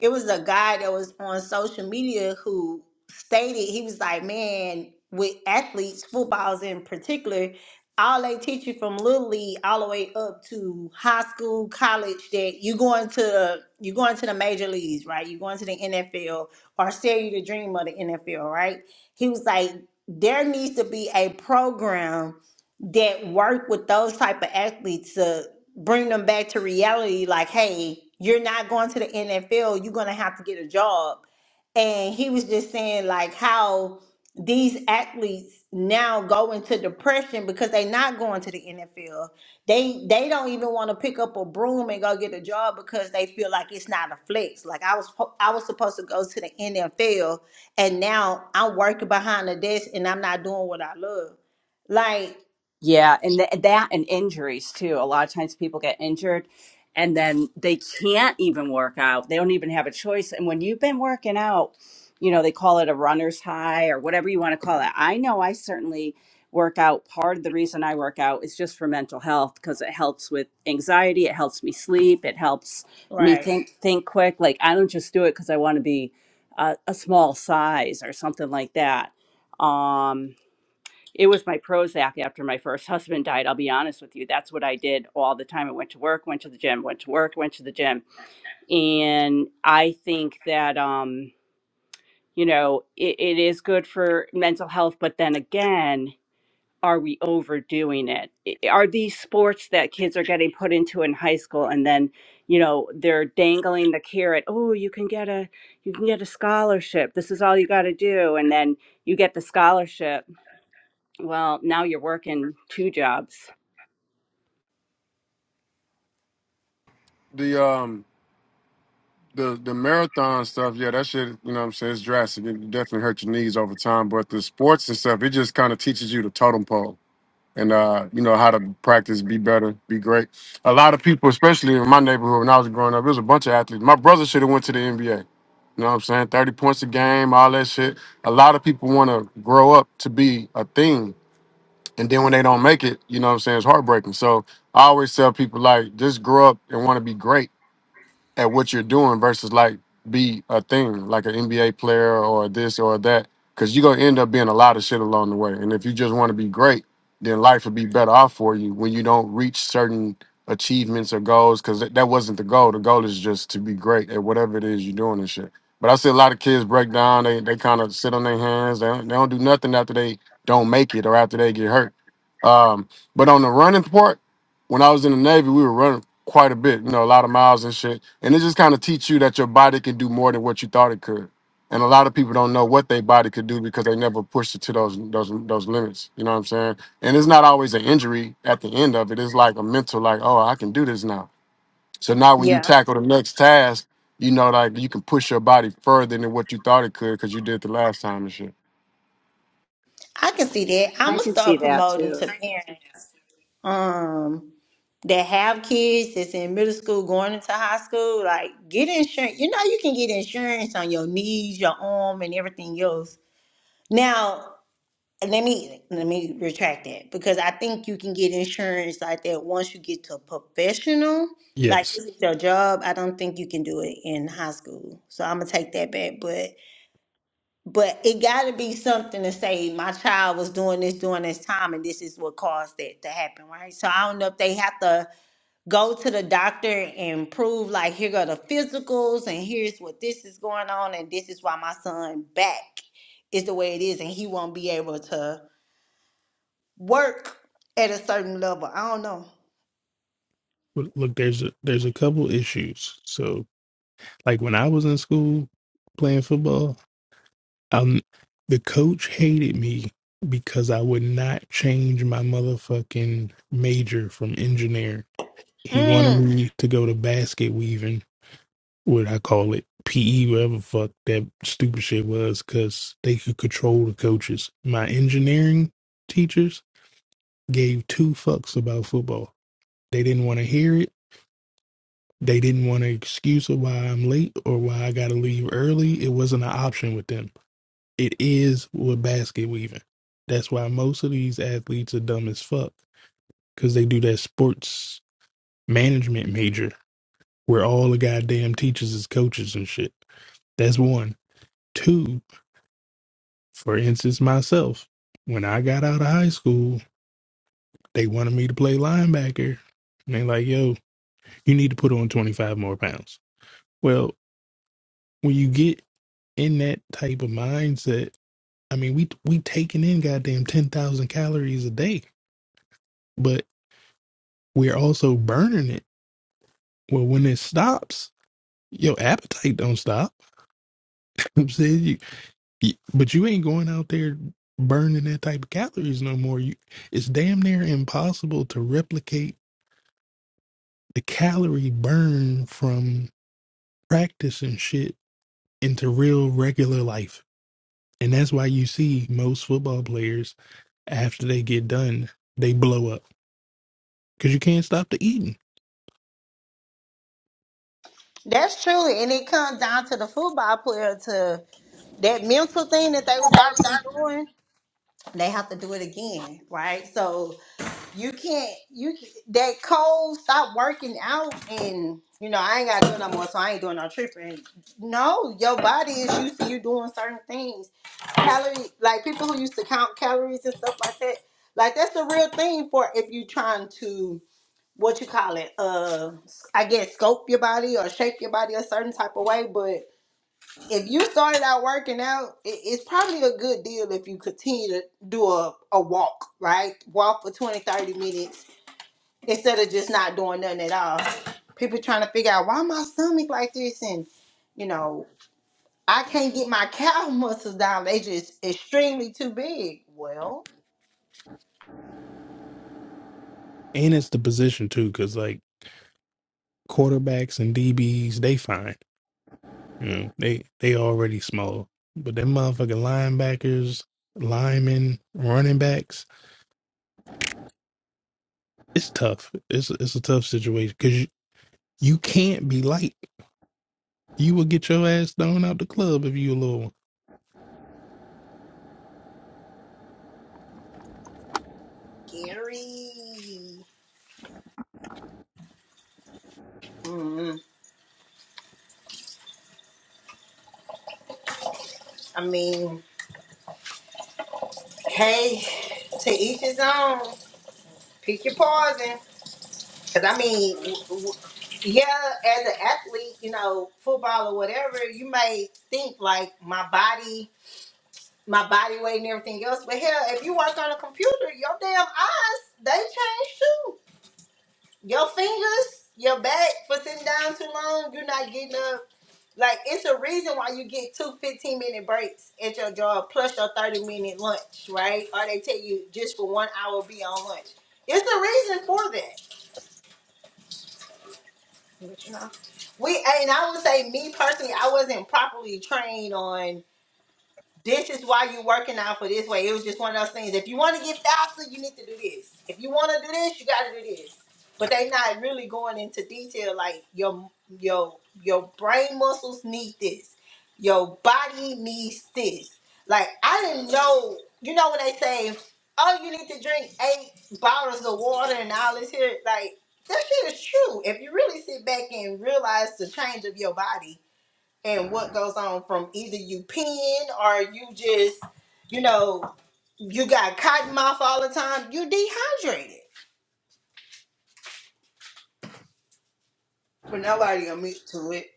[SPEAKER 1] it was a guy that was on social media who stated he was like, man, with athletes, footballs in particular, all they teach you from little league all the way up to high school, college, that you going to you going to the major leagues, right? You going to the NFL or sell you the dream of the NFL, right? He was like, there needs to be a program that work with those type of athletes to bring them back to reality like hey you're not going to the nfl you're going to have to get a job and he was just saying like how these athletes now go into depression because they're not going to the nfl they they don't even want to pick up a broom and go get a job because they feel like it's not a flex like i was po- i was supposed to go to the nfl and now i'm working behind the desk and i'm not doing what i love like
[SPEAKER 7] Yeah, and th- that and injuries too. A lot of times people get injured and then they can't even work out. They don't even have a choice. And when you've been working out, you know, they call it a runner's high or whatever you want to call it. I know I certainly work out. Part of the reason I work out is just for mental health because it helps with anxiety, it helps me sleep, it helps me
[SPEAKER 1] Right.
[SPEAKER 7] think think quick. Like I don't just do it because I want to be a, a small size or something like that. Um it was my Prozac after my first husband died. I'll be honest with you. That's what I did all the time. I went to work, went to the gym, went to work, went to the gym. And I think that, um, you know, it, it is good for mental health. But then again, are we overdoing it? I- Are these sports that kids are getting put into in high school and then, you know, they're dangling the carrot, oh, you can get a you can get a scholarship. This is all you got to do. And then you get the scholarship well, now you're working two jobs.
[SPEAKER 9] The um the the marathon stuff, yeah, that shit, you know what I'm saying, it's drastic. It definitely hurt your knees over time. But the sports and stuff, it just kind of teaches you the totem pole and uh, you know, how to practice, be better, be great. A lot of people, especially in my neighborhood when I was growing up, it was a bunch of athletes. My brother should have went to the NBA. You know what I'm saying? 30 points a game, all that shit. A lot of people want to grow up to be a thing And then when they don't make it, you know what I'm saying, it's heartbreaking. So I always tell people like just grow up and want to be great at what you're doing versus like be a thing like an NBA player or this or that because you're gonna end up being a lot of shit along the way. And if you just want to be great, then life would be better off for you when you don't reach certain achievements or goals because that, that wasn't the goal. The goal is just to be great at whatever it is you're doing and shit. But I see a lot of kids break down. They they kind of sit on their hands. They don't, they don't do nothing after they don't make it or after they get hurt. Um, but on the running part, when I was in the Navy, we were running quite a bit, you know, a lot of miles and shit. And it just kind of teach you that your body can do more than what you thought it could. And a lot of people don't know what their body could do because they never pushed it to those those those limits. You know what I'm saying? And it's not always an injury at the end of it. It's like a mental, like, oh, I can do this now. So now when you
[SPEAKER 1] Yeah.
[SPEAKER 9] tackle the next task, you know, like you can push your body further than what you thought it could because you did the last time and shit.
[SPEAKER 1] I can see that. I'm gonna start promoting to parents um that have kids that's in middle school going into high school. Like get insurance. You know you can get insurance on your knees, your arm, and everything else. Now let me let me retract that because I think you can get insurance like that once you get to a professional. Like
[SPEAKER 8] Yes.
[SPEAKER 1] this is your job. I don't think you can do it in high school. So I'm gonna take that back. But But it got to be something to say my child was doing this during this time, and this is what caused that to happen, right? So I don't know if they have to go to the doctor and prove like here go the physicals, and here's what this is going on, and this is why my son back is the way it is, and he won't be able to work at a certain level. I don't know.
[SPEAKER 8] But Look, there's a, there's a couple issues. So, like when I was in school playing football, um, the coach hated me because I would not change my motherfucking major from engineer. He wanted
[SPEAKER 1] Mm,
[SPEAKER 8] me to go to basket weaving what I call it, PE, whatever the fuck that stupid shit was, because they could control the coaches. My engineering teachers gave two fucks about football. They didn't want to hear it. They didn't want an excuse of why I'm late or why I got to leave early. It wasn't an option with them. It is with basket weaving. That's why most of these athletes are dumb as fuck because they do that sports management major where all the goddamn teachers is coaches and shit. That's one. Two. For instance, myself, when I got out of high school, they wanted me to play linebacker. And they like, yo, you need to put on 25 more pounds. Well, when you get in that type of mindset, I mean, we we taking in goddamn 10,000 calories a day, but we're also burning it. Well, when it stops, your appetite don't stop. I'm saying you, you- but you ain't going out there burning that type of calories no more. You, it's damn near impossible to replicate the calorie burn from practice and shit into real regular life. And that's why you see most football players after they get done, they blow up because you can't stop the eating.
[SPEAKER 1] that's true, and it comes down to the football player to that mental thing that they was already doing they have to do it again, right? So you can't you that cold stop working out and you know I ain't gotta do it no more, so I ain't doing no tripping. No, your body is used to you doing certain things. Calorie like people who used to count calories and stuff like that. Like that's the real thing for if you trying to what you call it, uh I guess scope your body or shape your body a certain type of way, but if you started out working out, it, it's probably a good deal if you continue to do a, a walk, right? Walk for 20, 30 minutes instead of just not doing nothing at all. People trying to figure out why my stomach like this and, you know, I can't get my calf muscles down. They just extremely too big. Well,
[SPEAKER 8] And it's the position too, because like quarterbacks and DBs, they fine. You know, they they already small, but them motherfucking linebackers, linemen, running backs, it's tough. It's it's a tough situation because you, you can't be light. You will get your ass thrown out the club if you a little
[SPEAKER 1] Gary, Mm, I mean, hey, to each his own. Pick your poison. Cause I mean, w- w- yeah, as an athlete, you know, football or whatever, you may think like my body, my body weight and everything else. But hell, if you work on a computer, your damn eyes, they change too. Your fingers, your back for sitting down too long, you're not getting up. Like it's a reason why you get two fifteen minute breaks at your job plus your 30 minute lunch, right? Or they tell you just for one hour be on lunch. It's a reason for that. We and I would say me personally, I wasn't properly trained on this is why you're working out for this way. It was just one of those things. If you want to get faster, you need to do this. If you want to do this, you got to do this. But they not really going into detail. Like your your your brain muscles need this. Your body needs this. Like I didn't know. You know when they say, "Oh, you need to drink eight bottles of water and all this here," like that shit is true. If you really sit back and realize the change of your body and what goes on from either you peeing or you just, you know, you got cotton mouth all the time. You dehydrated. But nobody admit to it.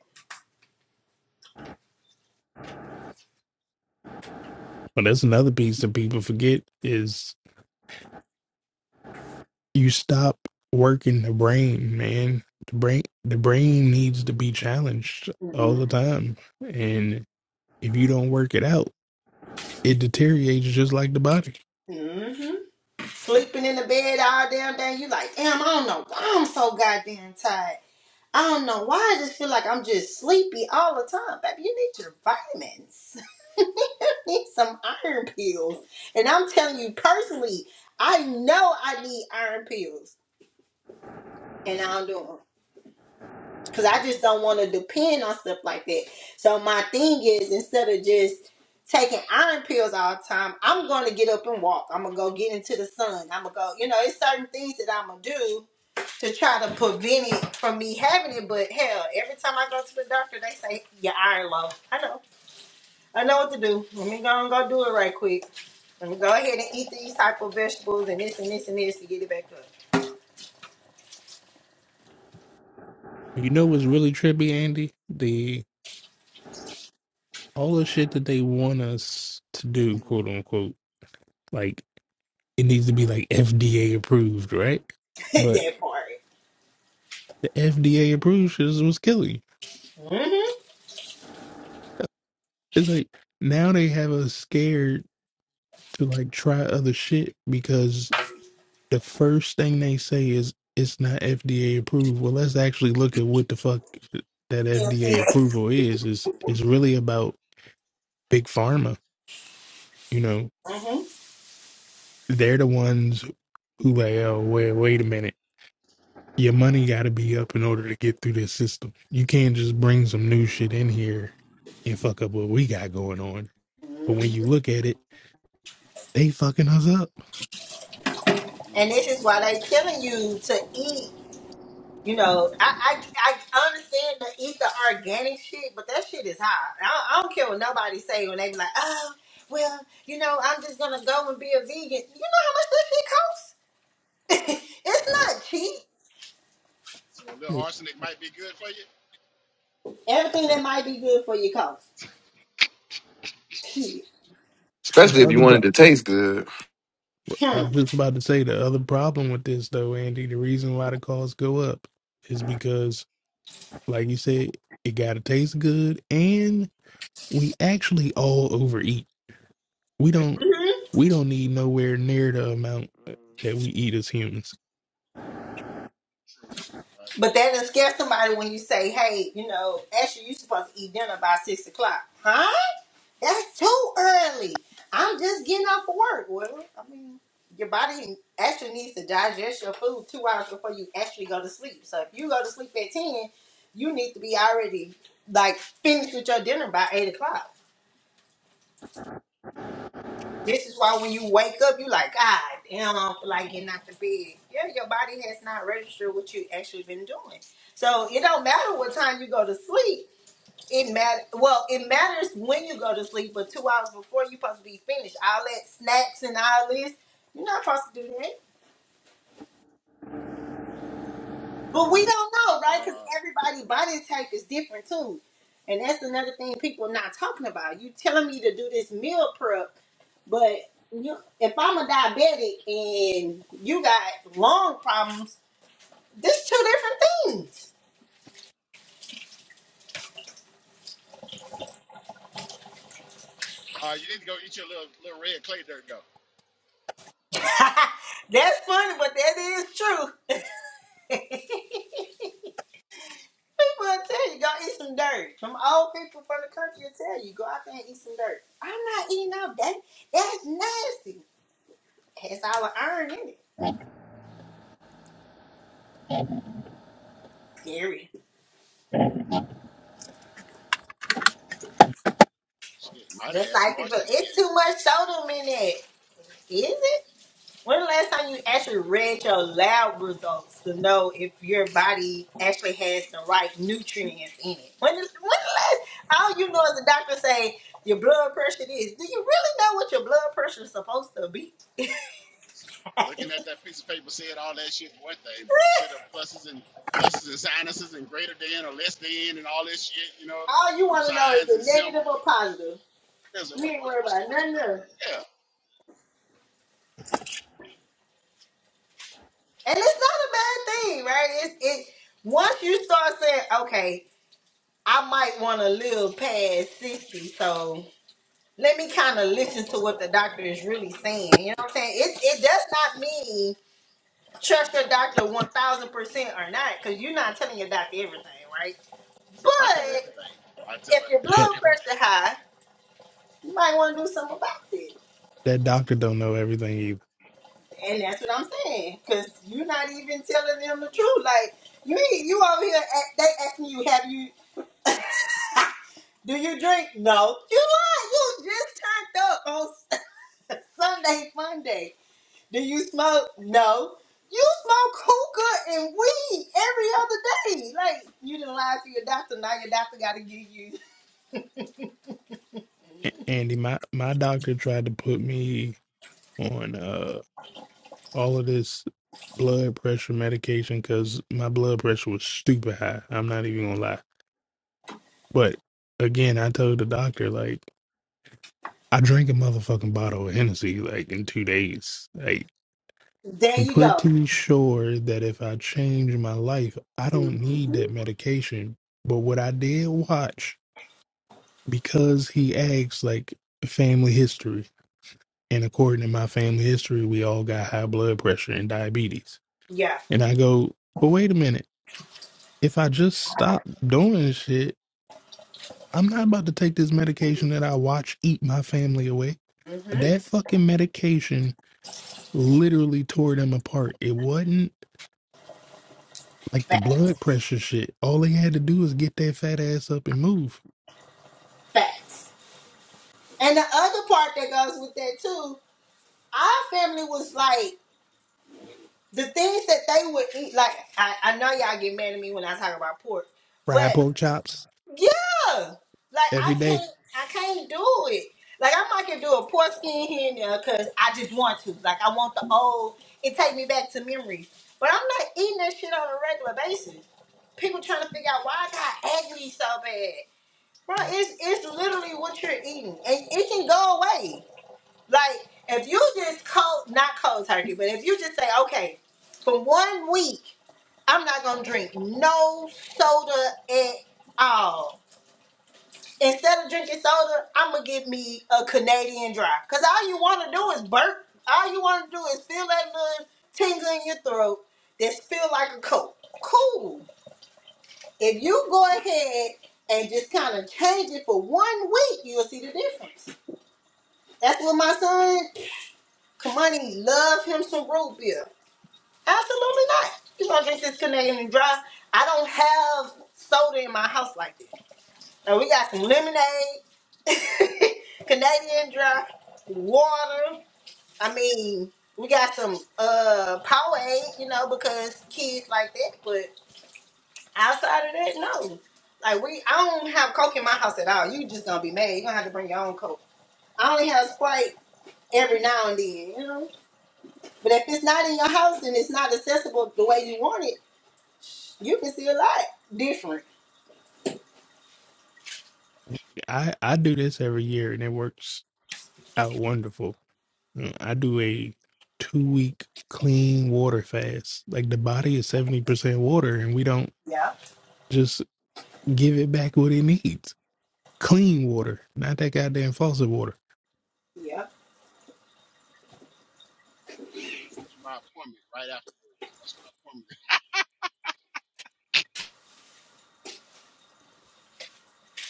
[SPEAKER 8] But that's another piece that people forget is you stop working the brain, man. The brain the brain needs to be challenged all
[SPEAKER 1] Mm-mm.
[SPEAKER 8] the time. And if you don't work it out, it deteriorates just like the body.
[SPEAKER 1] Mm-hmm. Sleeping in the bed all damn day. You like, damn, I don't know why I'm so goddamn tired. I don't know why I just feel like I'm just sleepy all the time. Baby, you need your vitamins. need some iron pills. And I'm telling you personally, I know I need iron pills. And I don't do 'em. because I just don't want to depend on stuff like that. So my thing is instead of just taking iron pills all the time, I'm going to get up and walk. I'm gonna go get into the sun. I'm gonna go, you know, it's certain things that I'm gonna do to try to prevent it from me having it. But hell, every time I go to the doctor, they say your iron low. I know. I know what to do. Let me go and go do it right quick. Let me go ahead and eat these type of vegetables and this and this and this to get it back up.
[SPEAKER 8] You know what's really trippy, Andy? The all the shit that they want us to do, quote unquote, like it needs to be like FDA approved, right? But
[SPEAKER 1] that part.
[SPEAKER 8] the FDA approved shit is killing. you. It's like now they have us scared to like try other shit because the first thing they say is it's not FDA approved. Well, let's actually look at what the fuck that
[SPEAKER 1] hmm
[SPEAKER 8] FDA approval is. Is is really about big pharma. You know, they're the ones who like, oh wait, wait a minute. Your money got to be up in order to get through the system. You can't just bring some new shit in here and fuck up what we got going on. But
[SPEAKER 1] hmm
[SPEAKER 8] when you look at it, they fucking us up
[SPEAKER 2] Mm.
[SPEAKER 1] And this is why
[SPEAKER 2] God
[SPEAKER 1] they
[SPEAKER 2] damn.
[SPEAKER 1] telling you to eat. You know, I, I I understand to eat the organic shit, but that shit is high. I, I don't care what nobody say when they be like, oh, well, you know, I'm just gonna go and be a vegan. You know how much that shit costs? it's not cheap.
[SPEAKER 2] So a little
[SPEAKER 8] Yeah.
[SPEAKER 2] arsenic
[SPEAKER 8] Well,
[SPEAKER 2] might be good for you.
[SPEAKER 1] Everything that might be good for you costs. Shit.
[SPEAKER 4] especially
[SPEAKER 8] the
[SPEAKER 4] if you
[SPEAKER 8] other,
[SPEAKER 4] wanted
[SPEAKER 8] pro-
[SPEAKER 4] to taste good.
[SPEAKER 1] Hmm.
[SPEAKER 8] I'm just about to say the other problem with this though, Andy. The reason why the costs go up is because, like you said, it gotta taste good, and we actually all overeat. We don't, we don't need nowhere near the amount uh, that we eat as humans.
[SPEAKER 1] But that doesn't scare somebody when you say, hey, you know, Ashley, you supposed to eat dinner by six o'clock. Huh? That's too early. I'm just getting off of work. Well, I mean, your body actually needs to digest your food two hours before you actually go to sleep. So if you go to sleep at 10, you need to be already like finished with your dinner by eight o'clock. This is why when you wake up, you like, God damn, I don't feel like getting out the bed. Yeah, your body has not registered what you actually been doing. So it don't matter what time you go to sleep. It matter. Well, it matters when you go to sleep, but two hours before you supposed to be finished. All that snacks and all this, you're not supposed to do that. But we don't know, right? Because
[SPEAKER 2] Uh,
[SPEAKER 1] everybody body type is different too, and that's another thing people not talking about. You telling me to do this meal prep, but you, if I'm a diabetic and you got lung problems, that's two different things.
[SPEAKER 2] uh, you need to go eat your little little red clay dirt though.
[SPEAKER 1] that's funny, but that is true. People will tell you go eat some dirt. Some old people from the country will tell you go out there and eat some dirt. I'm not eating out that. That's nasty. Has all the iron in it. Scary.
[SPEAKER 2] Shit, might have
[SPEAKER 1] Just
[SPEAKER 2] had some
[SPEAKER 1] like people,
[SPEAKER 2] arsenic in
[SPEAKER 1] it's
[SPEAKER 2] it.
[SPEAKER 1] too much sodium in it. Is it? When the last time you actually read your lab results to know if your body actually has the right nutrients in it? When the, when the last, all you know is the doctor say your blood pressure is. Do you really know what your blood pressure is supposed to be?
[SPEAKER 2] Listen, Looking at that piece of paper said all that shit for one thing, but you see the pluses and pluses and sinuses and greater than or less than and all this shit, you know,
[SPEAKER 1] All you
[SPEAKER 2] them
[SPEAKER 1] want to know is
[SPEAKER 2] signs and
[SPEAKER 1] the negative
[SPEAKER 2] symbols.
[SPEAKER 1] or positive.
[SPEAKER 2] There's a,
[SPEAKER 1] You
[SPEAKER 2] what,
[SPEAKER 1] ain't
[SPEAKER 2] what,
[SPEAKER 1] worried
[SPEAKER 2] what's
[SPEAKER 1] about
[SPEAKER 2] what's
[SPEAKER 1] nothing
[SPEAKER 2] what?
[SPEAKER 1] else.
[SPEAKER 2] Yeah,
[SPEAKER 1] And it's not a bad thing, right? It's it once you start saying, okay, I might want to live past 60, so let me kind of listen to what the doctor is really saying. You know what I'm saying? It it does not mean trust your doctor one thousand percent or not, because you're not telling your doctor everything, right?
[SPEAKER 2] I tell
[SPEAKER 1] But
[SPEAKER 2] everything. I tell
[SPEAKER 1] if
[SPEAKER 2] it,
[SPEAKER 1] your
[SPEAKER 8] That
[SPEAKER 1] blood
[SPEAKER 2] everything.
[SPEAKER 1] pressure high, you might want to do something about it.
[SPEAKER 8] that doctor don't know everything either.
[SPEAKER 1] And that's what I'm saying, because you're not even telling them the truth. Like you ain't- you over here, a- they asking you, have you? Do you drink? No. You lied. You just turned up on Sunday, Monday. Do you smoke? No. You smoke hookah and weed every other day. Like you didn't lie to your doctor. Now your doctor got to give you.
[SPEAKER 8] A- Andy, my my doctor tried to put me on uh all of this blood pressure medication because my blood pressure was stupid high. I'm not even gonna lie. But again, I told the doctor like I drank a motherfucking bottle of Hennessy like in two days. Like
[SPEAKER 1] There
[SPEAKER 8] I'm
[SPEAKER 1] you go.
[SPEAKER 8] pretty sure that if I change my life, I
[SPEAKER 1] hmm
[SPEAKER 8] don't need that medication. But what I did watch because he asked like family history. And according to my family history, we all got high blood pressure and diabetes.
[SPEAKER 1] Yeah.
[SPEAKER 8] And I go, but wait a minute. If I just stop doing shit, I'm not about to take this medication that I watch eat my family away.
[SPEAKER 1] hmm
[SPEAKER 8] That fucking medication literally tore them apart. It wasn't like the
[SPEAKER 1] Fact,
[SPEAKER 8] blood pressure shit. All they had to do was get their fat ass up and move.
[SPEAKER 1] facts. And the other part that goes with that too, our family was like the things that they would eat. Like I, I know y'all get mad at me when I talk about pork,
[SPEAKER 8] Fried
[SPEAKER 1] but
[SPEAKER 8] pork chops
[SPEAKER 1] Yeah, like
[SPEAKER 8] every
[SPEAKER 1] I
[SPEAKER 8] day.
[SPEAKER 1] can't, I can't do it. Like I might can do a poor skin here and there because I just want to. Like I want the old. It take me back to memories. But I'm not eating that shit on a regular basis. People trying to figure out why I got acne so bad, bro. It's it's literally what you're eating, and it can go away. Like if you just cold, not cold turkey, but if you just say, okay, for one week, I'm not gonna drink no soda at all instead of drinking soda, I'm gonna get me a Canadian dry. Cause all you want to do is burp. All you want to do is feel that little tingle in your throat that feel like a cold. Cool. If you go ahead and just kind of change it for one week, you'll see the difference. That's what my son, Kamani, love him some root beer. Absolutely not. You gonna drink this Canadian dry? I don't have soda in my house like this. And we got some lemonade, Canadian dry, water. I mean, we got some uh Powerade, you know, because kids like that. But outside of that, no. Like we, I don't have Coke in my house at all. You just gonna be mad. You gonna have to bring your own Coke. I only have Sprite every now and then, you know. But if it's not in your house and it's not accessible the way you want it, you can see a lot different.
[SPEAKER 8] I, I do this every year and it works out wonderful. Mm, I do a two week clean water fast. Like the body is 70% water and we don't
[SPEAKER 1] Yeah,
[SPEAKER 8] Just give it back what it needs. Clean water, not that goddamn faucet water.
[SPEAKER 1] yeah.
[SPEAKER 2] Let's get to my appointment right after. That's my appointment.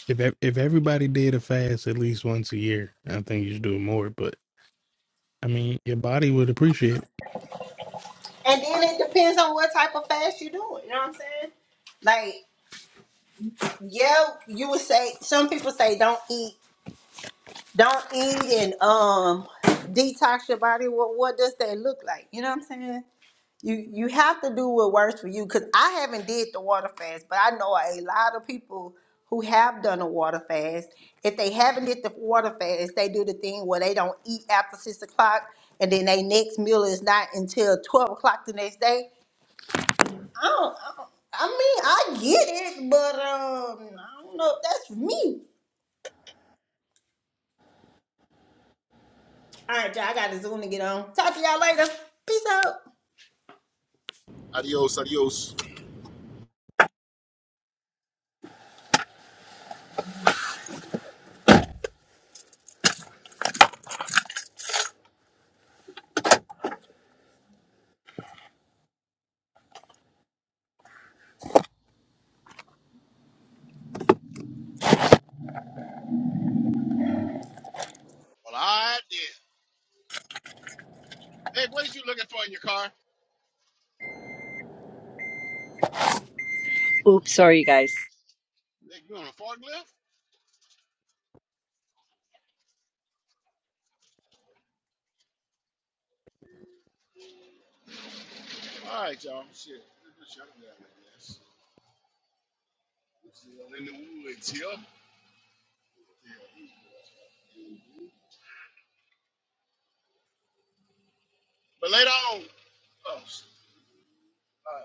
[SPEAKER 8] If ev- if everybody did a fast at least once a year, I think you should do it more. But I mean, your body would appreciate
[SPEAKER 1] And then it depends on what type of fast you do. You know what I'm saying? Like, yeah, you would say some people say don't eat, don't eat, and um, detox your body. Well, what does that look like? You know what I'm saying? You you have to do what works for you. Cause I haven't did the water fast, but I know a lot of people who have done a water fast. If they haven't did the water fast, they do the thing where they don't eat after six o'clock, and then their next meal is not until twelve o'clock the next day I don't, I don't- I mean, I get it, but um, I don't know if that's for me. All right, y'all, I got to Zoom to get on. Talk to y'all later. Peace out.
[SPEAKER 3] Adios, adios.
[SPEAKER 2] Well, I did. Nick, what is you looking for in your car?
[SPEAKER 7] Oops, sorry, you guys.
[SPEAKER 2] Nick, you on a forklift? All right, y'all. Shit. Let's shut it down, I guess. We're still in the woods here. Yeah. But later on. Oh, shit. All right.